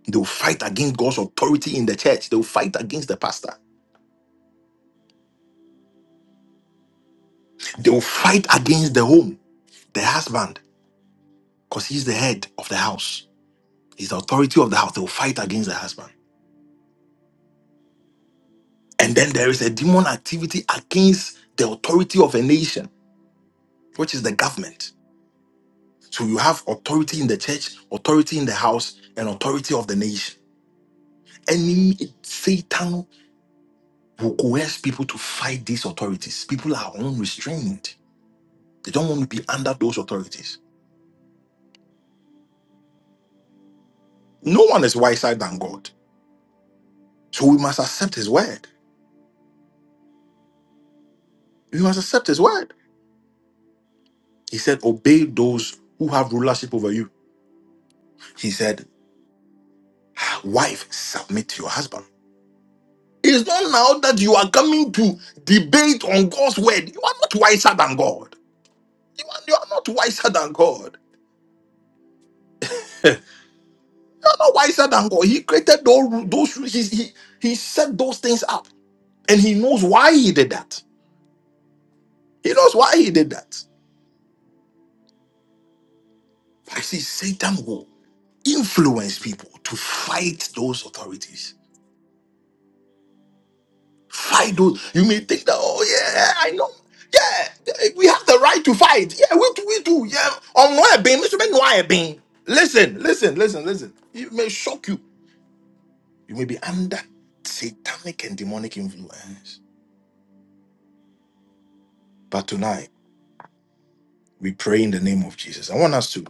Speaker 1: They'll fight against God's authority in the church. They'll fight against the pastor. They'll fight against the home, the husband. because he's the head of the house. He's the authority of the house. They will fight against the husband. And then there is a demon activity against the authority of a nation, which is the government. So you have authority in the church, authority in the house, and authority of the nation. Any Satan will coerce people to fight these authorities. People are unrestrained. They don't want to be under those authorities. No one is wiser than God. So we must accept his word. We must accept his word. He said, Obey those who have rulership over you He said, Wife, submit to your husband. It's not now that you are coming to debate on God's word. You are not wiser than God. You are, you are not wiser than God. You are not wiser than God. He created those, those he, he, he set those things up. And he knows why he did that. He knows why he did that. But I see Satan will influence people to fight those authorities. Fight those. You may think that, oh yeah, I know. Yeah, we have the right to fight. Yeah, we do, we do. Yeah, on why being, Mr. Ben, why being? Listen, listen, listen, listen. It may shock you. You may be under satanic and demonic influence. But tonight, we pray in the name of Jesus. I want us to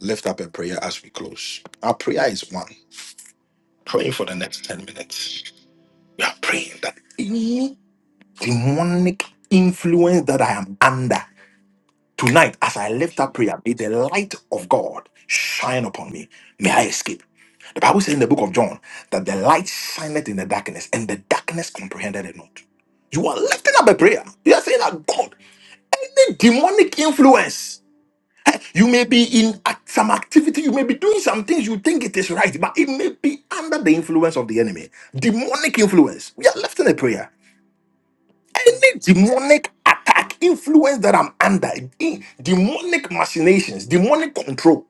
Speaker 1: lift up a prayer as we close. Our prayer is one. Praying for the next 10 minutes. We are praying that any demonic influence that I am under. Tonight, as I lift up
Speaker 4: Jesus.
Speaker 1: prayer, may the light of God shine upon me. May I escape. The Bible says in the book of John that the light shineth in the darkness, and the darkness comprehended it not. You are lifting up a prayer. You are saying that God, any demonic influence, eh, you may be in act- some activity, you may be doing some things you think it is right, but it may be under the influence of the enemy. Demonic influence. We are lifting a prayer any
Speaker 4: Jesus.
Speaker 1: demonic attack, influence that I'm under, in- demonic machinations, demonic control,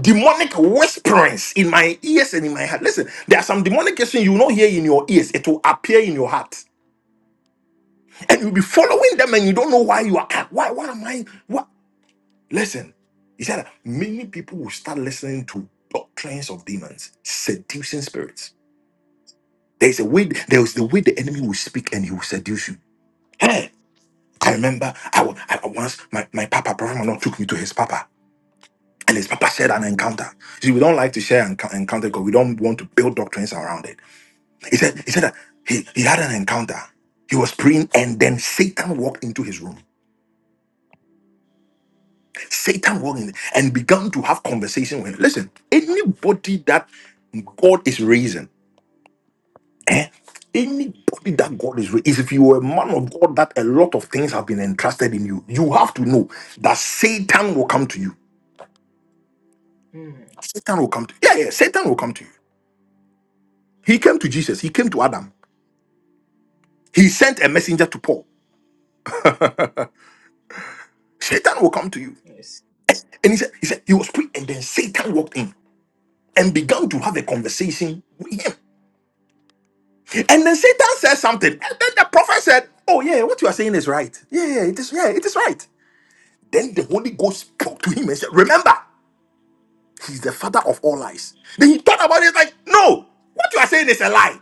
Speaker 1: demonic whisperings in my ears and in my heart. Listen, there are some demonic things you will not hear in your ears, it will appear in your heart. And you'll be following them and you don't know why you are. ah, Why, why am I? What? Listen, he said that many people will start listening to doctrines of demons, seducing spirits. There's a way, there's the way the enemy will speak and he will seduce you. Hey, I remember I, wa- I once my, my papa, Prophet Manuel, took me to his papa, and his papa shared an encounter. See, we don't like to share an encounter encounter because we don't want to build doctrines around it. He said he said that he, he had an encounter. He was praying, and then Satan walked into his room. Satan walked in and began to have conversation with him. Listen, anybody that God is raising, eh? Anybody that God is raising, is if you are a man of God, that a lot of things have been entrusted in you. You have to know that Satan will come to you.
Speaker 4: Mm.
Speaker 1: Satan will come to you. Yeah, yeah, Satan will come to you. He came to Jesus, he came to Adam. He sent a messenger to Paul. Satan will come to you.
Speaker 4: Mercy.
Speaker 1: And he said, he said, he was praying, and then Satan walked in and began to have a conversation with him. And then Satan said something. And then the prophet said, Oh, yeah, what you are saying is right. Yeah, yeah, it is, yeah, it is right. Then the Holy Ghost spoke to him and said, Remember, he's the father of all lies. Then he thought about it like, No, what you are saying is a lie.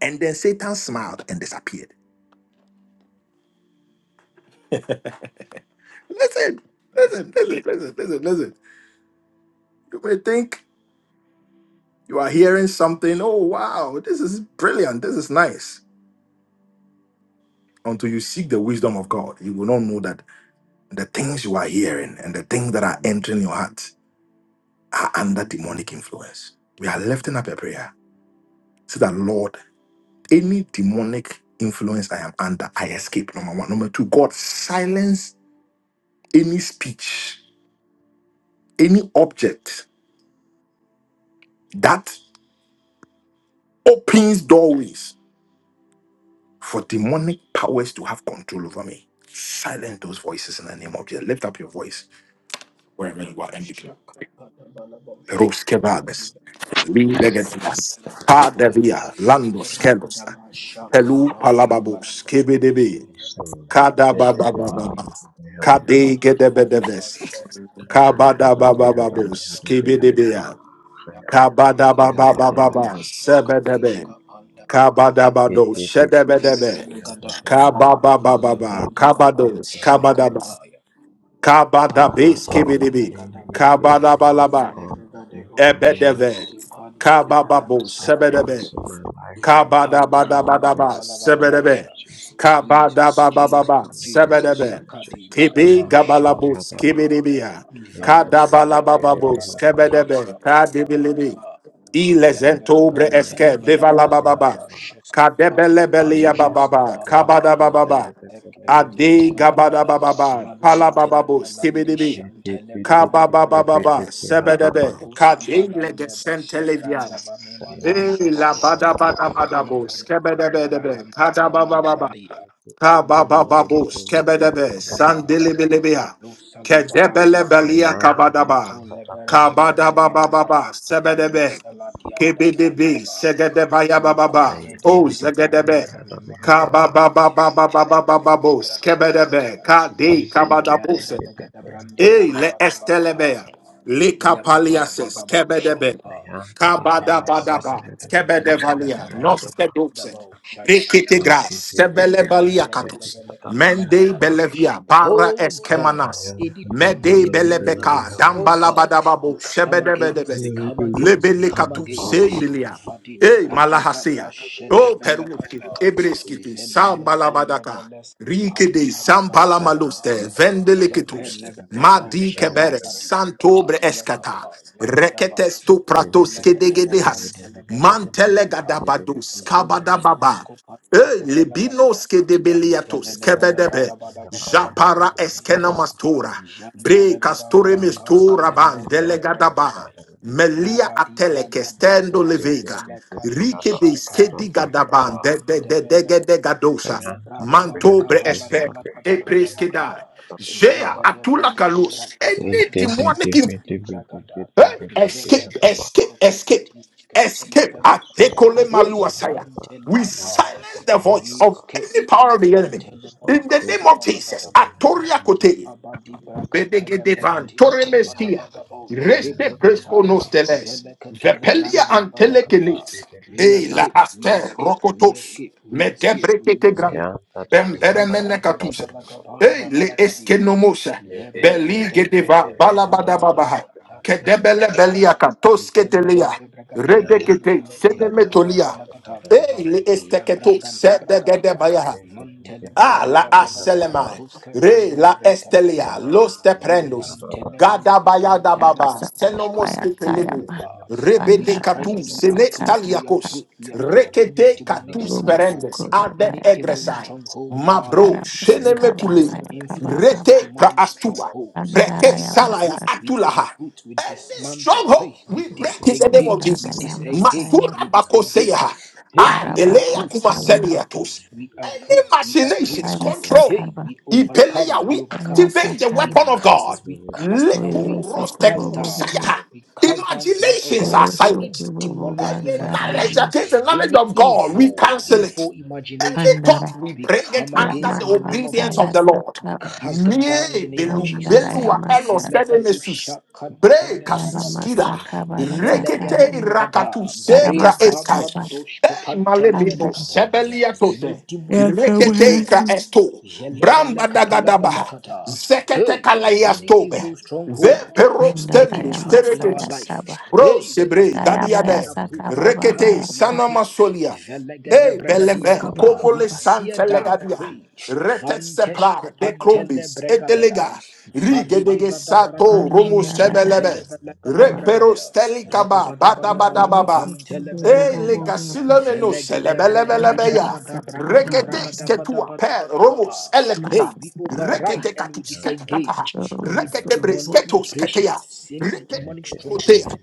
Speaker 1: And then Satan smiled and disappeared. Listen,
Speaker 4: Mercy.
Speaker 1: listen, listen, listen, listen, listen. You may think you are hearing something. Oh, wow, this is brilliant. This is nice. Until you seek the wisdom of God, you will not know that the things you are hearing and the things that are entering your heart are under demonic influence. We are lifting up a prayer. Say that, Lord, any demonic influence I am under, I escape. Number one. Number two, God, silence any speech, any object that opens doorways for demonic powers to have control over me. Silent those voices in the name of Jesus. Lift up your voice wherever you are and begin.
Speaker 4: Shakapadabalabo.
Speaker 1: Perus kevages,
Speaker 4: Shakapadiba.
Speaker 1: lindegedas, pa
Speaker 4: Rabadaba.
Speaker 1: devia, landos kelos,
Speaker 4: Shakapadibarandaba.
Speaker 1: pelu palababos, kebedebe,
Speaker 4: Shentelebelekadishkapaya.
Speaker 1: kadababababa, kade
Speaker 4: Hadidibadaba.
Speaker 3: Yanta da pehada
Speaker 1: kabadababababos,
Speaker 3: pehada pehada
Speaker 4: Shentelebelekadabantelebelekada.
Speaker 3: pa.
Speaker 1: kebedebea,
Speaker 3: Kayanta da pehada
Speaker 4: Yakapapapibadaba.
Speaker 3: pehada
Speaker 1: kabadababababa,
Speaker 3: pa.
Speaker 1: sebedebe,
Speaker 4: Shakadishkapanda.
Speaker 1: Kabadabado,
Speaker 3: Hiti piti piti
Speaker 1: Shedebedebe,
Speaker 3: pehada
Speaker 4: Telebelekada.
Speaker 3: pehada pa.
Speaker 4: Yapa
Speaker 1: Kababababa,
Speaker 3: Yanta
Speaker 4: di
Speaker 3: da
Speaker 4: baba
Speaker 3: pehada
Speaker 1: Kabados,
Speaker 3: pehada
Speaker 1: Kabadaba,
Speaker 3: pa.
Speaker 4: shekapaya.
Speaker 3: Father,
Speaker 1: Kabadabis,
Speaker 3: O
Speaker 4: Anante
Speaker 3: Lord,
Speaker 4: levele
Speaker 1: Kibidibi,
Speaker 3: any
Speaker 4: gadaba.
Speaker 3: demonic
Speaker 1: Kabadabalaba,
Speaker 4: Vele
Speaker 3: or
Speaker 4: gadebo
Speaker 1: Ebedeve,
Speaker 3: influence
Speaker 4: shriski pante levele
Speaker 3: that
Speaker 1: Kabababo,
Speaker 3: is
Speaker 4: kataya.
Speaker 1: Sebedebe,
Speaker 3: influencing my life, I
Speaker 4: Yapante
Speaker 3: come
Speaker 4: levele
Speaker 1: Kabadabadabadaba,
Speaker 3: against
Speaker 4: kapala
Speaker 3: it in the name
Speaker 1: sebedebe.
Speaker 3: of
Speaker 4: vadabosha.
Speaker 3: Jesus.
Speaker 4: Jesus,
Speaker 3: I
Speaker 1: Kabadabababa,
Speaker 4: Jesus,
Speaker 3: come
Speaker 4: Jesus.
Speaker 3: against it in the
Speaker 1: sebedebe.
Speaker 3: name of
Speaker 4: Shakadi
Speaker 3: Jesus.
Speaker 4: badaba
Speaker 1: Kibi
Speaker 3: Kayanta da
Speaker 1: gabalabus,
Speaker 3: pehada pa.
Speaker 1: kibidibia.
Speaker 3: Hiti
Speaker 4: Vala de
Speaker 3: piti piti
Speaker 4: Belabranda
Speaker 1: Kadabalabababus,
Speaker 3: pehada pa.
Speaker 4: Balakatis,
Speaker 1: kebedebe,
Speaker 4: Kapala
Speaker 1: kadibilibi.
Speaker 4: Balagadaba,
Speaker 3: Yanta da
Speaker 1: Ilezentobre
Speaker 4: Velagadabran
Speaker 3: pehada
Speaker 1: eske,
Speaker 4: Televela
Speaker 3: pehada
Speaker 4: Branda
Speaker 3: pehada
Speaker 1: devalabababa.
Speaker 3: pa.
Speaker 4: Bosheski Padi
Speaker 1: Kadebelebelia
Speaker 3: Ayanta
Speaker 1: bababa,
Speaker 4: Boshaskapa,
Speaker 1: kabadabababa.
Speaker 4: Vela Second
Speaker 1: Ade
Speaker 4: Telebadaba,
Speaker 1: gabadabababa,
Speaker 4: Malan
Speaker 1: palabababus,
Speaker 4: Televalandi
Speaker 1: kibidibi.
Speaker 4: Shen Telebranda Valikata,
Speaker 1: Kababababa, Sebedebe,
Speaker 4: Maloski
Speaker 1: Kadingle de
Speaker 4: Valande
Speaker 1: Sentelivia,
Speaker 4: Beshefranda Vanima no
Speaker 1: Eh, la
Speaker 4: Shoskianda,
Speaker 1: badabadabadabo,
Speaker 4: Makara
Speaker 1: Skebedebedebe,
Speaker 4: Barahan
Speaker 1: Kadabababa,
Speaker 4: Telemaladadia, Mandos
Speaker 1: Kababababo,
Speaker 4: Kep
Speaker 1: Skebedebe,
Speaker 4: Televelegada,
Speaker 1: Sandilibilibia,
Speaker 4: Malusa Libarandiba.
Speaker 1: Kedebelebelia Kabadaba,
Speaker 4: Lekole verende vene mandaya.
Speaker 1: Kabadabababa,
Speaker 4: Lando
Speaker 1: Sebedebe,
Speaker 4: saladianda
Speaker 1: KBDB,
Speaker 4: brandeva. Lekole
Speaker 1: Segedebayabababa,
Speaker 4: vende
Speaker 1: O
Speaker 4: vedi branda
Speaker 1: Zegedebe,
Speaker 4: vele manda brantele vele vele vadi
Speaker 1: Kababababababababo,
Speaker 4: bragada
Speaker 1: Skebedebe,
Speaker 4: bragada.
Speaker 1: Kadi,
Speaker 4: Kale vede
Speaker 1: Kabadabose,
Speaker 4: vele gada brandi
Speaker 1: Ei,
Speaker 4: vala
Speaker 1: le
Speaker 4: bada
Speaker 1: estelebea,
Speaker 4: bakapa.
Speaker 1: le
Speaker 4: Yapapa,
Speaker 1: capaliases,
Speaker 4: Dibabo,
Speaker 1: kebedebe,
Speaker 4: Shakapa, Vala
Speaker 1: kabadabadaba,
Speaker 4: Sesk, and
Speaker 1: kebedevalia,
Speaker 4: Telebelekapa,
Speaker 1: nosteduxe,
Speaker 4: Lebrandabo,
Speaker 1: Rekete
Speaker 4: Shayakapa,
Speaker 1: gras, sebele balia katus,
Speaker 4: Velekatelebelekapa,
Speaker 1: mende
Speaker 4: Labrakapiash.
Speaker 1: belevia, bara
Speaker 4: Oh God,
Speaker 1: eskemanas,
Speaker 3: Kayanta
Speaker 4: any
Speaker 3: tapi hadapi
Speaker 1: mede
Speaker 4: demonic
Speaker 3: hadapi hadapi
Speaker 1: belebeka,
Speaker 4: influence. Oh God, we
Speaker 1: dambalabadababo,
Speaker 4: come against,
Speaker 1: shebedebedebe,
Speaker 4: we come against, we
Speaker 1: lebele
Speaker 4: come
Speaker 1: katus,
Speaker 4: against.
Speaker 1: sendilia,
Speaker 4: Vadidi
Speaker 1: e
Speaker 4: Brakadabra
Speaker 1: malahasia, o peruki,
Speaker 4: Shelevelekata,
Speaker 1: ebreskitu,
Speaker 4: Velento
Speaker 1: sambalabadaka,
Speaker 4: Leveleski
Speaker 1: rike de sambalamaloste,
Speaker 4: Pantalavaradiakaya, Jepe
Speaker 1: vendelekitus,
Speaker 4: Levedobo
Speaker 1: madi kebere,
Speaker 4: Shabragadi. Ah,
Speaker 1: santobre eskata,
Speaker 4: yakapa, yabadaba,
Speaker 1: reketes to pratos
Speaker 4: zeleka telebran
Speaker 1: kedegedehas,
Speaker 4: telebelaka yata,
Speaker 1: Mantelegadabados, Kabadababa,
Speaker 4: zelentoskopa
Speaker 1: Eh,
Speaker 4: telebelagadia,
Speaker 1: Libinos Kedebeliatos,
Speaker 4: Zelelegede
Speaker 1: Kebedebe,
Speaker 4: brada bada baka bada bala
Speaker 1: Japara
Speaker 4: gadiyata.
Speaker 1: Eskenamastura, Bre
Speaker 4: Janteleveran
Speaker 1: Castore
Speaker 4: yafka
Speaker 1: Mistura
Speaker 4: valendo
Speaker 1: Van, Delegadaba,
Speaker 4: sobrendevaya.
Speaker 1: Melia
Speaker 4: Rabadi
Speaker 1: Ateleke,
Speaker 4: braga Zelelegedebradabadabakabadabalagadiyata. Janteleverandiaskavalendo
Speaker 1: Stendo Levega, Rike
Speaker 4: sobrendeveya.
Speaker 1: de
Speaker 4: Rabadibragadebrasofelekandishakad.
Speaker 1: Skedigadaban, de
Speaker 3: hadapi
Speaker 1: de de de de
Speaker 4: Palandevelega-
Speaker 1: de Gadosa, Manto Esper,
Speaker 4: Labrabababakapalavalakapalavalakapa.
Speaker 1: Epreskeda,
Speaker 3: hadapi
Speaker 1: Jea
Speaker 3: hadapi
Speaker 1: Atula Kalus,
Speaker 3: Yes,
Speaker 1: Eniti
Speaker 4: Vregedebregedibrakatandiaskapadibragada.
Speaker 1: Hey, escape, escape, escape, escape.
Speaker 4: Jelebredebrakatiskapelevelekatias.
Speaker 1: Atekole
Speaker 4: Hey,
Speaker 1: maluasaya. We
Speaker 4: vantelekapa.
Speaker 1: silence the voice
Speaker 4: Vias
Speaker 1: of
Speaker 4: kek
Speaker 1: any power of the
Speaker 4: kanavan
Speaker 1: enemy.
Speaker 4: televada
Speaker 3: Lord.
Speaker 1: In the name
Speaker 4: kapada
Speaker 1: of
Speaker 4: bada, VSK Kalavantele Badaka Pada Pada
Speaker 1: Jesus,
Speaker 4: Badaba
Speaker 1: Atoria Kote.
Speaker 4: Yababadi Brakatele
Speaker 1: Bedegedevan
Speaker 4: Brakatili
Speaker 1: Toremeskia
Speaker 4: Kapalavadabo
Speaker 1: Reste Presco
Speaker 4: Shibrekata
Speaker 1: Nosteles
Speaker 4: Velekatele
Speaker 1: Vepelia
Speaker 4: Branda Balakata
Speaker 1: antelekenis.
Speaker 4: We
Speaker 1: E la
Speaker 4: escape, we
Speaker 1: Aster
Speaker 4: escape, we
Speaker 1: Rokotos
Speaker 4: escape, we escape, we
Speaker 1: Medebreketegra
Speaker 4: escape Vala di, Valadi
Speaker 1: Bemberemenekatuse
Speaker 4: Balabalaka
Speaker 1: E
Speaker 4: Banda
Speaker 1: le
Speaker 4: Varakadiash
Speaker 1: Eskenomosa Beli Gedeva
Speaker 4: Lebregade di Vala
Speaker 1: Balabadababaha
Speaker 4: Brakatele
Speaker 1: Kedebele
Speaker 4: Bragadia
Speaker 1: Beliaka Tosketelia
Speaker 4: Velegade Bragadili
Speaker 1: Redekete
Speaker 4: Hantele Valaka
Speaker 1: Sedemetolia
Speaker 4: Palavalakata
Speaker 1: E le
Speaker 4: Ya
Speaker 1: Esteketo
Speaker 4: bragada bragadia.
Speaker 1: Sedegedebayaha
Speaker 4: Montele
Speaker 1: Ah, la
Speaker 4: velegada bragadi
Speaker 3: Amen.
Speaker 1: aselemai.
Speaker 4: bantuske
Speaker 1: Re
Speaker 4: brande
Speaker 1: la
Speaker 3: Thank
Speaker 4: vrekataya.
Speaker 1: estelia. Los
Speaker 4: Vili
Speaker 1: teprendos.
Speaker 4: antele manaka
Speaker 1: Gadabaya
Speaker 4: pantele
Speaker 1: dababa.
Speaker 5: Abasaya
Speaker 4: bragadish
Speaker 1: Senomos
Speaker 4: kapantele
Speaker 5: bayataya
Speaker 1: ketelebe.
Speaker 4: kata. We
Speaker 1: Rebede
Speaker 5: mabanda
Speaker 4: strike and
Speaker 1: katum.
Speaker 4: we
Speaker 1: Sene
Speaker 4: uproot,
Speaker 5: amasaka
Speaker 4: we
Speaker 1: staliakos.
Speaker 4: uproot, we
Speaker 5: bakataya
Speaker 4: uproot any
Speaker 1: Rekete
Speaker 4: demonic
Speaker 1: katus
Speaker 4: stronghold,
Speaker 5: rumusuku
Speaker 1: perendes. Ade
Speaker 4: any
Speaker 5: babaya
Speaker 4: evil
Speaker 1: egresai.
Speaker 5: kabashara
Speaker 4: stronghold in our
Speaker 1: Mabro.
Speaker 4: life, any
Speaker 5: musika
Speaker 1: Shenemekule.
Speaker 4: demonic
Speaker 5: basaya
Speaker 4: influence,
Speaker 5: kababa
Speaker 1: Rete pra
Speaker 4: demonic
Speaker 1: astua.
Speaker 4: strongholds.
Speaker 5: bandara
Speaker 1: Preke
Speaker 4: We
Speaker 5: ya
Speaker 1: salaya
Speaker 5: masaka
Speaker 4: uproot, we
Speaker 1: atulaha.
Speaker 4: uproot, we
Speaker 1: Any
Speaker 4: dismantle,
Speaker 1: stronghold,
Speaker 4: hey, we
Speaker 1: we break in the name of
Speaker 4: disengage, we
Speaker 5: bandara
Speaker 1: Jesus.
Speaker 5: ya
Speaker 4: disengage,
Speaker 5: masaya
Speaker 4: we
Speaker 1: Matura
Speaker 4: disengage.
Speaker 1: bakoseya.
Speaker 4: Hey,
Speaker 1: Ah,
Speaker 4: we
Speaker 5: yarabata
Speaker 1: eleya
Speaker 4: uproot, we
Speaker 5: sabana
Speaker 4: uproot,
Speaker 1: kumaseliatos.
Speaker 4: we
Speaker 1: Any
Speaker 4: uproot, we uproot.
Speaker 1: machinations, control.
Speaker 5: bayasaka
Speaker 4: Hey,
Speaker 5: ba
Speaker 4: we
Speaker 1: Ipeleya,
Speaker 4: overcome, we
Speaker 1: we
Speaker 4: overcome.
Speaker 1: activate the
Speaker 5: bayasaka
Speaker 4: We
Speaker 5: ba
Speaker 1: weapon of God.
Speaker 4: cast, we cast
Speaker 1: Lepu
Speaker 4: away, we
Speaker 5: uyurusuku
Speaker 4: cast
Speaker 1: rosteku
Speaker 5: bubu
Speaker 4: down,
Speaker 5: bubu
Speaker 1: sayaha.
Speaker 4: we cast down tonight, oh
Speaker 1: Imaginations are
Speaker 4: God, any
Speaker 5: uyurusuku
Speaker 1: silenced.
Speaker 5: bubu
Speaker 4: demonic
Speaker 1: Any
Speaker 5: bandara ya
Speaker 1: knowledge
Speaker 4: imaginations,
Speaker 1: against the knowledge
Speaker 4: any
Speaker 1: of God, we
Speaker 4: evil,
Speaker 1: cancel it.
Speaker 4: evil
Speaker 1: Any
Speaker 4: imaginations,
Speaker 1: thought
Speaker 5: masandara
Speaker 1: we
Speaker 4: we
Speaker 1: bring it
Speaker 4: come
Speaker 5: ya
Speaker 1: under
Speaker 4: against
Speaker 1: the
Speaker 4: in the name of
Speaker 1: obedience
Speaker 5: makataya
Speaker 1: of
Speaker 4: Jesus.
Speaker 1: the Lord.
Speaker 5: sakaba
Speaker 4: Cast them down in the
Speaker 1: Mie
Speaker 4: name of
Speaker 1: belu
Speaker 3: you.
Speaker 5: bandara
Speaker 4: Jesus.
Speaker 1: belu
Speaker 5: ya
Speaker 1: wa elo
Speaker 5: masaka
Speaker 1: sede
Speaker 4: Velebadu
Speaker 1: mesus. Bre
Speaker 4: shakantele
Speaker 1: kasuskira.
Speaker 4: bragadias.
Speaker 3: Kapayang,
Speaker 5: Yaramasakaba
Speaker 1: Rekete
Speaker 4: Velegede
Speaker 5: Yatsakayama
Speaker 4: bragada.
Speaker 1: irakatu sekra
Speaker 4: Bre
Speaker 1: eskai.
Speaker 5: Yaramasakaba
Speaker 4: babandos
Speaker 1: Ei
Speaker 4: kopantele
Speaker 1: malebedo
Speaker 5: Anda
Speaker 4: velekata.
Speaker 1: sebelia tote.
Speaker 4: Any demonic
Speaker 1: Rekete
Speaker 4: stronghold.
Speaker 1: ikra
Speaker 5: Yakabayati
Speaker 1: esto.
Speaker 4: Jelevele
Speaker 1: Bramba dagadaba.
Speaker 4: kapalavalakata.
Speaker 1: Zekete
Speaker 4: Hey,
Speaker 1: kalayas
Speaker 4: any
Speaker 1: tobe.
Speaker 4: evil
Speaker 1: Ve
Speaker 4: stronghold uh,
Speaker 1: pero
Speaker 5: Anda
Speaker 4: taking
Speaker 1: stendo
Speaker 4: charge in our
Speaker 1: stereketis.
Speaker 4: life.
Speaker 5: Yamasayakaba
Speaker 1: Bro
Speaker 4: Hey, we
Speaker 1: sebre
Speaker 4: uproot,
Speaker 5: Sayaba
Speaker 4: we
Speaker 1: dadiade.
Speaker 4: uproot.
Speaker 5: Yasakaba Baba
Speaker 4: Come
Speaker 1: Rekete
Speaker 4: on, we
Speaker 5: Anda Yakaba
Speaker 4: uproot.
Speaker 1: sanama solia.
Speaker 4: Velegede
Speaker 1: Hey,
Speaker 4: bragadia
Speaker 1: belefe,
Speaker 5: Usmukuba
Speaker 4: kapa.
Speaker 1: como
Speaker 4: We
Speaker 1: le
Speaker 5: Baba
Speaker 4: tear
Speaker 1: sante
Speaker 4: down.
Speaker 1: legadia,
Speaker 4: Hey.
Speaker 1: retet sepra,
Speaker 4: Vantesh
Speaker 1: de
Speaker 4: kopantele
Speaker 1: crombis, etelega,
Speaker 4: bregadia. Vadidi
Speaker 1: rigedege
Speaker 4: bada
Speaker 1: sato,
Speaker 4: bragadish
Speaker 1: romo
Speaker 5: Anda
Speaker 1: sebelebe,
Speaker 4: kepentele
Speaker 5: Yakaba
Speaker 4: velegada
Speaker 1: repero
Speaker 4: bragadia.
Speaker 1: stelikaba,
Speaker 4: Rababada
Speaker 1: bada bada
Speaker 4: balavalaka
Speaker 1: baba.
Speaker 5: Amen.
Speaker 4: pantele
Speaker 1: Hey,
Speaker 4: velegadia.
Speaker 1: legasilomeno
Speaker 4: Velegade bregadi
Speaker 1: selebelebelebeya,
Speaker 4: bragada bragadi
Speaker 1: reketes
Speaker 4: bragada
Speaker 1: que tu
Speaker 4: vada vada
Speaker 1: apel,
Speaker 4: vada
Speaker 1: romos
Speaker 4: kapa.
Speaker 1: elekuta,
Speaker 4: Hey, we override
Speaker 1: rekete
Speaker 4: and we
Speaker 1: katus ketakataha,
Speaker 4: disengage any
Speaker 1: rekete bres
Speaker 4: demonic
Speaker 1: ketos ketea.
Speaker 4: operations, any demonic
Speaker 1: Kotea,
Speaker 4: strongholds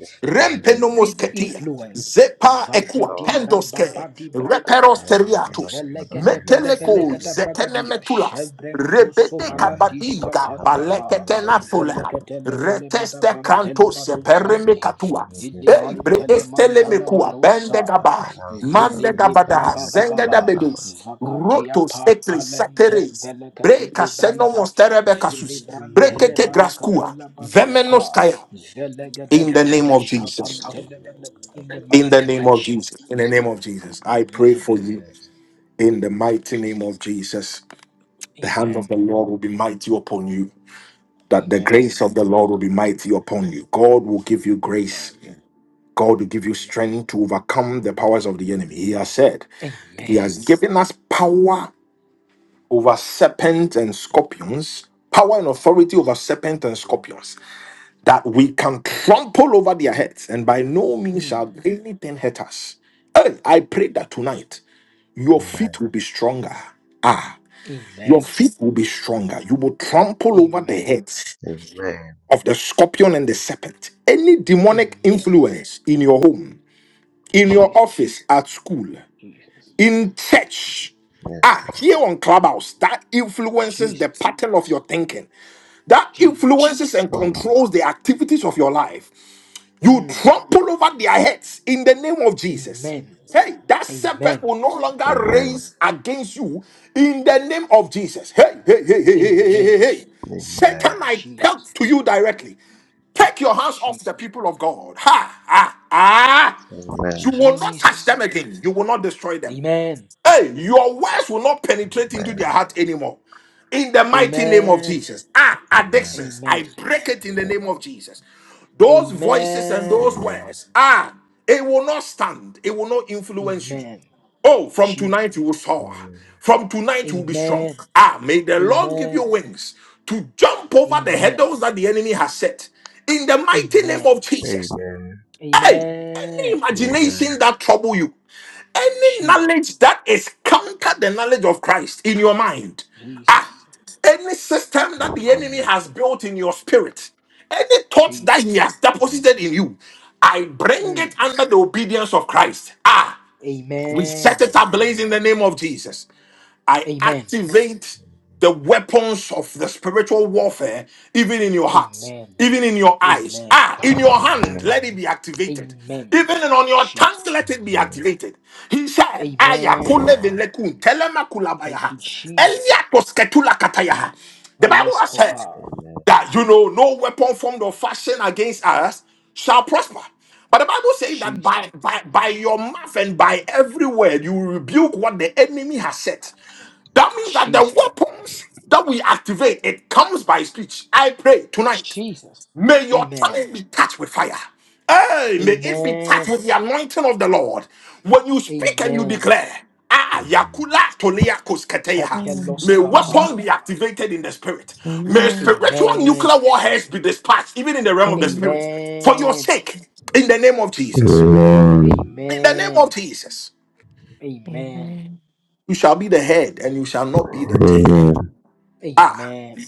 Speaker 4: any evil
Speaker 1: Rempenomosketia,
Speaker 4: influences.
Speaker 1: Zepa
Speaker 4: Vadi
Speaker 1: Equa,
Speaker 4: di braba
Speaker 1: Pendoske,
Speaker 4: badi
Speaker 1: Reperos
Speaker 4: bragada.
Speaker 1: Teriatus,
Speaker 4: Velegete
Speaker 1: Meteleco,
Speaker 4: belevelegete bragadia.
Speaker 1: Zetenemetulas,
Speaker 4: Shebrento
Speaker 1: Rebete
Speaker 4: sovalandish
Speaker 1: Cabadiga,
Speaker 4: kapandava.
Speaker 3: kadang-kadang,
Speaker 1: Palecetena
Speaker 3: kadang-kadang,
Speaker 1: Fola,
Speaker 4: Velegete levelebada
Speaker 1: Reteste Cantos,
Speaker 4: brantelebado santi.
Speaker 1: Perimecatua,
Speaker 4: Vili
Speaker 1: Ebre
Speaker 4: mantele mantana
Speaker 1: Estelemecua,
Speaker 4: manosaya. Vili
Speaker 1: zenga
Speaker 4: libra
Speaker 1: da
Speaker 4: baba baba.
Speaker 1: Zengedabedus,
Speaker 4: Vakatia
Speaker 1: Rotos,
Speaker 4: pa
Speaker 1: Etris,
Speaker 4: palente
Speaker 1: Sateres,
Speaker 4: velegati
Speaker 1: Break
Speaker 4: libranta.
Speaker 1: senomos terebe
Speaker 4: Vili
Speaker 1: kasus.
Speaker 4: brantele
Speaker 1: Brekete
Speaker 3: kadang-kadang.
Speaker 1: graskua.
Speaker 4: valakapala badia pa.
Speaker 1: Vemenoskaya.
Speaker 4: Zelegede
Speaker 1: In the name of
Speaker 4: bregadish
Speaker 3: Sure,
Speaker 1: Jesus.
Speaker 4: kapam
Speaker 3: David,
Speaker 4: televeleg
Speaker 3: that
Speaker 4: In the
Speaker 3: what
Speaker 1: In
Speaker 3: we
Speaker 4: mighty
Speaker 1: the
Speaker 4: name
Speaker 3: have
Speaker 1: name
Speaker 4: of
Speaker 1: of
Speaker 3: done.
Speaker 1: Jesus.
Speaker 4: Jesus.
Speaker 1: In the name of Jesus. I pray
Speaker 4: Amen.
Speaker 1: for you
Speaker 3: Amen.
Speaker 1: in the mighty name of Jesus. The hand of the
Speaker 4: Amen.
Speaker 1: Lord will be mighty upon you. That the grace
Speaker 4: Amen.
Speaker 1: of the Lord will be mighty upon you. God will give you grace.
Speaker 4: Amen.
Speaker 1: God will give you strength to overcome the powers of the enemy. He has said, He
Speaker 4: Amen.
Speaker 1: has given us power over serpents and scorpions, power and authority over serpents and scorpions. that we can trample over their heads, and by no means
Speaker 4: Amen.
Speaker 1: shall anything hurt us. Hey, I pray that tonight your
Speaker 3: Amen.
Speaker 1: feet will be stronger. Ah, your
Speaker 4: Amen.
Speaker 1: feet will be stronger. You will trample over the
Speaker 4: Amen.
Speaker 1: heads
Speaker 3: Amen.
Speaker 1: of the scorpion and the serpent. Any demonic
Speaker 4: Amen.
Speaker 1: influence in your home, in your
Speaker 3: Mm,
Speaker 4: Jesus.
Speaker 1: office, at school,
Speaker 4: Jesus.
Speaker 1: in church,
Speaker 3: Yes,
Speaker 1: Ah,
Speaker 3: Lord.
Speaker 1: here on Clubhouse, that influences the
Speaker 4: Jesus.
Speaker 1: pattern of your thinking. That
Speaker 4: Jesus.
Speaker 1: influences and
Speaker 3: Mm,
Speaker 1: controls the activities of your life. You
Speaker 4: Mm.
Speaker 1: trample over their heads in the name of Jesus.
Speaker 4: Amen.
Speaker 1: Hey, that serpent
Speaker 4: Amen.
Speaker 1: will no longer
Speaker 3: Amen.
Speaker 1: raise against you in the name of Jesus. Hey, hey, hey, hey, hey, hey, hey, hey.
Speaker 4: Amen.
Speaker 1: hey. Satan,
Speaker 3: Amen.
Speaker 1: I
Speaker 4: Jesus.
Speaker 1: talk to you directly. Take your hands off the
Speaker 4: Jesus.
Speaker 1: people of God. Ha, ha, ha. You
Speaker 3: Amen.
Speaker 1: will not touch
Speaker 4: Jesus.
Speaker 1: them again. You will not destroy them.
Speaker 4: Amen.
Speaker 1: Hey, your words will not penetrate into
Speaker 3: Amen.
Speaker 1: their heart anymore. In the mighty name of
Speaker 4: Amen.
Speaker 1: Jesus. Ah,
Speaker 3: Amen.
Speaker 1: addictions.
Speaker 4: Amen.
Speaker 1: I break it in the
Speaker 3: Amen.
Speaker 1: name of Jesus. Those voices and
Speaker 4: Amen.
Speaker 1: those
Speaker 3: Amen.
Speaker 1: words, ah, it will not stand. It will not influence you.
Speaker 4: Amen.
Speaker 1: Oh, from
Speaker 4: Jesus.
Speaker 1: tonight you will soar.
Speaker 3: Amen. Amen.
Speaker 1: From tonight you will be strong.
Speaker 4: Amen.
Speaker 1: Ah, may the Lord give you
Speaker 4: Amen.
Speaker 1: wings to jump over the
Speaker 4: Amen.
Speaker 1: hurdles that the enemy has set. In the mighty name
Speaker 4: Amen.
Speaker 1: of
Speaker 3: Amen. Amen. Amen. Amen.
Speaker 1: Jesus. Hey, any
Speaker 4: Amen.
Speaker 3: Amen. Amen.
Speaker 1: imagination that trouble you. Any
Speaker 4: Jesus.
Speaker 1: knowledge that is counter the knowledge of Christ in your mind, ah,
Speaker 4: Jesus.
Speaker 1: any
Speaker 3: Amen.
Speaker 1: system that the
Speaker 3: Amen.
Speaker 1: enemy has built in your spirit, any thoughts
Speaker 4: Jesus.
Speaker 1: that he has deposited in you, I bring it
Speaker 4: Mm.
Speaker 1: under the obedience of Christ. Ah, we set
Speaker 4: Amen.
Speaker 1: it ablaze in the name of Jesus. I
Speaker 4: Amen.
Speaker 1: activate the weapons of the spiritual warfare, even in your heart,
Speaker 4: Amen.
Speaker 1: even in your eyes.
Speaker 4: Amen.
Speaker 1: Ah, in your hand, let it be activated.
Speaker 4: Amen.
Speaker 1: Even in- on your
Speaker 4: Jesus.
Speaker 1: tongue, let it be activated. He said, Aya
Speaker 4: Amen.
Speaker 1: kulevin lekun, telema
Speaker 4: Thank
Speaker 1: kulabayaha,
Speaker 4: you, Jesus.
Speaker 1: elia tosketula katayaha." The Bible has said
Speaker 4: Alescopar.
Speaker 1: that you know no weapon formed or fashioned against us shall prosper. But the Bible says that
Speaker 4: Jesus.
Speaker 1: by, by by your mouth and by every word you will rebuke what the enemy has said. That means that the
Speaker 4: Jesus.
Speaker 1: weapons that we activate it comes by speech. I pray tonight.
Speaker 4: Jesus.
Speaker 1: May your
Speaker 4: Amen.
Speaker 1: tongue be touched with fire. Hey, may it be touched
Speaker 4: Amen.
Speaker 1: with the anointing of the Lord. When you speak and you
Speaker 4: Amen.
Speaker 1: declare, ah, yakula tolea kosketeya.
Speaker 4: Chekelos
Speaker 1: May weapons
Speaker 4: kapaya.
Speaker 1: be activated in the spirit. May
Speaker 5: Amen.
Speaker 1: spiritual
Speaker 4: Amen.
Speaker 1: nuclear warheads be dispatched, even in the realm of the
Speaker 5: Amen.
Speaker 1: spirit. For your
Speaker 4: Amen.
Speaker 1: sake, in the name of
Speaker 3: Amen. Amen. Amen.
Speaker 1: Jesus.
Speaker 3: Amen.
Speaker 1: In the name of
Speaker 4: Amen.
Speaker 1: Jesus.
Speaker 4: Amen.
Speaker 5: Amen.
Speaker 1: You shall be the head and you shall not be the tail. Ah,
Speaker 4: Amen.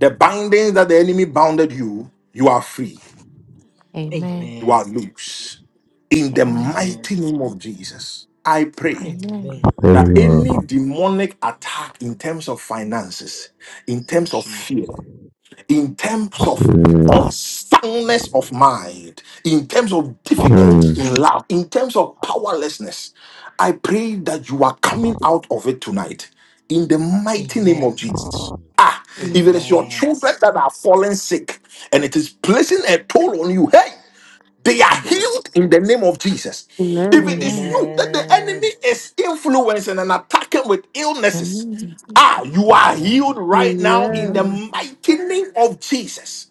Speaker 1: the bindings that the enemy bounded you, you are free.
Speaker 5: Amen.
Speaker 1: You
Speaker 4: Amen.
Speaker 1: are loose. In the
Speaker 5: Amen.
Speaker 4: Amen.
Speaker 1: mighty name of Jesus, I pray
Speaker 5: Amen.
Speaker 4: Amen.
Speaker 1: that any demonic attack in terms of finances, in terms of
Speaker 4: Jesus.
Speaker 1: fear, in terms of unsoundness of mind, in terms of difficulty in love, in terms of powerlessness, I pray that you are coming out of it tonight in the mighty name
Speaker 4: Amen.
Speaker 1: of Jesus. Ah, if
Speaker 6: Amen.
Speaker 1: it is your
Speaker 4: Amen.
Speaker 1: children that are falling sick and it is placing a toll on you, hey, they are
Speaker 4: Jesus.
Speaker 1: healed in the name of Jesus. If it
Speaker 6: Amen.
Speaker 1: is
Speaker 5: Amen.
Speaker 1: you that the enemy
Speaker 4: Amen.
Speaker 1: is influencing and attacking with illnesses,
Speaker 5: Amen.
Speaker 1: ah, you are
Speaker 4: Amen.
Speaker 1: healed right now in the
Speaker 6: Amen.
Speaker 5: Amen.
Speaker 1: mighty name of Jesus.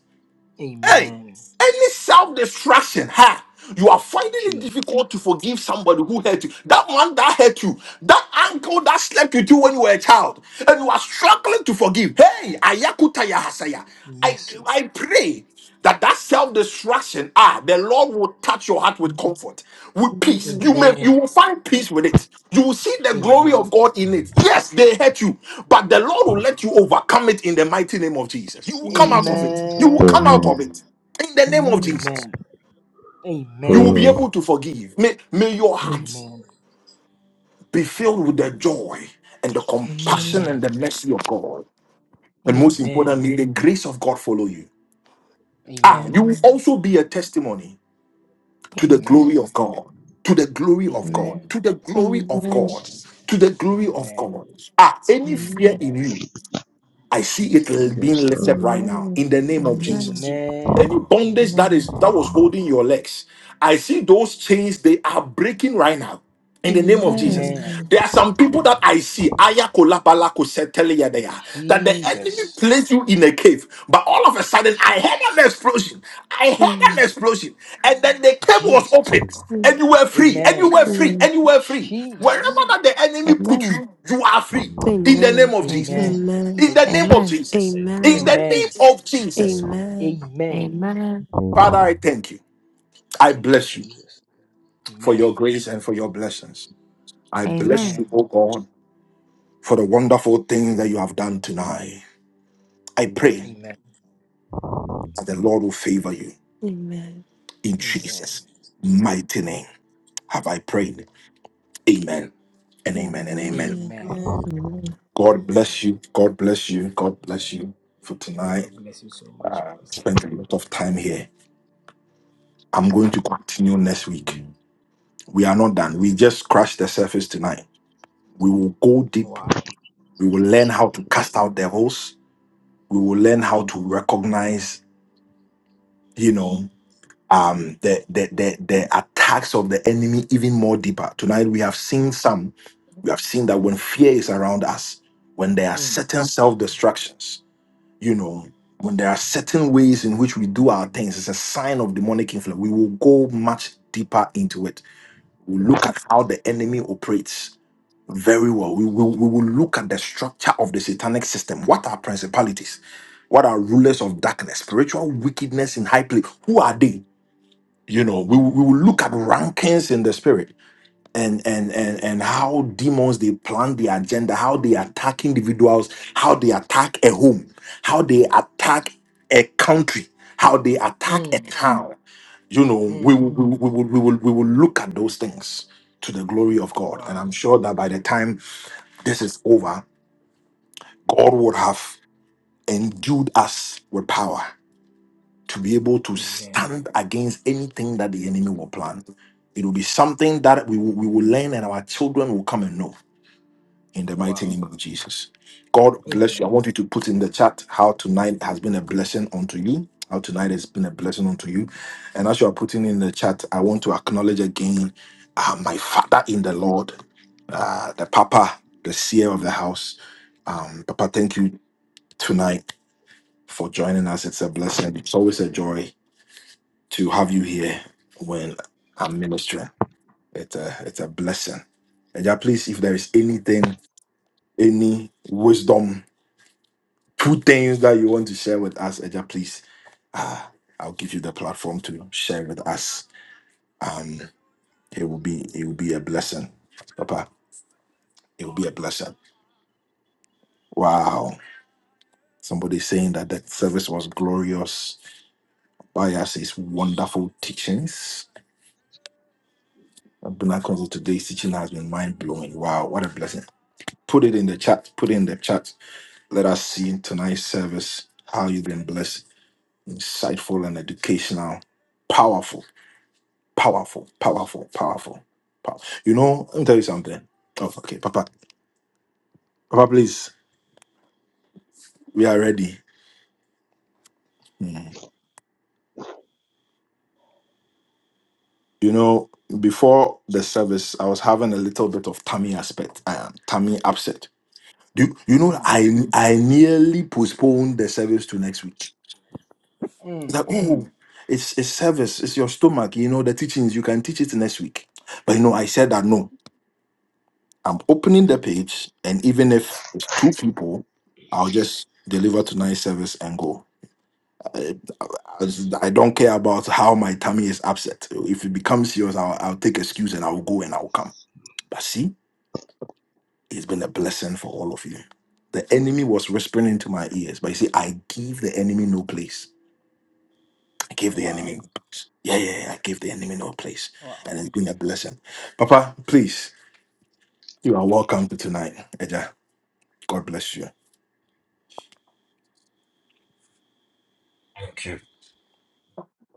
Speaker 1: Hey,
Speaker 4: Amen.
Speaker 1: any self destruction, ha. You are finding it
Speaker 4: Jesus.
Speaker 1: difficult to forgive somebody who hurt you. That one that hurt you, that uncle that slept with you when you were a child, and you are struggling to forgive. Hey, ayakuta yahasaya. I
Speaker 4: Mercy.
Speaker 1: I pray that that self distraction ah the lord will touch your heart with comfort with peace you may you
Speaker 4: Amen.
Speaker 1: will find peace with it you will see the glory of
Speaker 4: Amen.
Speaker 1: god in it yes they hurt you but the lord will let you overcome it in the mighty name of jesus you will
Speaker 5: Amen.
Speaker 1: come out of
Speaker 5: Amen.
Speaker 1: it you will come
Speaker 4: Amen.
Speaker 1: out of
Speaker 3: Amen. Amen.
Speaker 1: it in the name of
Speaker 5: Amen.
Speaker 1: jesus
Speaker 4: Amen.
Speaker 1: you will be
Speaker 4: Amen.
Speaker 3: Amen.
Speaker 1: able to forgive may, may your heart
Speaker 4: Amen.
Speaker 1: be filled with the joy and the
Speaker 5: Amen. Amen.
Speaker 1: compassion and the
Speaker 4: Amen.
Speaker 1: mercy of god and
Speaker 5: Amen.
Speaker 1: most
Speaker 4: Amen.
Speaker 1: importantly the grace of god follow you ah you
Speaker 4: Amen.
Speaker 1: will
Speaker 5: Amen.
Speaker 1: also be a testimony to the glory
Speaker 4: Amen.
Speaker 1: of God. To the glory of
Speaker 5: Amen.
Speaker 4: Amen.
Speaker 1: God, to the glory of
Speaker 6: Amen.
Speaker 1: God,
Speaker 4: Amen.
Speaker 1: to the glory of
Speaker 4: Amen.
Speaker 1: God. Ah, any fear
Speaker 5: Amen.
Speaker 1: in
Speaker 4: Amen.
Speaker 1: you? I see it
Speaker 4: Jesus.
Speaker 3: Yes,
Speaker 1: being
Speaker 3: Lord.
Speaker 1: lifted right now
Speaker 6: Amen.
Speaker 1: in the name of
Speaker 5: Amen.
Speaker 1: Jesus.
Speaker 4: Amen.
Speaker 1: Any
Speaker 3: Amen.
Speaker 1: bondage that
Speaker 4: Amen.
Speaker 1: is
Speaker 5: Amen.
Speaker 1: that was holding your legs, I see those chains they are breaking right now. In the name of
Speaker 5: Amen.
Speaker 1: Jesus,
Speaker 6: Amen.
Speaker 4: Amen.
Speaker 5: Amen.
Speaker 1: there are some people that
Speaker 4: Amen.
Speaker 1: I see aya kolabalako seteleya deya, that the enemy
Speaker 4: Jesus.
Speaker 1: placed you in a cave, but all of a sudden I
Speaker 4: Jesus.
Speaker 1: heard an explosion. I heard an
Speaker 6: Mm,
Speaker 1: explosion, and then the cave was
Speaker 4: Jesus.
Speaker 1: opened,
Speaker 3: Amen.
Speaker 6: mm,
Speaker 1: and you were free, and you
Speaker 4: Amen.
Speaker 1: were free,
Speaker 6: mm.
Speaker 1: and you were free. Wherever
Speaker 4: Jesus.
Speaker 1: that the enemy put you, you are free in the name
Speaker 6: Amen.
Speaker 1: of Jesus.
Speaker 4: Amen.
Speaker 5: Amen.
Speaker 6: Amen. Amen.
Speaker 1: In the
Speaker 4: Thank you,
Speaker 1: name of
Speaker 5: Amen.
Speaker 4: Jesus.
Speaker 1: Jesus. In
Speaker 3: Amen.
Speaker 1: the name
Speaker 4: Amen.
Speaker 1: of Jesus.
Speaker 6: Amen.
Speaker 4: Amen.
Speaker 5: Amen.
Speaker 1: Father, I
Speaker 3: Amen.
Speaker 1: thank you. I
Speaker 4: Thank you,
Speaker 1: bless you
Speaker 4: Jesus.
Speaker 1: for
Speaker 4: Amen.
Speaker 1: your grace and for your blessings. I bless
Speaker 5: Amen.
Speaker 4: Amen.
Speaker 1: you, O God, for the wonderful things that you have done tonight. I pray
Speaker 4: Amen.
Speaker 1: that the Lord will favor you.
Speaker 6: Amen.
Speaker 1: In
Speaker 4: Amen.
Speaker 1: Jesus' mighty name have I prayed. Amen and amen and amen.
Speaker 6: Amen.
Speaker 4: Amen. Amen.
Speaker 7: Amen.
Speaker 5: Amen.
Speaker 1: God
Speaker 4: Amen.
Speaker 1: bless you. God bless you. God bless you for
Speaker 4: God
Speaker 1: tonight.
Speaker 4: bless you so much, Pastor.
Speaker 1: Spent a lot of time here. I'm going to continue next week. We are not done. We just crashed the surface tonight. We will go deep.
Speaker 4: Wow.
Speaker 1: We will learn how to cast out devils. We will learn how to recognize, you know, um, the, the the the attacks of the enemy even more deeper. Tonight we have seen some. We have seen that when fear is around us, when there are
Speaker 4: Mm,
Speaker 1: certain self destructions, you know, when there are certain ways in which we do our things, it's a sign of demonic influence. We will go much deeper into it. We'll look at how the enemy operates Very well. We will, we will look at the structure of the satanic system. What are principalities? What are rulers of darkness? Spiritual wickedness in high place. Who are they? You know, we, will- we will look at rankings in the spirit and and and and how demons they plan their agenda, how they attack individuals, how they attack a home, how they attack a country, how they attack a
Speaker 4: mm,
Speaker 1: town. You know, we
Speaker 4: mm.
Speaker 1: will we will we will we will, we will look at those things to the glory of God. And I'm
Speaker 4: Wow.
Speaker 1: sure that by the time this is over, God would have endued us with power to be able to
Speaker 4: Amen.
Speaker 1: stand against anything that the enemy will plan. It will be something that we will, we will learn and our children will come and know in the mighty name
Speaker 4: Wow.
Speaker 1: of Jesus. God bless you. I
Speaker 4: Amen.
Speaker 1: want you to put in the chat how tonight has been a blessing unto you. How tonight has been a blessing unto you. And as you are putting in the chat, I want to acknowledge again uh, my father in the Lord, uh, the Papa, the seer of the house. Um, Papa, thank you tonight for joining us. It's a blessing. It's always a joy to have you here when I'm ministering. It's a it's a blessing. And yeah, please, if there is anything, any wisdom, two things that you want to share with us, Eja, please, uh, I'll give you the platform to share with us. Um, it will be it will be a blessing, Papa. It will be a blessing. Wow! Somebody saying that that service was glorious. Bias is wonderful teachings Abuna Council today's teaching has been mind blowing. Wow, what a blessing. Put it in the chat. Put it in the chat. Let us see in tonight's service how you've been blessed. Insightful and educational. Powerful, powerful, powerful, powerful. Power. You know, let me tell you something. Oh, okay, Papa. Papa, please, we are ready. Mhm. You know, before the service, I was having a little bit of tummy aspect, um, tummy upset. Do you, you know
Speaker 4: Mm,
Speaker 1: I I nearly postponed the service to next week It's
Speaker 4: mm.
Speaker 1: like, oh, it's it's service, it's your stomach. You know, the teachings, you can teach it next week. But you know, I said that no, I'm opening the page, and even if it's two people, I'll just deliver tonight's service and go. I, I don't care about how my tummy is upset. If it becomes serious, I'll, I'll take excuse and I'll go and I'll come. But see, it's been a blessing for all of you. The enemy was whispering into my ears, but you see, I give the enemy no place. I gave the enemy no
Speaker 4: Wow.
Speaker 1: place. Yeah, yeah, yeah. I gave the enemy no place.
Speaker 4: Wow.
Speaker 1: And it's been a blessing. Papa, please, you are welcome to tonight. Eja, God bless you.
Speaker 8: Thank you,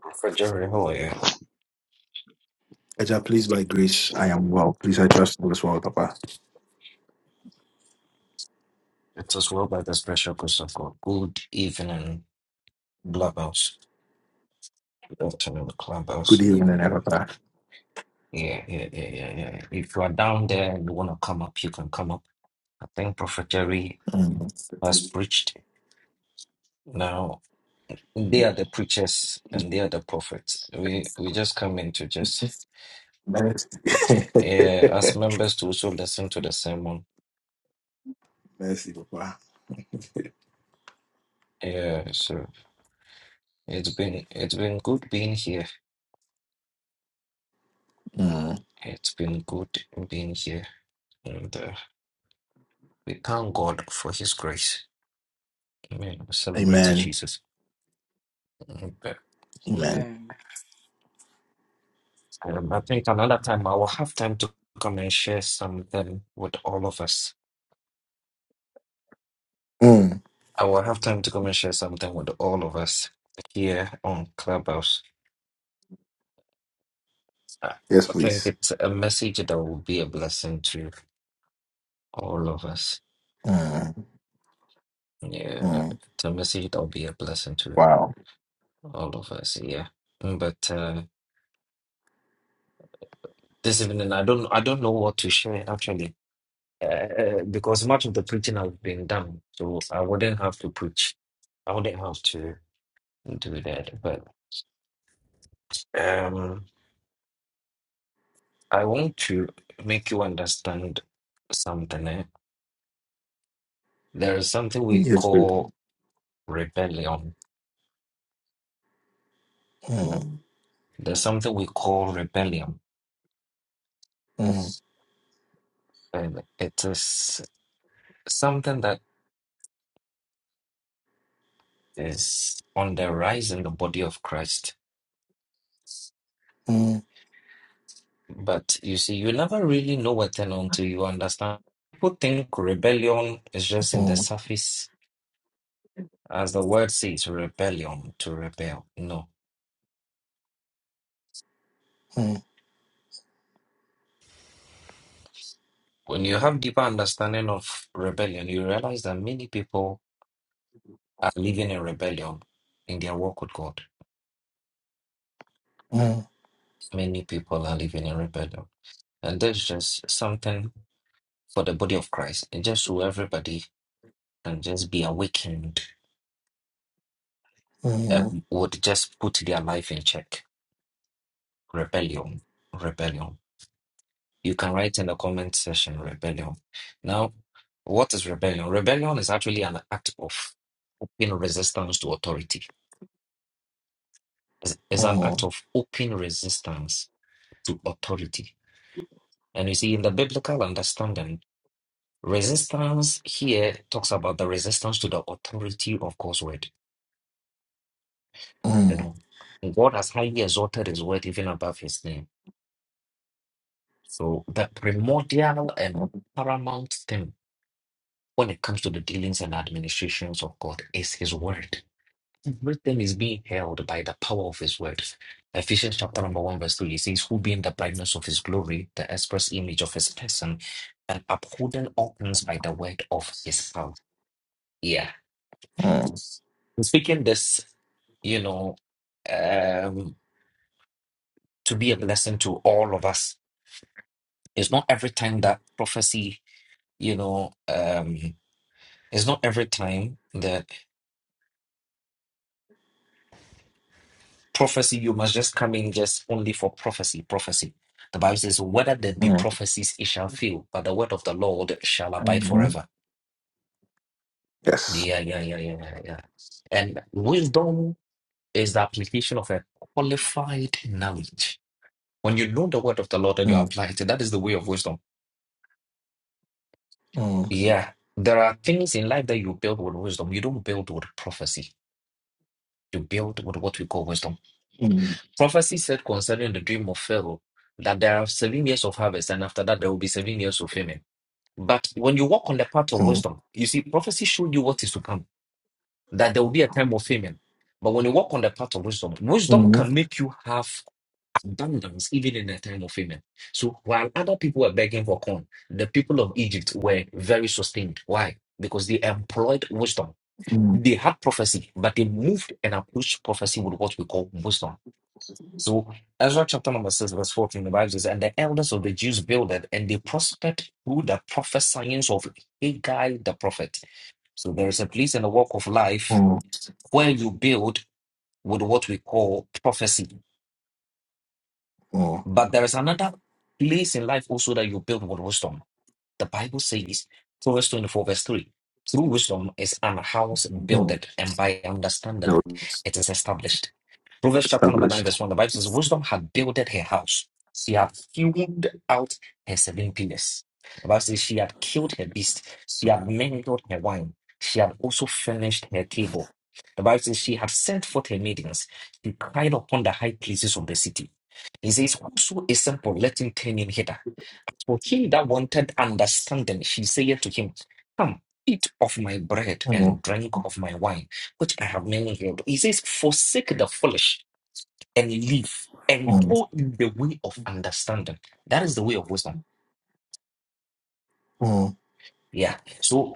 Speaker 8: Prophet Jerry. How are you?
Speaker 1: Eja, please, by grace, I am well. Please, I trust all is well, Papa.
Speaker 8: It is well by the special grace of God. Good evening, Clubhouse. Good afternoon,
Speaker 1: Good
Speaker 8: Clubhouse.
Speaker 4: Good
Speaker 1: evening, eh,
Speaker 4: evening.
Speaker 1: Papa.
Speaker 4: Papa.
Speaker 8: Yeah, yeah, yeah, yeah, yeah. If you are down there and you want to come up, you can come up. I think Prophet Jerry
Speaker 1: Mm.
Speaker 8: has preached. Now, they are the preachers and they are the prophets. We we just come in to just,
Speaker 1: Mercy.
Speaker 8: uh, as members, to also listen to the sermon.
Speaker 1: *laughs* Mercy, Papa.
Speaker 8: Yeah, so it's been it's been good being here.
Speaker 1: Mm.
Speaker 8: It's been good being here. and. uh, We thank God for His grace. Amen. We Celebrate to
Speaker 1: Amen.
Speaker 8: Jesus. Okay.
Speaker 1: Amen.
Speaker 4: Amen.
Speaker 8: Um, I think another time I will have time to come and share something with all of us.
Speaker 1: Mm.
Speaker 8: I will have time to come and share something with all of us here on Clubhouse. I
Speaker 1: Yes,
Speaker 8: I think
Speaker 1: please.
Speaker 8: it's a message that will be a blessing to all of us.
Speaker 1: Mm.
Speaker 8: Yeah,
Speaker 1: Mm.
Speaker 8: it's a message that will be a blessing to
Speaker 1: Wow.
Speaker 8: all of us. Yeah, but uh, this evening I don't I don't know what to share actually uh, because much of the preaching has been done, so I wouldn't have to preach. I wouldn't have to do that. But um, I want to make you understand something. eh. There is something we
Speaker 1: Yes, please.
Speaker 8: call rebellion.
Speaker 1: Mm.
Speaker 8: There's something we call rebellion,
Speaker 1: Mm.
Speaker 8: and it is something that is on the rise in the body of Christ.
Speaker 1: Mm.
Speaker 8: But you see, you never really know what thing until you understand. People think rebellion is
Speaker 1: Mm.
Speaker 8: just in the surface As the word says, rebellion to rebel. No.
Speaker 1: Mm. Mm.
Speaker 8: When you have deeper understanding of rebellion, you realize that many people are living in rebellion in their walk with God.
Speaker 1: Mm.
Speaker 8: Many people are living in rebellion. And that's just something for the body of Christ. And just so everybody can just be awakened, uh,
Speaker 1: Mm.
Speaker 8: would just put their life in check. Rebellion. Rebellion. you can write in the comment section rebellion. Now, what is rebellion? Rebellion is actually an act of open resistance to authority. It's it's an act
Speaker 1: Mm.
Speaker 8: of open resistance to authority. And you see, in the biblical understanding, resistance here talks about the resistance to the authority of God's word. You know, God has highly exalted his word even above his name. So the primordial and paramount thing when it comes to the dealings and administrations of God is his word. Everything is being held by the power of his word. Ephesians chapter number one, verse three, it says, Who being the brightness of his glory, the express image of his person, and upholding all things by the word of his power. Yeah.
Speaker 1: Mm.
Speaker 8: I'm Speaking this, you know, um, to be a blessing to all of us. It's not every time that prophecy, you know, um, it's not every time that prophecy, you must just come in just only for prophecy, prophecy. The Bible says, whether there be
Speaker 1: Mm.
Speaker 8: prophecies, it shall fail, but the word of the Lord shall abide
Speaker 1: hmm
Speaker 8: forever.
Speaker 1: Yes.
Speaker 8: Yeah, yeah, yeah, yeah, yeah. yeah. And wisdom is the application of a qualified knowledge. When you know the word of the Lord and you
Speaker 1: Mm,
Speaker 8: apply it, that is the way of wisdom.
Speaker 1: mm,
Speaker 8: Yeah. There are things in life that you build with wisdom. You don't build with prophecy. You build with what we call wisdom.
Speaker 1: mm,
Speaker 8: Prophecy said concerning the dream of Pharaoh that there are seven years of harvest, and after that, there will be seven years of famine. But when you walk on the path of
Speaker 1: mm,
Speaker 8: wisdom, you see, prophecy showed you what is to come, that there will be a time of famine. But when you walk on the path of wisdom, wisdom
Speaker 1: mm,
Speaker 8: can make you have abundance even in a time of famine. So while other people were begging for corn, the people of Egypt were very sustained. Why? Because they employed wisdom.
Speaker 1: mm,
Speaker 8: They had prophecy, but they moved and approached prophecy with what we call wisdom. So Ezra chapter number 6, verse 14, the Bible says, And the elders of the Jews builded, and they prospered through the prophesyings of Haggai the prophet. So there is a place in the walk of life where you build with what we call prophecy.
Speaker 1: mm,
Speaker 8: But there is another place in life also that you build with wisdom. The Bible says, Proverbs 24, verse 3. Through wisdom is an house builded, and by understanding it is established. Proverbs chapter number 9, verse 1, the Bible says, Wisdom had builded her house. She had hewn out her seven pillars. The Bible says, She had killed her beast. She had mingled her wine. She had also furnished her table. The Bible says, She had sent forth her maidens. She cried upon the high places of the city. He says, Whoso is simple, let him turn in hither. For he that wanted understanding, she saith to him, Come, eat of my bread
Speaker 1: mm,
Speaker 8: and
Speaker 1: mm,
Speaker 8: drink of my wine, which I have mingled. He says, Forsake the foolish and live and
Speaker 1: mm,
Speaker 8: go in the way of understanding. That is the way of wisdom.
Speaker 1: mm,
Speaker 8: Yeah. So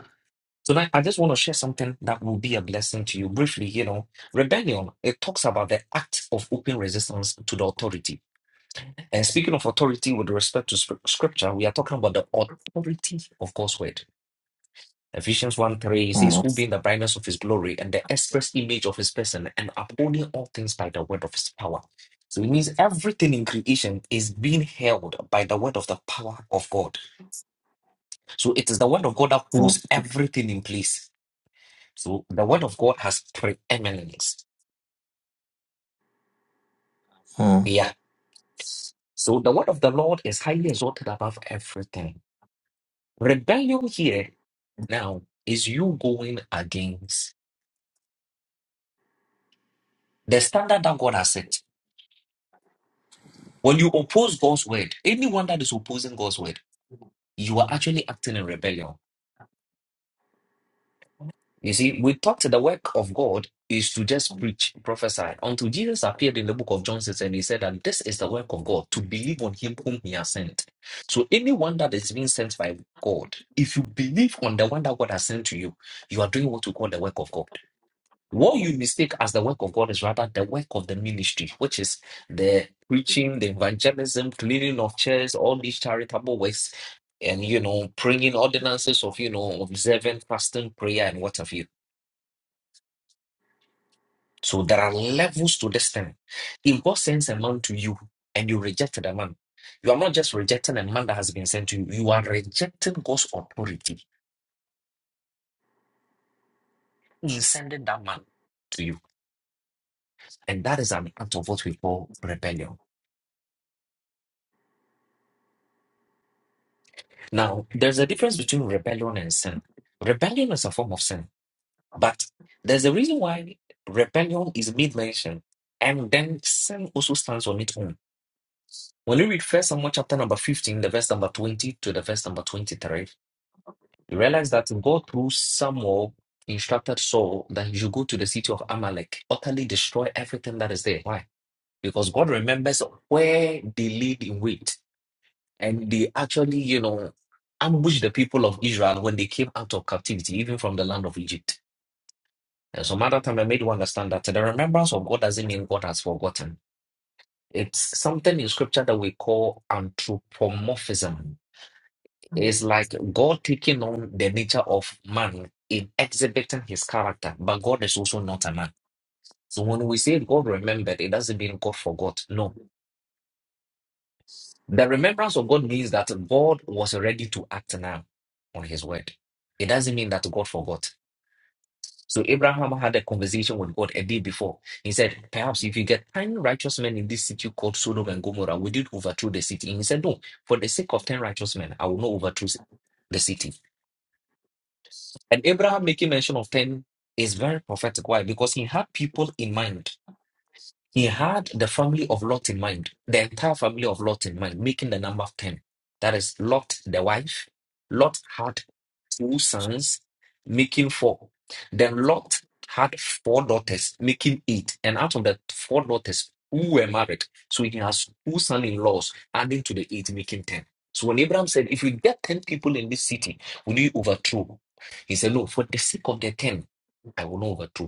Speaker 8: tonight I just want to share something that will be a blessing to you briefly. You know, rebellion, it talks about the act of open resistance to the authority. And speaking of authority with respect to scrip- scripture, we are talking about the authority of God's word. Ephesians 1 3 he says,
Speaker 1: mm,
Speaker 8: Who being the brightness of his glory and the express image of his person, and upholding all things by the word of his power. So it means everything in creation is being held by the word of the power of God. So it is the word of God that
Speaker 1: mm.
Speaker 8: holds everything in place. So the word of God has preeminence.
Speaker 1: mm.
Speaker 8: Yeah. So the word of the Lord is highly exalted above everything. Rebellion here now is you going against the standard that God has set. When you oppose God's word, anyone that is opposing God's word, you are actually acting in rebellion. You see, we thought the work of God is to just preach, prophesy, until Jesus appeared in the book of John 6 and he said that this is the work of God, to believe on him whom he has sent. So anyone that is being sent by God, if you believe on the one that God has sent to you, you are doing what we call the work of God. What you mistake as the work of God is rather the work of the ministry, which is the preaching, the evangelism, cleaning of chairs, all these charitable works, and you know, praying ordinances of you know, observant fasting, prayer, and what have you. So there are levels to this thing. If God sends a man to you and you reject the man, you are not just rejecting a man that has been sent to you, you are rejecting God's authority in sending that man to you. And that is an act of what we call rebellion. Now, there's a difference between rebellion and sin. Rebellion is a form of sin, but there's a reason why rebellion is made mention, and then sin also stands on its own. When you read First Samuel chapter number 15, the verse number 20 to the verse number 23, you realize that God through Samuel instructed Saul that he should go to the city of Amalek, utterly destroy everything that is there. Why? Because God remembers where they laid in wait. And they actually, you know, ambushed the people of Israel when they came out of captivity, even from the land of Egypt. And some other time I made you understand that the remembrance of God doesn't mean God has forgotten. It's something in scripture that we call anthropomorphism. It's like God taking on the nature of man in exhibiting his character, but God is also not a man. So when we say God remembered, it doesn't mean God forgot. No, The remembrance of God means that God was ready to act now on his word. It doesn't mean that God forgot. So Abraham had a conversation with God a day before. He said, Perhaps if you get 10 righteous men in this city called Sodom and Gomorrah, would you overthrow the city? And he said, No, for the sake of 10 righteous men, I will not overthrow the city. And Abraham making mention of 10 is very prophetic. Why? Because he had people in mind He had the family of Lot in mind, the entire family of Lot in mind, making the number 10. That is Lot, the wife. Lot had two sons, making four. Then Lot had four daughters, making eight. And out of the four daughters who were married, so he has two son in laws, adding to the eight, making 10. So when Abraham said, If you get 10 people in this city, will you overthrow? He said, No, for the sake of the 10, I will not overthrow.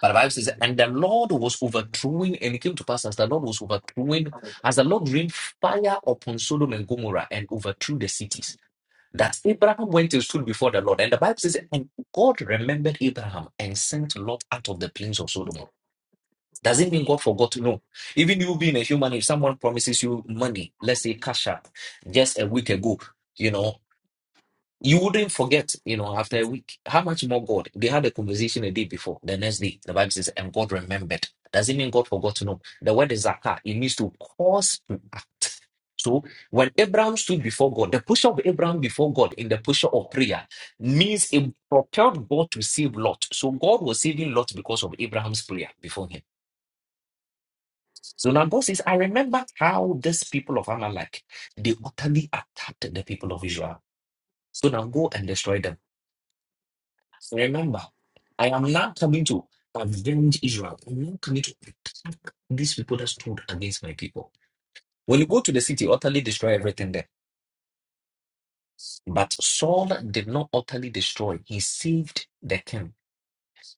Speaker 8: But the Bible says, and the Lord was overthrowing, and it came to pass as the Lord was overthrowing, as the Lord rained fire upon Sodom and Gomorrah and overthrew the cities, that Abraham went and stood before the Lord. And the Bible says, and God remembered Abraham and sent Lot out of the plains of Sodom. Does it mean God forgot? No. Even you being a human, if someone promises you money, let's say cash out, just a week ago, you know. You wouldn't forget, you know, after a week. How much more God? They had a conversation a day before, the next day. The Bible says, and God remembered. Does it mean God forgot to know? The word is zakah. It means to cause to act. So when Abraham stood before God, the posture of Abraham before God in the posture of prayer means it propelled God to save Lot. So God was saving Lot because of Abraham's prayer before him. So now God says, I remember how these people of Amalek, they utterly attacked the people of Israel. So now go and destroy them. Remember, I am not coming to avenge Israel. I'm not coming to attack these people that stood against my people. When you go to the city, utterly destroy everything there. But Saul did not utterly destroy. He saved the king.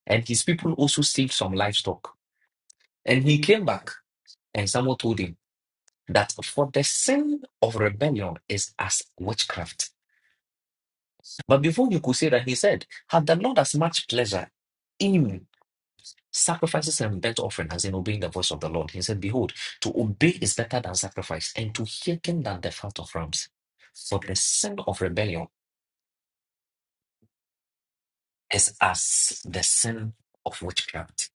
Speaker 8: And his people also saved some livestock. And he came back, and someone told him that for the sin of rebellion is as witchcraft. But before you could say that, he said, Had the Lord as much pleasure? in?" Sacrifices and burnt offering, as in obeying the voice of the Lord. He said, Behold, to obey is better than sacrifice, and to hearken than the fat of rams. For the sin of rebellion is as the sin of witchcraft.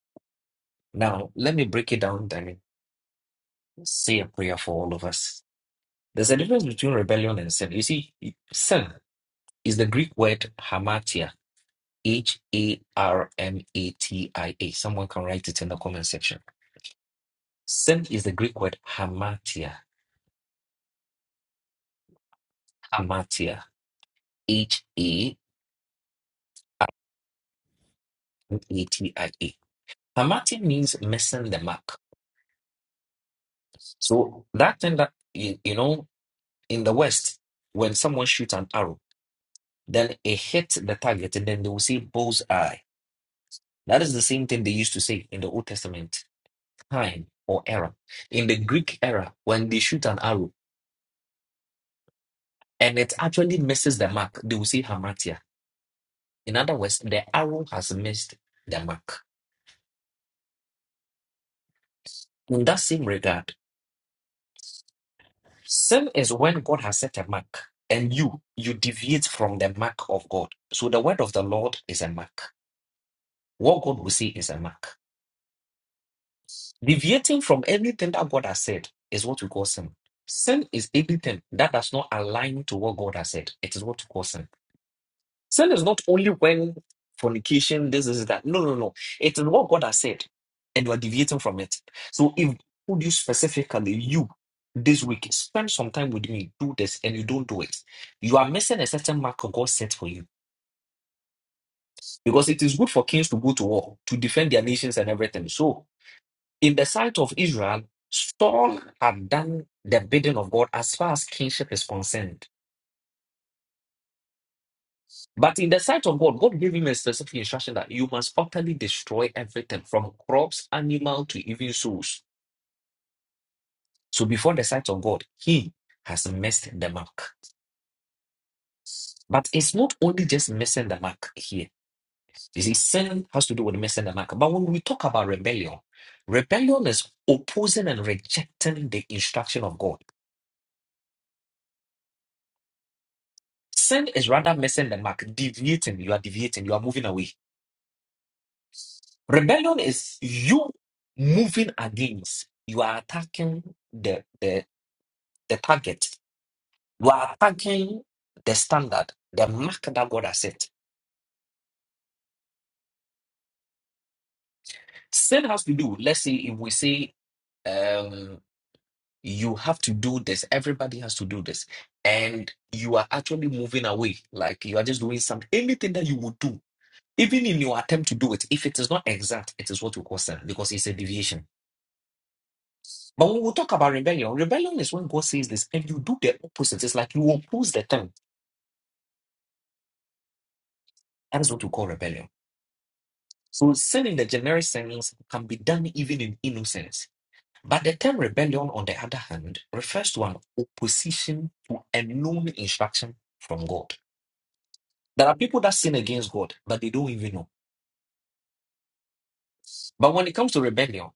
Speaker 8: Now, let me break it down and say a prayer for all of us. There's a difference between rebellion and sin. You see, sin is the Greek word hamartia, H A R M A T I A. Someone can write it in the comment section. Sin is the Greek word hamartia, hamartia H A M A T I A. Hamatia means missing the mark. So that thing that you, you know in the West, when someone shoots an arrow, then it hits the target, and then they will say bull's eye. That is the same thing they used to say in the Old Testament, time or error. In the Greek era, when they shoot an arrow and it actually misses the mark, they will say hamatia. In other words, the arrow has missed the mark. In that same regard, Sin is when God has set a mark and you you deviate from the mark of God. So the word of the Lord is a mark. What God will say is a mark. Deviating from anything that God has said is what we call sin. Sin is anything that does not align to what God has said. It is what we call sin. Sin is not only when fornication, this, is that. No, no, no. It is what God has said, and you are deviating from it. So if would you specifically, you this week, spend some time with me, do this, and you don't do it, you are missing a certain mark of God set for you. Because it is good for kings to go to war, to defend their nations and everything. So in the sight of Israel, Saul had done the bidding of God as far as kingship is concerned. But in the sight of God, God gave him a specific instruction that you must utterly destroy everything from crops, animal to even souls. So before the sight of God, he has missed the mark. But it's not only just missing the mark here. You see, sin has to do with missing the mark. But when we talk about rebellion, rebellion is opposing and rejecting the instruction of God. Sin is rather missing the mark, deviating. You are deviating, you are moving away. Rebellion is you moving against, you are attacking the, the, the target, you are attacking the standard, the mark that God has set. Sin has to do, let's say, if we say, um, you have to do this, everybody has to do this, and you are actually moving away, like you are just doing something, anything that you would do. Even in your attempt to do it, if it is not exact, it is what we call sin because it's a deviation. But when we talk about rebellion, rebellion is when God says this and you do the opposite. It's like you oppose the thing. That is what we call rebellion. So sin in the generic sense can be done even in innocence. But the term rebellion, on the other hand, refers to an opposition to a known instruction from God. There are people that sin against God, but they don't even know. But when it comes to rebellion,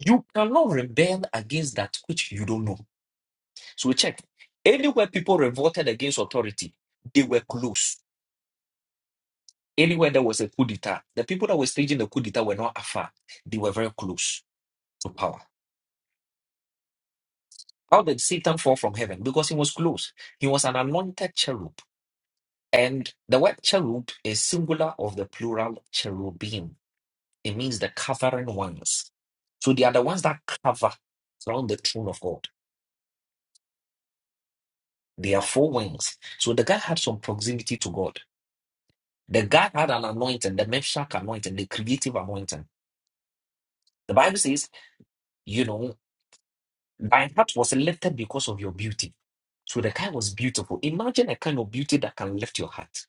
Speaker 8: you cannot rebel against that which you don't know. So we check. Anywhere people revolted against authority, they were close. Anywhere there was a coup d'etat, the people that were staging the coup d'etat were not afar. They were very close to power. How did Satan fall from heaven? Because he was close. He was an anointed cherub. And the word cherub is singular of the plural cherubim. It means the covering ones. So they are the ones that cover around the throne of God. They are four wings. So the guy had some proximity to God. The guy had an anointing, the Meshach anointing, the creative anointing. The Bible says, you know. Thine heart was lifted because of your beauty. So the guy was beautiful. Imagine a kind of beauty that can lift your heart.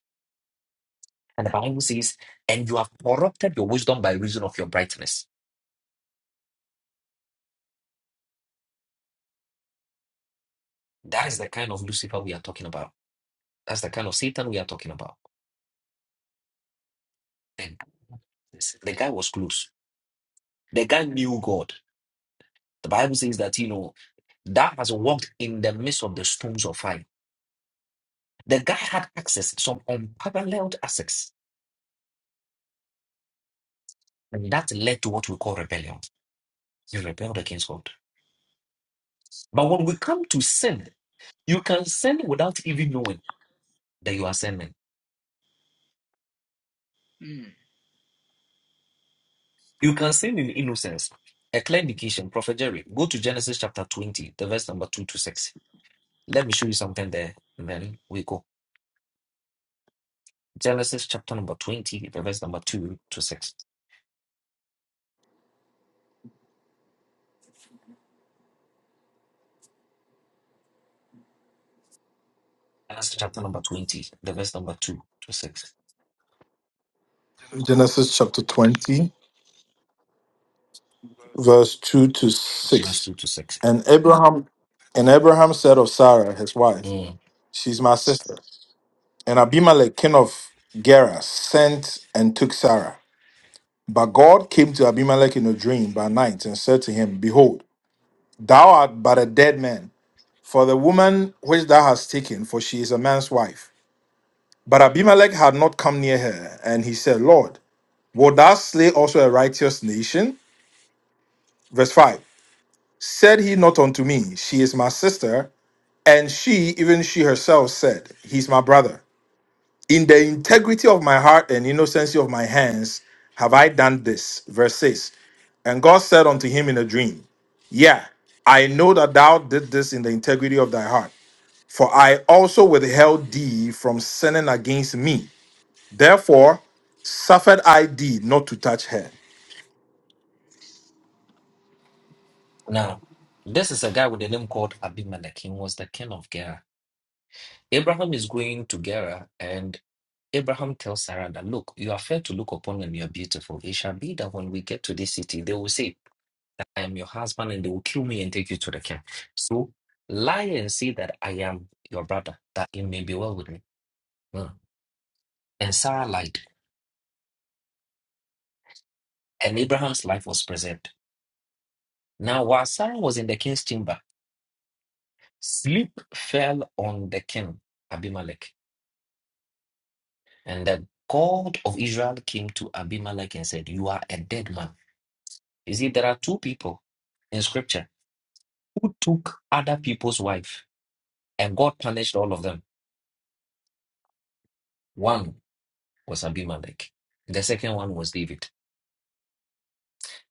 Speaker 8: And the Bible says, and you have corrupted your wisdom by reason of your brightness. That is the kind of Lucifer we are talking about. That's the kind of Satan we are talking about. And this- the guy was close. The guy knew God. The Bible says that, you know, that has walked in the midst of the stones of fire. The guy had access, some unparalleled access. And that led to what we call rebellion. He rebelled against God. But when we come to sin, You can sin without even knowing that you are sinning.
Speaker 4: Mm.
Speaker 8: You can sin in innocence. A clear indication, Prophet Jerry, go to Genesis chapter 20, the verse number 2 to 6. Let me show you something there, and then we go. Genesis chapter number 20, the verse number 2 to 6. Genesis chapter number 20, the verse number 2 to 6.
Speaker 1: Genesis chapter 20, verse 2 to
Speaker 8: Verse
Speaker 1: 6.
Speaker 8: 2 to 6.
Speaker 1: And Abraham and Abraham said of Sarah, his wife,
Speaker 8: Mm.
Speaker 1: She's my sister. And Abimelech, king of Gerar sent and took Sarah. But God came to Abimelech in a dream by night and said to him, Behold, thou art but a dead man, for the woman which thou hast taken, for she is a man's wife. But Abimelech had not come near her, and he said, Lord, wilt thou slay also a righteous nation? Verse 5 Said he not unto me, She is my sister, and she, even she herself, said, He is my brother. In the integrity of my heart and innocency of my hands have I done this. Verse 6 And God said unto him in a dream, Yeah, I know that thou did this in the integrity of thy heart. For I also withheld thee from sinning against me. Therefore, suffered I thee not to touch her.
Speaker 8: Now, this is a guy with a name called Abimelech. He was the king of Gerar. Abraham is going to Gerar and Abraham tells Sarah that, Look, you are fair to look upon and you are beautiful. It shall be that when we get to this city, they will say, I am your husband, and they will kill me and take you to the camp. So lie and say that I am your brother, that it may be well with me. Hmm. And Sarah lied, and Abraham's life was preserved. Now, while Sarah was in the king's chamber, sleep fell on the king, Abimelech. And the God of Israel came to Abimelech and said, You are a dead man. You see, there are two people in scripture who took other people's wife, and God punished all of them. One was Abimelech, the second one was David.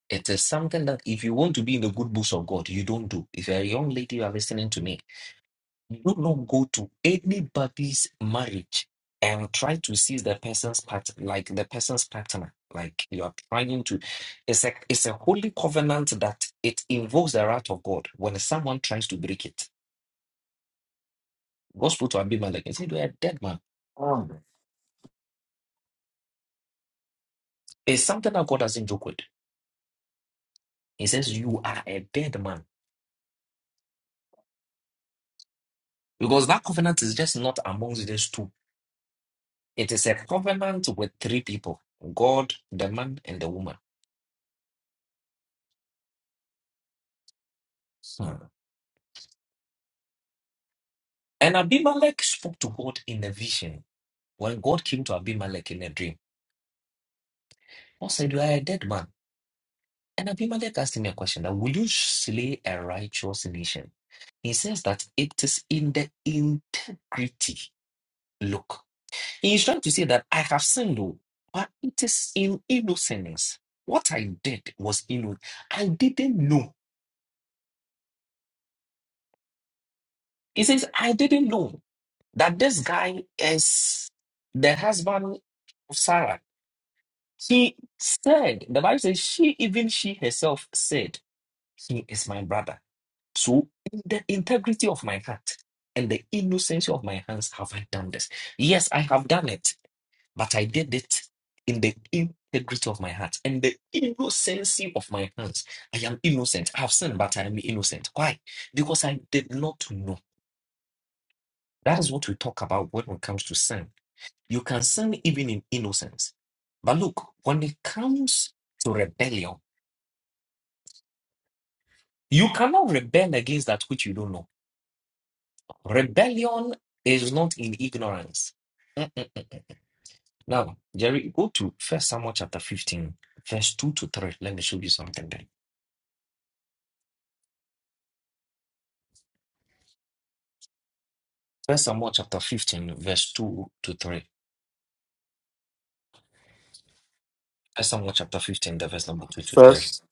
Speaker 8: It is something that if you want to be in the good books of God, you don't do. If you're a young lady, you are listening to me, do not go to anybody's marriage and try to seize the person's part, like the person's partner. Like you are trying to, it's a it's a holy covenant that it involves the wrath of God. When someone tries to break it, God spoke to Abimelech and said, "You are a dead man." It's something that God doesn't joke with. He says, You are a dead man. Because that covenant is just not amongst these two. It is a covenant with three people God, the man, and the woman. Hmm. And Abimelech spoke to God in a vision. When God came to Abimelech in a dream, God said, You are a dead man. And Abimelech asked him a question that will you slay a righteous nation? He says that it is in the integrity. Look. He is trying to say that I have sinned, oh, but it is in innocence. What I did was innocent. I didn't know. He says, I didn't know that this guy is the husband of Sarah. He said, the Bible says, she, even she herself said, he is my brother. So, in the integrity of my heart and the innocency of my hands, have I done this? Yes, I have done it. But I did it in the integrity of my heart and the innocency of my hands. I am innocent. I have sinned, but I am innocent. Why? Because I did not know. That is what we talk about when it comes to sin. You can sin even in innocence. But look, when it comes to rebellion, you cannot rebel against that which you don't know. Rebellion is not in ignorance. Mm-mm. Now, Jerry, go to First Samuel chapter 15, verse 2 to 3. Let me show you something there. First Samuel chapter 15, verse 2 to 3. First Samuel chapter 15, the verse number 2 to 3.
Speaker 1: First,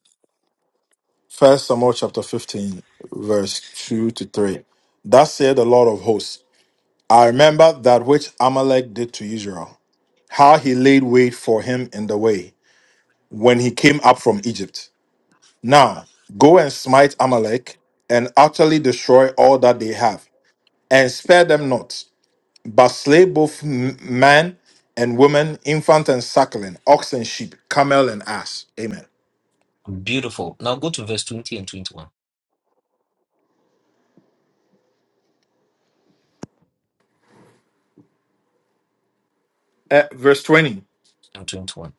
Speaker 1: First Samuel chapter 15, verse 2 to 3. Thus said the Lord of hosts, I remember that which Amalek did to Israel, how he laid wait for him in the way when he came up from Egypt. Now, go and smite Amalek and utterly destroy all that they have, and spare them not. but slay both m- man and woman, infant and suckling, ox and sheep, camel and ass. Amen.
Speaker 8: Beautiful. Now go to verse 20 and 21.
Speaker 1: Uh, verse 20.
Speaker 8: And 21.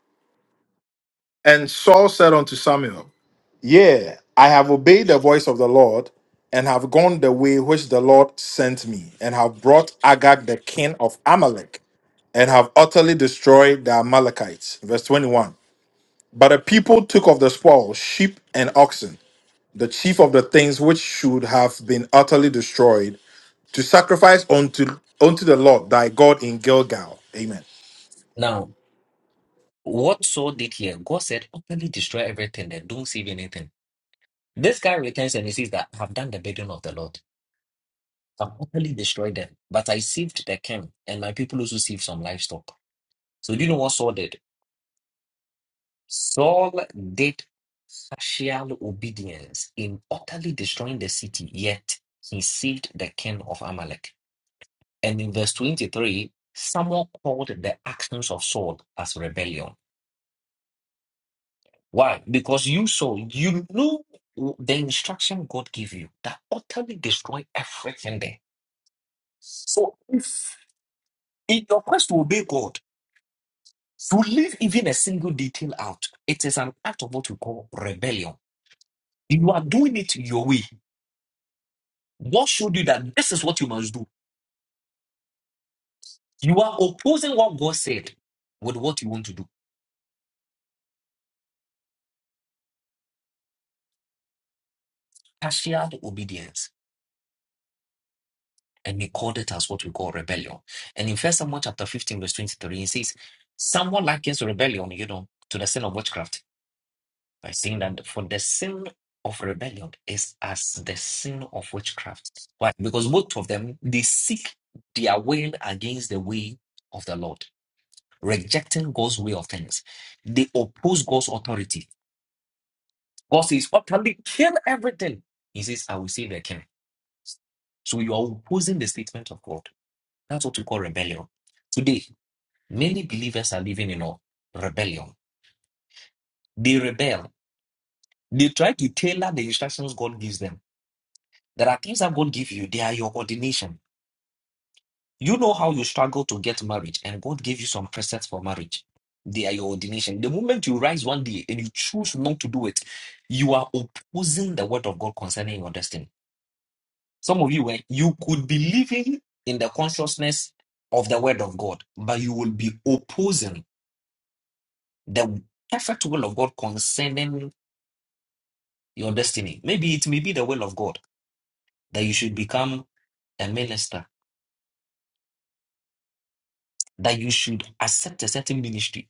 Speaker 1: And Saul said unto Samuel, Yea, I have obeyed the voice of the Lord, and have gone the way which the Lord sent me, and have brought Agag the king of Amalek, and have utterly destroyed the Amalekites. Verse 21. But the people took of the spoil sheep and oxen, the chief of the things which should have been utterly destroyed, sacrifice unto unto the Lord thy God in Gilgal. Amen.
Speaker 8: Now, what Saul did here, God said, openly destroy everything and don't save anything. This guy returns and he says that I have done the burden of the Lord. I've openly destroyed them, but I saved the king and my people also saved some livestock. So do you know what Saul did? Saul did partial obedience in utterly destroying the city, yet he saved the king of Amalek. And in verse 23, Samuel called the actions of Saul as rebellion. Why? Because you saw, you knew the instruction God gave you that utterly destroy everything there. So if in your quest to obey God, to leave even a single detail out, it is an act of what we call rebellion. You are doing it your way. God showed you that this is what you must do. You are opposing what God said with what you want to do. Partial obedience. And he called it as what we call rebellion. And in First Samuel chapter 15, verse 23, it says, Someone likens rebellion, you know, to the sin of witchcraft by saying that for the sin of rebellion is as the sin of witchcraft. Why? Because both of them, they seek their will against the way of the Lord, rejecting God's way of things. They oppose God's authority God says, What can they kill everything? He says, I will save their king. So you are opposing the statement of God. That's what we call rebellion. Today, many believers are living in a rebellion. They rebel. They try to tailor the instructions God gives them. There are things that God gives you, they are your ordination. You know how you struggle to get married, and God gave you some precepts for marriage. They are your ordination. The moment you rise one day and you choose not to do it, you are opposing the word of God concerning your destiny. Some of you, eh, you could be living in the consciousness of the word of God, but you will be opposing the perfect will of God concerning your destiny. Maybe it may be the will of God that you should become a minister, that you should accept a certain ministry,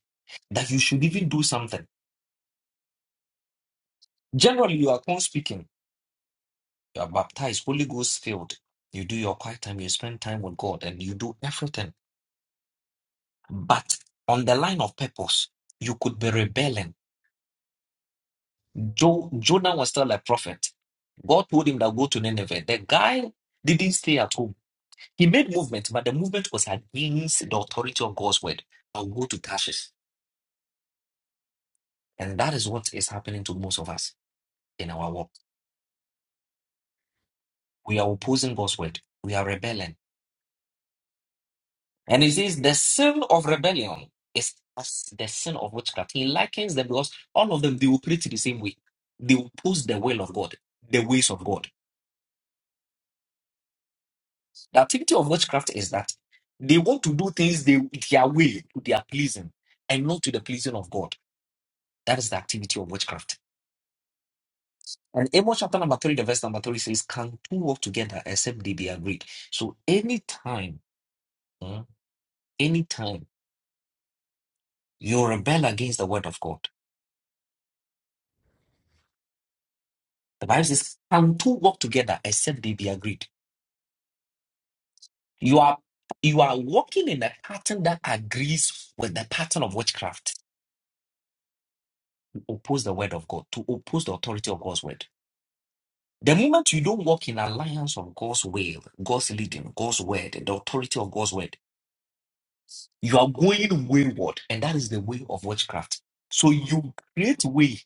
Speaker 8: that you should even do something. Generally, you are tongue speaking, you are baptized, Holy Ghost filled, you do your quiet time, you spend time with God, and you do everything. But on the line of purpose, you could be rebelling Jo- Jonah was still a prophet. God told him that go to Nineveh. The guy didn't stay at home. He made movement, but the movement was against the authority of God's word. I'll go to Tarshish. And that is what is happening to most of us in our walk. We are opposing God's word. We are rebelling. And he says the sin of rebellion is as the sin of witchcraft. He likens them because all of them, they operate the same way. They oppose the will of God, the ways of God. The activity of witchcraft is that they want to do things they, their way, to their pleasing, and not to the pleasing of God. That is the activity of witchcraft. And Amos chapter number 3, the verse number 3 says, Can two walk together except they be agreed? So anytime, hmm, anytime you rebel against the word of God, the Bible says, Can two walk together except they be agreed? You are you are walking in a pattern that agrees with the pattern of witchcraft to oppose the word of God, to oppose the authority of God's word. The moment you don't walk in alliance of God's will, God's leading, God's word, and the authority of God's word, you are going wayward. And that is the way of witchcraft. So you create way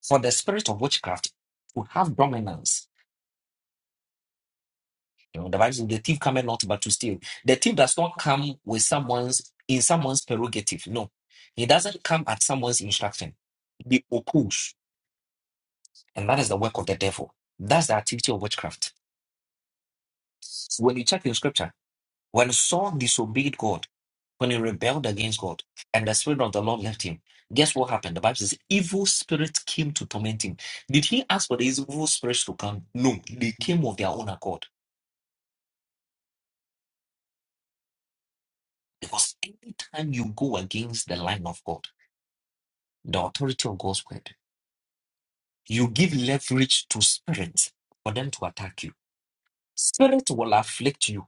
Speaker 8: for the spirit of witchcraft to have dominance. You know, the Bible says the thief cometh not but to steal. The thief does not come with someone's in someone's prerogative. No. He doesn't come at someone's instruction. He oppose. And that is the work of the devil. That's the activity of witchcraft. When you check in scripture, when Saul disobeyed God, when he rebelled against God and the Spirit of the Lord left him, guess what happened? The Bible says, evil spirit came to torment him. Did he ask for the evil spirits to come? No, they came of their own accord. Because anytime you go against the line of God, the authority of God's word, you give leverage to spirits for them to attack you. Spirit will afflict you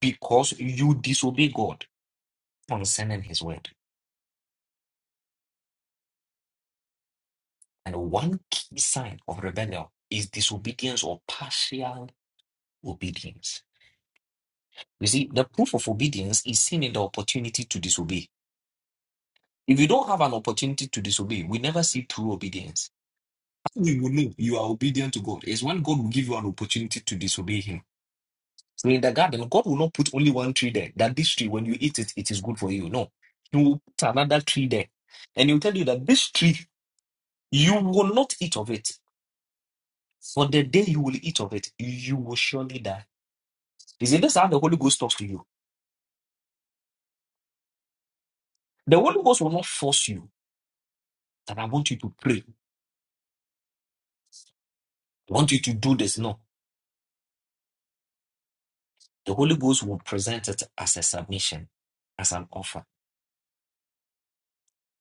Speaker 8: because you disobey God concerning his word. And one key sign of rebellion is disobedience or partial obedience. You see, the proof of obedience is seen in the opportunity to disobey. If you don't have an opportunity to disobey, we never see true obedience. How We will know you are obedient to God is when God will give you an opportunity to disobey Him. So in the garden, God will not put only one tree there. That this tree, when you eat it, it is good for you. No, He will put another tree there, and He will tell you that this tree you will not eat of it. For the day you will eat of it, you will surely die. You see, this is how the Holy Ghost talks to you. The Holy Ghost will not force you. That I want you to pray. I want you to do this. No, the Holy Ghost will present it as a submission, as an offer.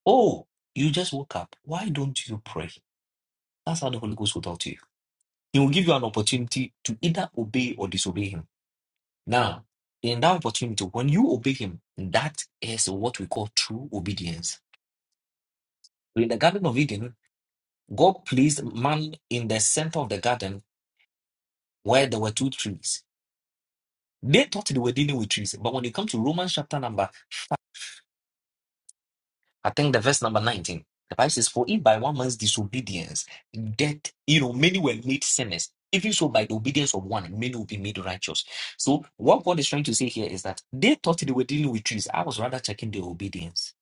Speaker 8: Oh, you just woke up. Why don't you pray? That's how the Holy Ghost will talk to you. He will give you an opportunity to either obey or disobey Him. Now, in that opportunity, when you obey Him, that is what we call true obedience. In the Garden of Eden, God placed man in the center of the garden where there were two trees. They thought they were dealing with trees, but when it comes to Romans chapter number I think the verse number 19. The Bible says, For if by one man's disobedience, death, you know, many were made sinners, even so by the obedience of one, many will be made righteous. So, what God is trying to say here is that they thought they were dealing with trees. I was rather checking their obedience.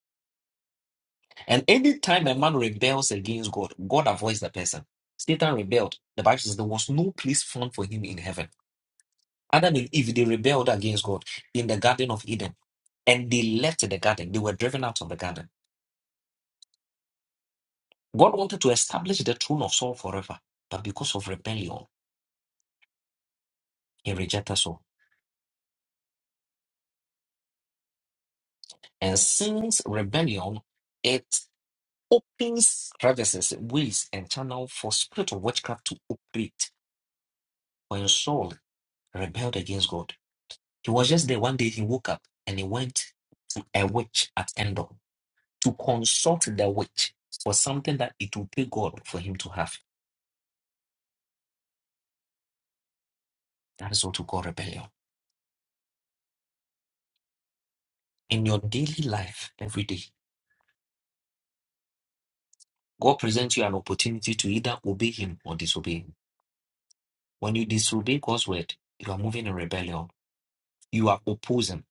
Speaker 8: And anytime a man rebels against God, God avoids the person. Satan rebelled. The Bible says there was no place found for him in heaven. Adam and Eve, they rebelled against God in the Garden of Eden and they left the garden. They were driven out of the garden. God wanted to establish the throne of Saul forever, but because of rebellion, he rejected Saul. And since rebellion, it opens crevices, ways, and channel for spirit of witchcraft to operate. When Saul rebelled against God, he was just there one day. He woke up and he went to a witch at Endor to consult the witch for something that it would pay God for him to have. That is what we call rebellion. In your daily life, every day, God presents you an opportunity to either obey Him or disobey Him. When you disobey God's word, you are moving in rebellion. You are opposing.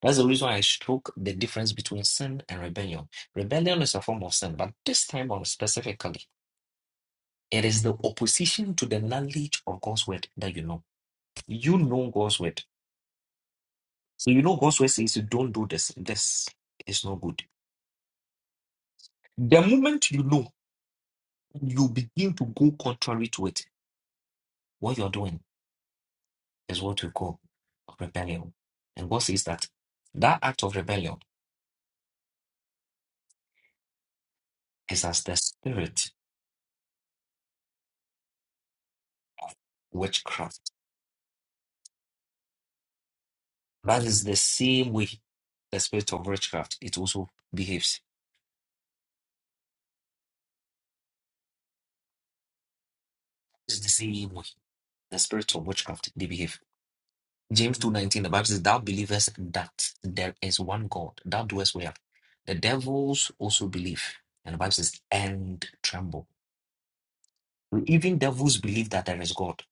Speaker 8: That's the reason I struck the difference between sin and rebellion. Rebellion is a form of sin, but this time on specifically, it is the opposition to the knowledge of God's word that you know. You know God's word. So you know God's word says you don't do this. This is not good. The moment you know, you begin to go contrary to it. What you're doing is what we call rebellion. And God says that that act of rebellion is as the spirit witchcraft. That is the same way the spirit of witchcraft it also behaves. It's the same way the spirit of witchcraft they behave. James two nineteen the Bible says, "Thou believest that there is one God, thou doest well." The devils also believe, and the Bible says, "And tremble." Even devils believe that there is God.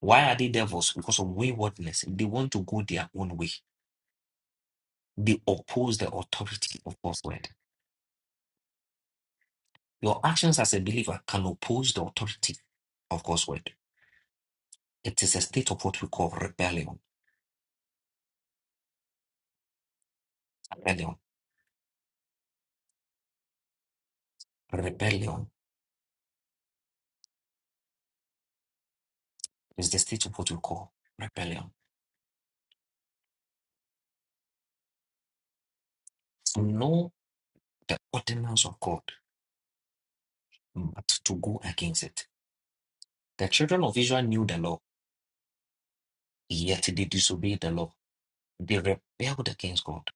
Speaker 8: Why are they devils? Because of waywardness. They want to go their own way. be oppose the authority of God's word. Your actions as a believer can oppose the authority of God's word. It is a state of what we call rebellion. Rebellion. Rebellion is the state of what we call rebellion. To know the ordinance of God, but to go against it. The children of Israel knew the law, yet they disobeyed the law. They rebelled against God.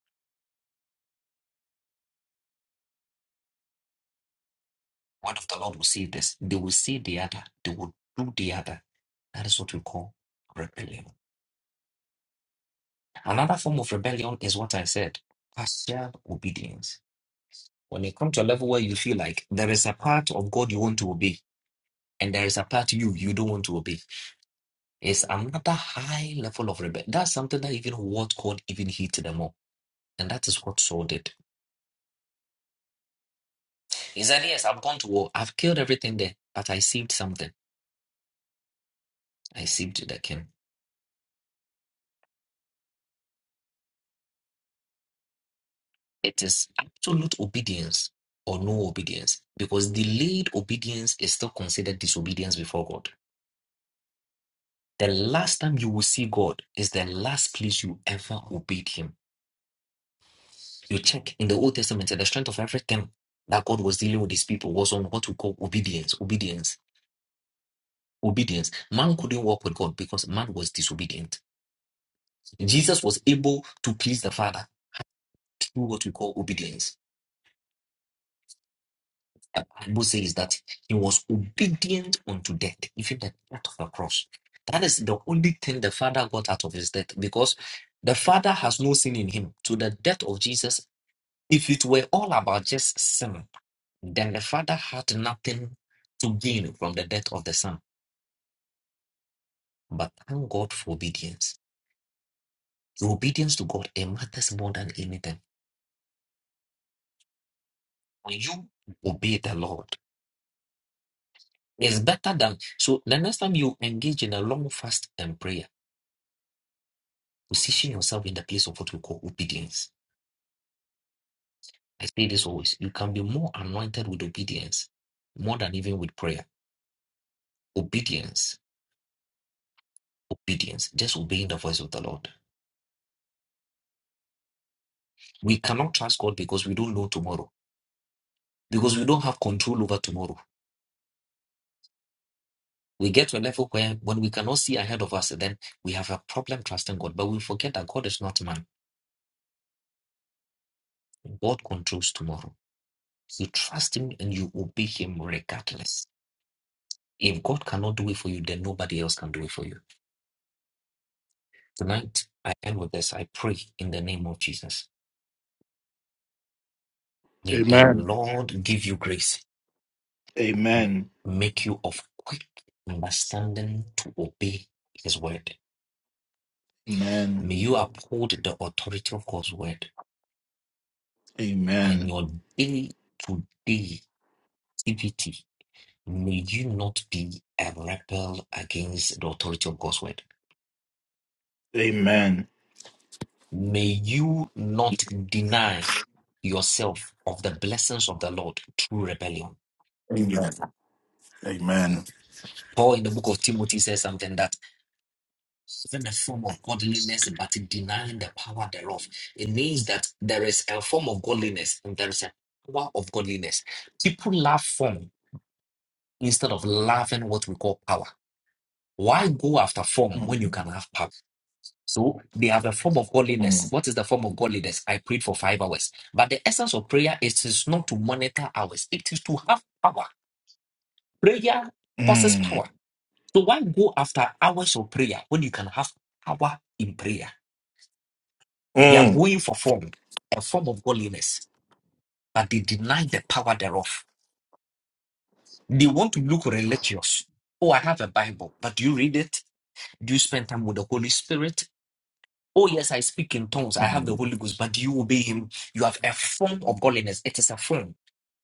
Speaker 8: Word of the Lord will say this. They will say the other. They will do the other. That is what we call rebellion. Another form of rebellion is what I said partial obedience. When you come to a level where you feel like there is a part of God you want to obey, and there is a part you you don't want to obey, it's another high level of rebellion. That's something that even what God even hit them up. And that is what Saul did. He said, Yes, I've gone to war. I've killed everything there, but I saved something. I saved the king. It is absolute obedience or no obedience because delayed obedience is still considered disobedience before God. The last time you will see God is the last place you ever obeyed Him. You check in the Old Testament, the strength of everything that God was dealing with His people was on what we call obedience, obedience, obedience. Man couldn't walk with God because man was disobedient. Jesus was able to please the Father through what we call obedience. The Bible says that He was obedient unto death, even the death of the cross. That is the only thing the Father got out of His death because the Father has no sin in Him. To the death of Jesus, If it were all about just sin, then the Father had nothing to gain from the death of the Son. But thank God for obedience. Your obedience to God it matters more than anything. When you obey the Lord, it's better than so. The next time you engage in a long fast and prayer, position yourself in the place of what we call obedience. I say this always: you can be more anointed with obedience, more than even with prayer. Obedience, obedience, just obeying the voice of the Lord. We cannot trust God because we don't know tomorrow. because we don't have control over tomorrow. We get to a level where when we cannot see ahead of us, then we have a problem trusting God. But we forget that God is not man. God controls tomorrow. You trust him and you obey him regardless. If God cannot do it for you, then nobody else can do it for you. Tonight, I end with this. I pray in the name of Jesus. May the
Speaker 1: Amen.
Speaker 8: Lord give you grace, m-
Speaker 1: Amen.
Speaker 8: make you of quick understanding to obey his word.
Speaker 1: Amen.
Speaker 8: May you uphold the authority of God's word in
Speaker 1: Amen.
Speaker 8: your day to day activity, may you not be a rebel against the authority of God's word.
Speaker 1: Amen.
Speaker 8: May you not deny yourself of the blessings of the Lord through rebellion.
Speaker 1: Amen. Amen.
Speaker 8: Paul in the book of Timothy says something that having a form of godliness but denying the power thereof. It means that there is a form of godliness and there is a power of godliness. People love form instead of loving what we call power. Why go after form when you
Speaker 1: Mm.
Speaker 8: can have power? So they have a form of godliness.
Speaker 1: Mm.
Speaker 8: What is the form of godliness? I prayed for five hours. But the essence of prayer is, is not to monitor hours, it is to have power. Prayer causes
Speaker 1: Mm.
Speaker 8: power. So why go after hours of prayer when you can have power in prayer? They are
Speaker 1: Mm.
Speaker 8: going for form, a form of godliness, but they deny the power thereof. They want to look religious. Oh, I have a Bible, but do you read it? Do you spend time with the Holy Spirit? Oh, yes, I speak in tongues. I have the Holy Ghost, but do you obey him? You have a form of godliness. It is a form.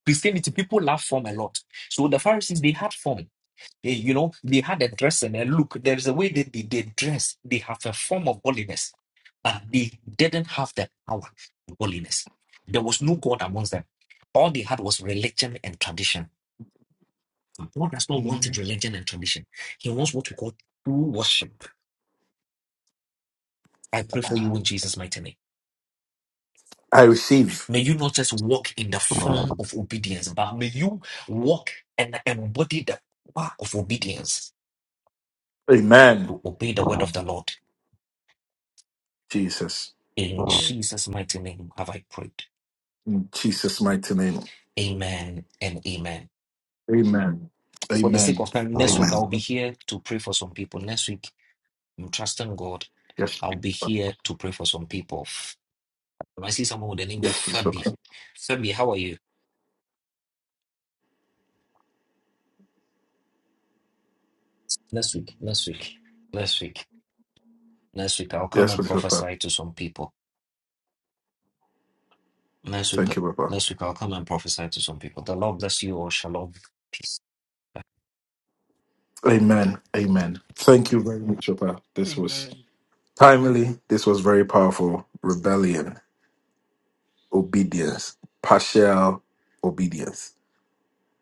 Speaker 8: Christianity, people love form a lot. So the Pharisees, they had form. They, you know, they had a dress and a look. There's a way that they, they dress. They have a form of godliness, but they didn't have the power of godliness. There was no God amongst them. All they had was religion and tradition. God does not want religion and tradition. He wants what we call true worship. I pray for you in Jesus' mighty name.
Speaker 1: I receive.
Speaker 8: May you not just walk in the form of obedience, but may you walk and embody the power of obedience
Speaker 1: Amen.
Speaker 8: to obey the word of the Lord.
Speaker 1: Jesus.
Speaker 8: In
Speaker 3: Amen.
Speaker 8: Jesus' mighty name have I prayed.
Speaker 1: In Jesus' mighty name.
Speaker 8: Amen and amen.
Speaker 1: Amen.
Speaker 8: For the sake
Speaker 1: Amen.
Speaker 8: of time, next week
Speaker 1: Amen.
Speaker 8: I'll be here to pray for some people. Next week, I'm trusting God.
Speaker 1: Yes.
Speaker 8: I'll be
Speaker 1: Papa.
Speaker 8: here to pray for some people. I see someone with the name
Speaker 1: Yes, please,
Speaker 8: Fabi.
Speaker 1: Papa.
Speaker 8: Fabi, how are you? Next week, next week, next week, next week, I'll come
Speaker 1: Yes,
Speaker 8: and
Speaker 1: please, Papa.
Speaker 8: prophesy to some people. Next week,
Speaker 1: Thank you, Papa.
Speaker 8: next week i come and prophesy to some people. The Lord bless you all. Shalom. Peace.
Speaker 1: Amen. Amen. Thank you very much, Papa. This was
Speaker 4: Amen.
Speaker 1: Timely. This was very powerful. Rebellion, obedience, partial obedience.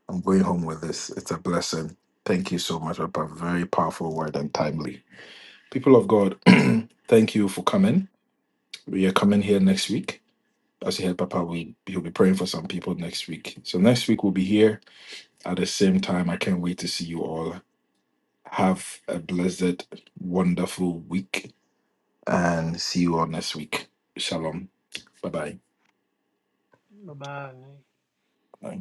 Speaker 1: I'm going home with this. It's a blessing. Thank you so much, Papa. Very powerful word and timely. People of God, *clears throat* thank you for coming. We are coming here next week. As you heard, Papa, we, he'll be praying for some people next week. So next week we'll be here at the same time. I can't wait to see you all. Have a blessed, wonderful week and see you all next week. Shalom. Bye-bye.
Speaker 4: Bye bye.
Speaker 1: Bye.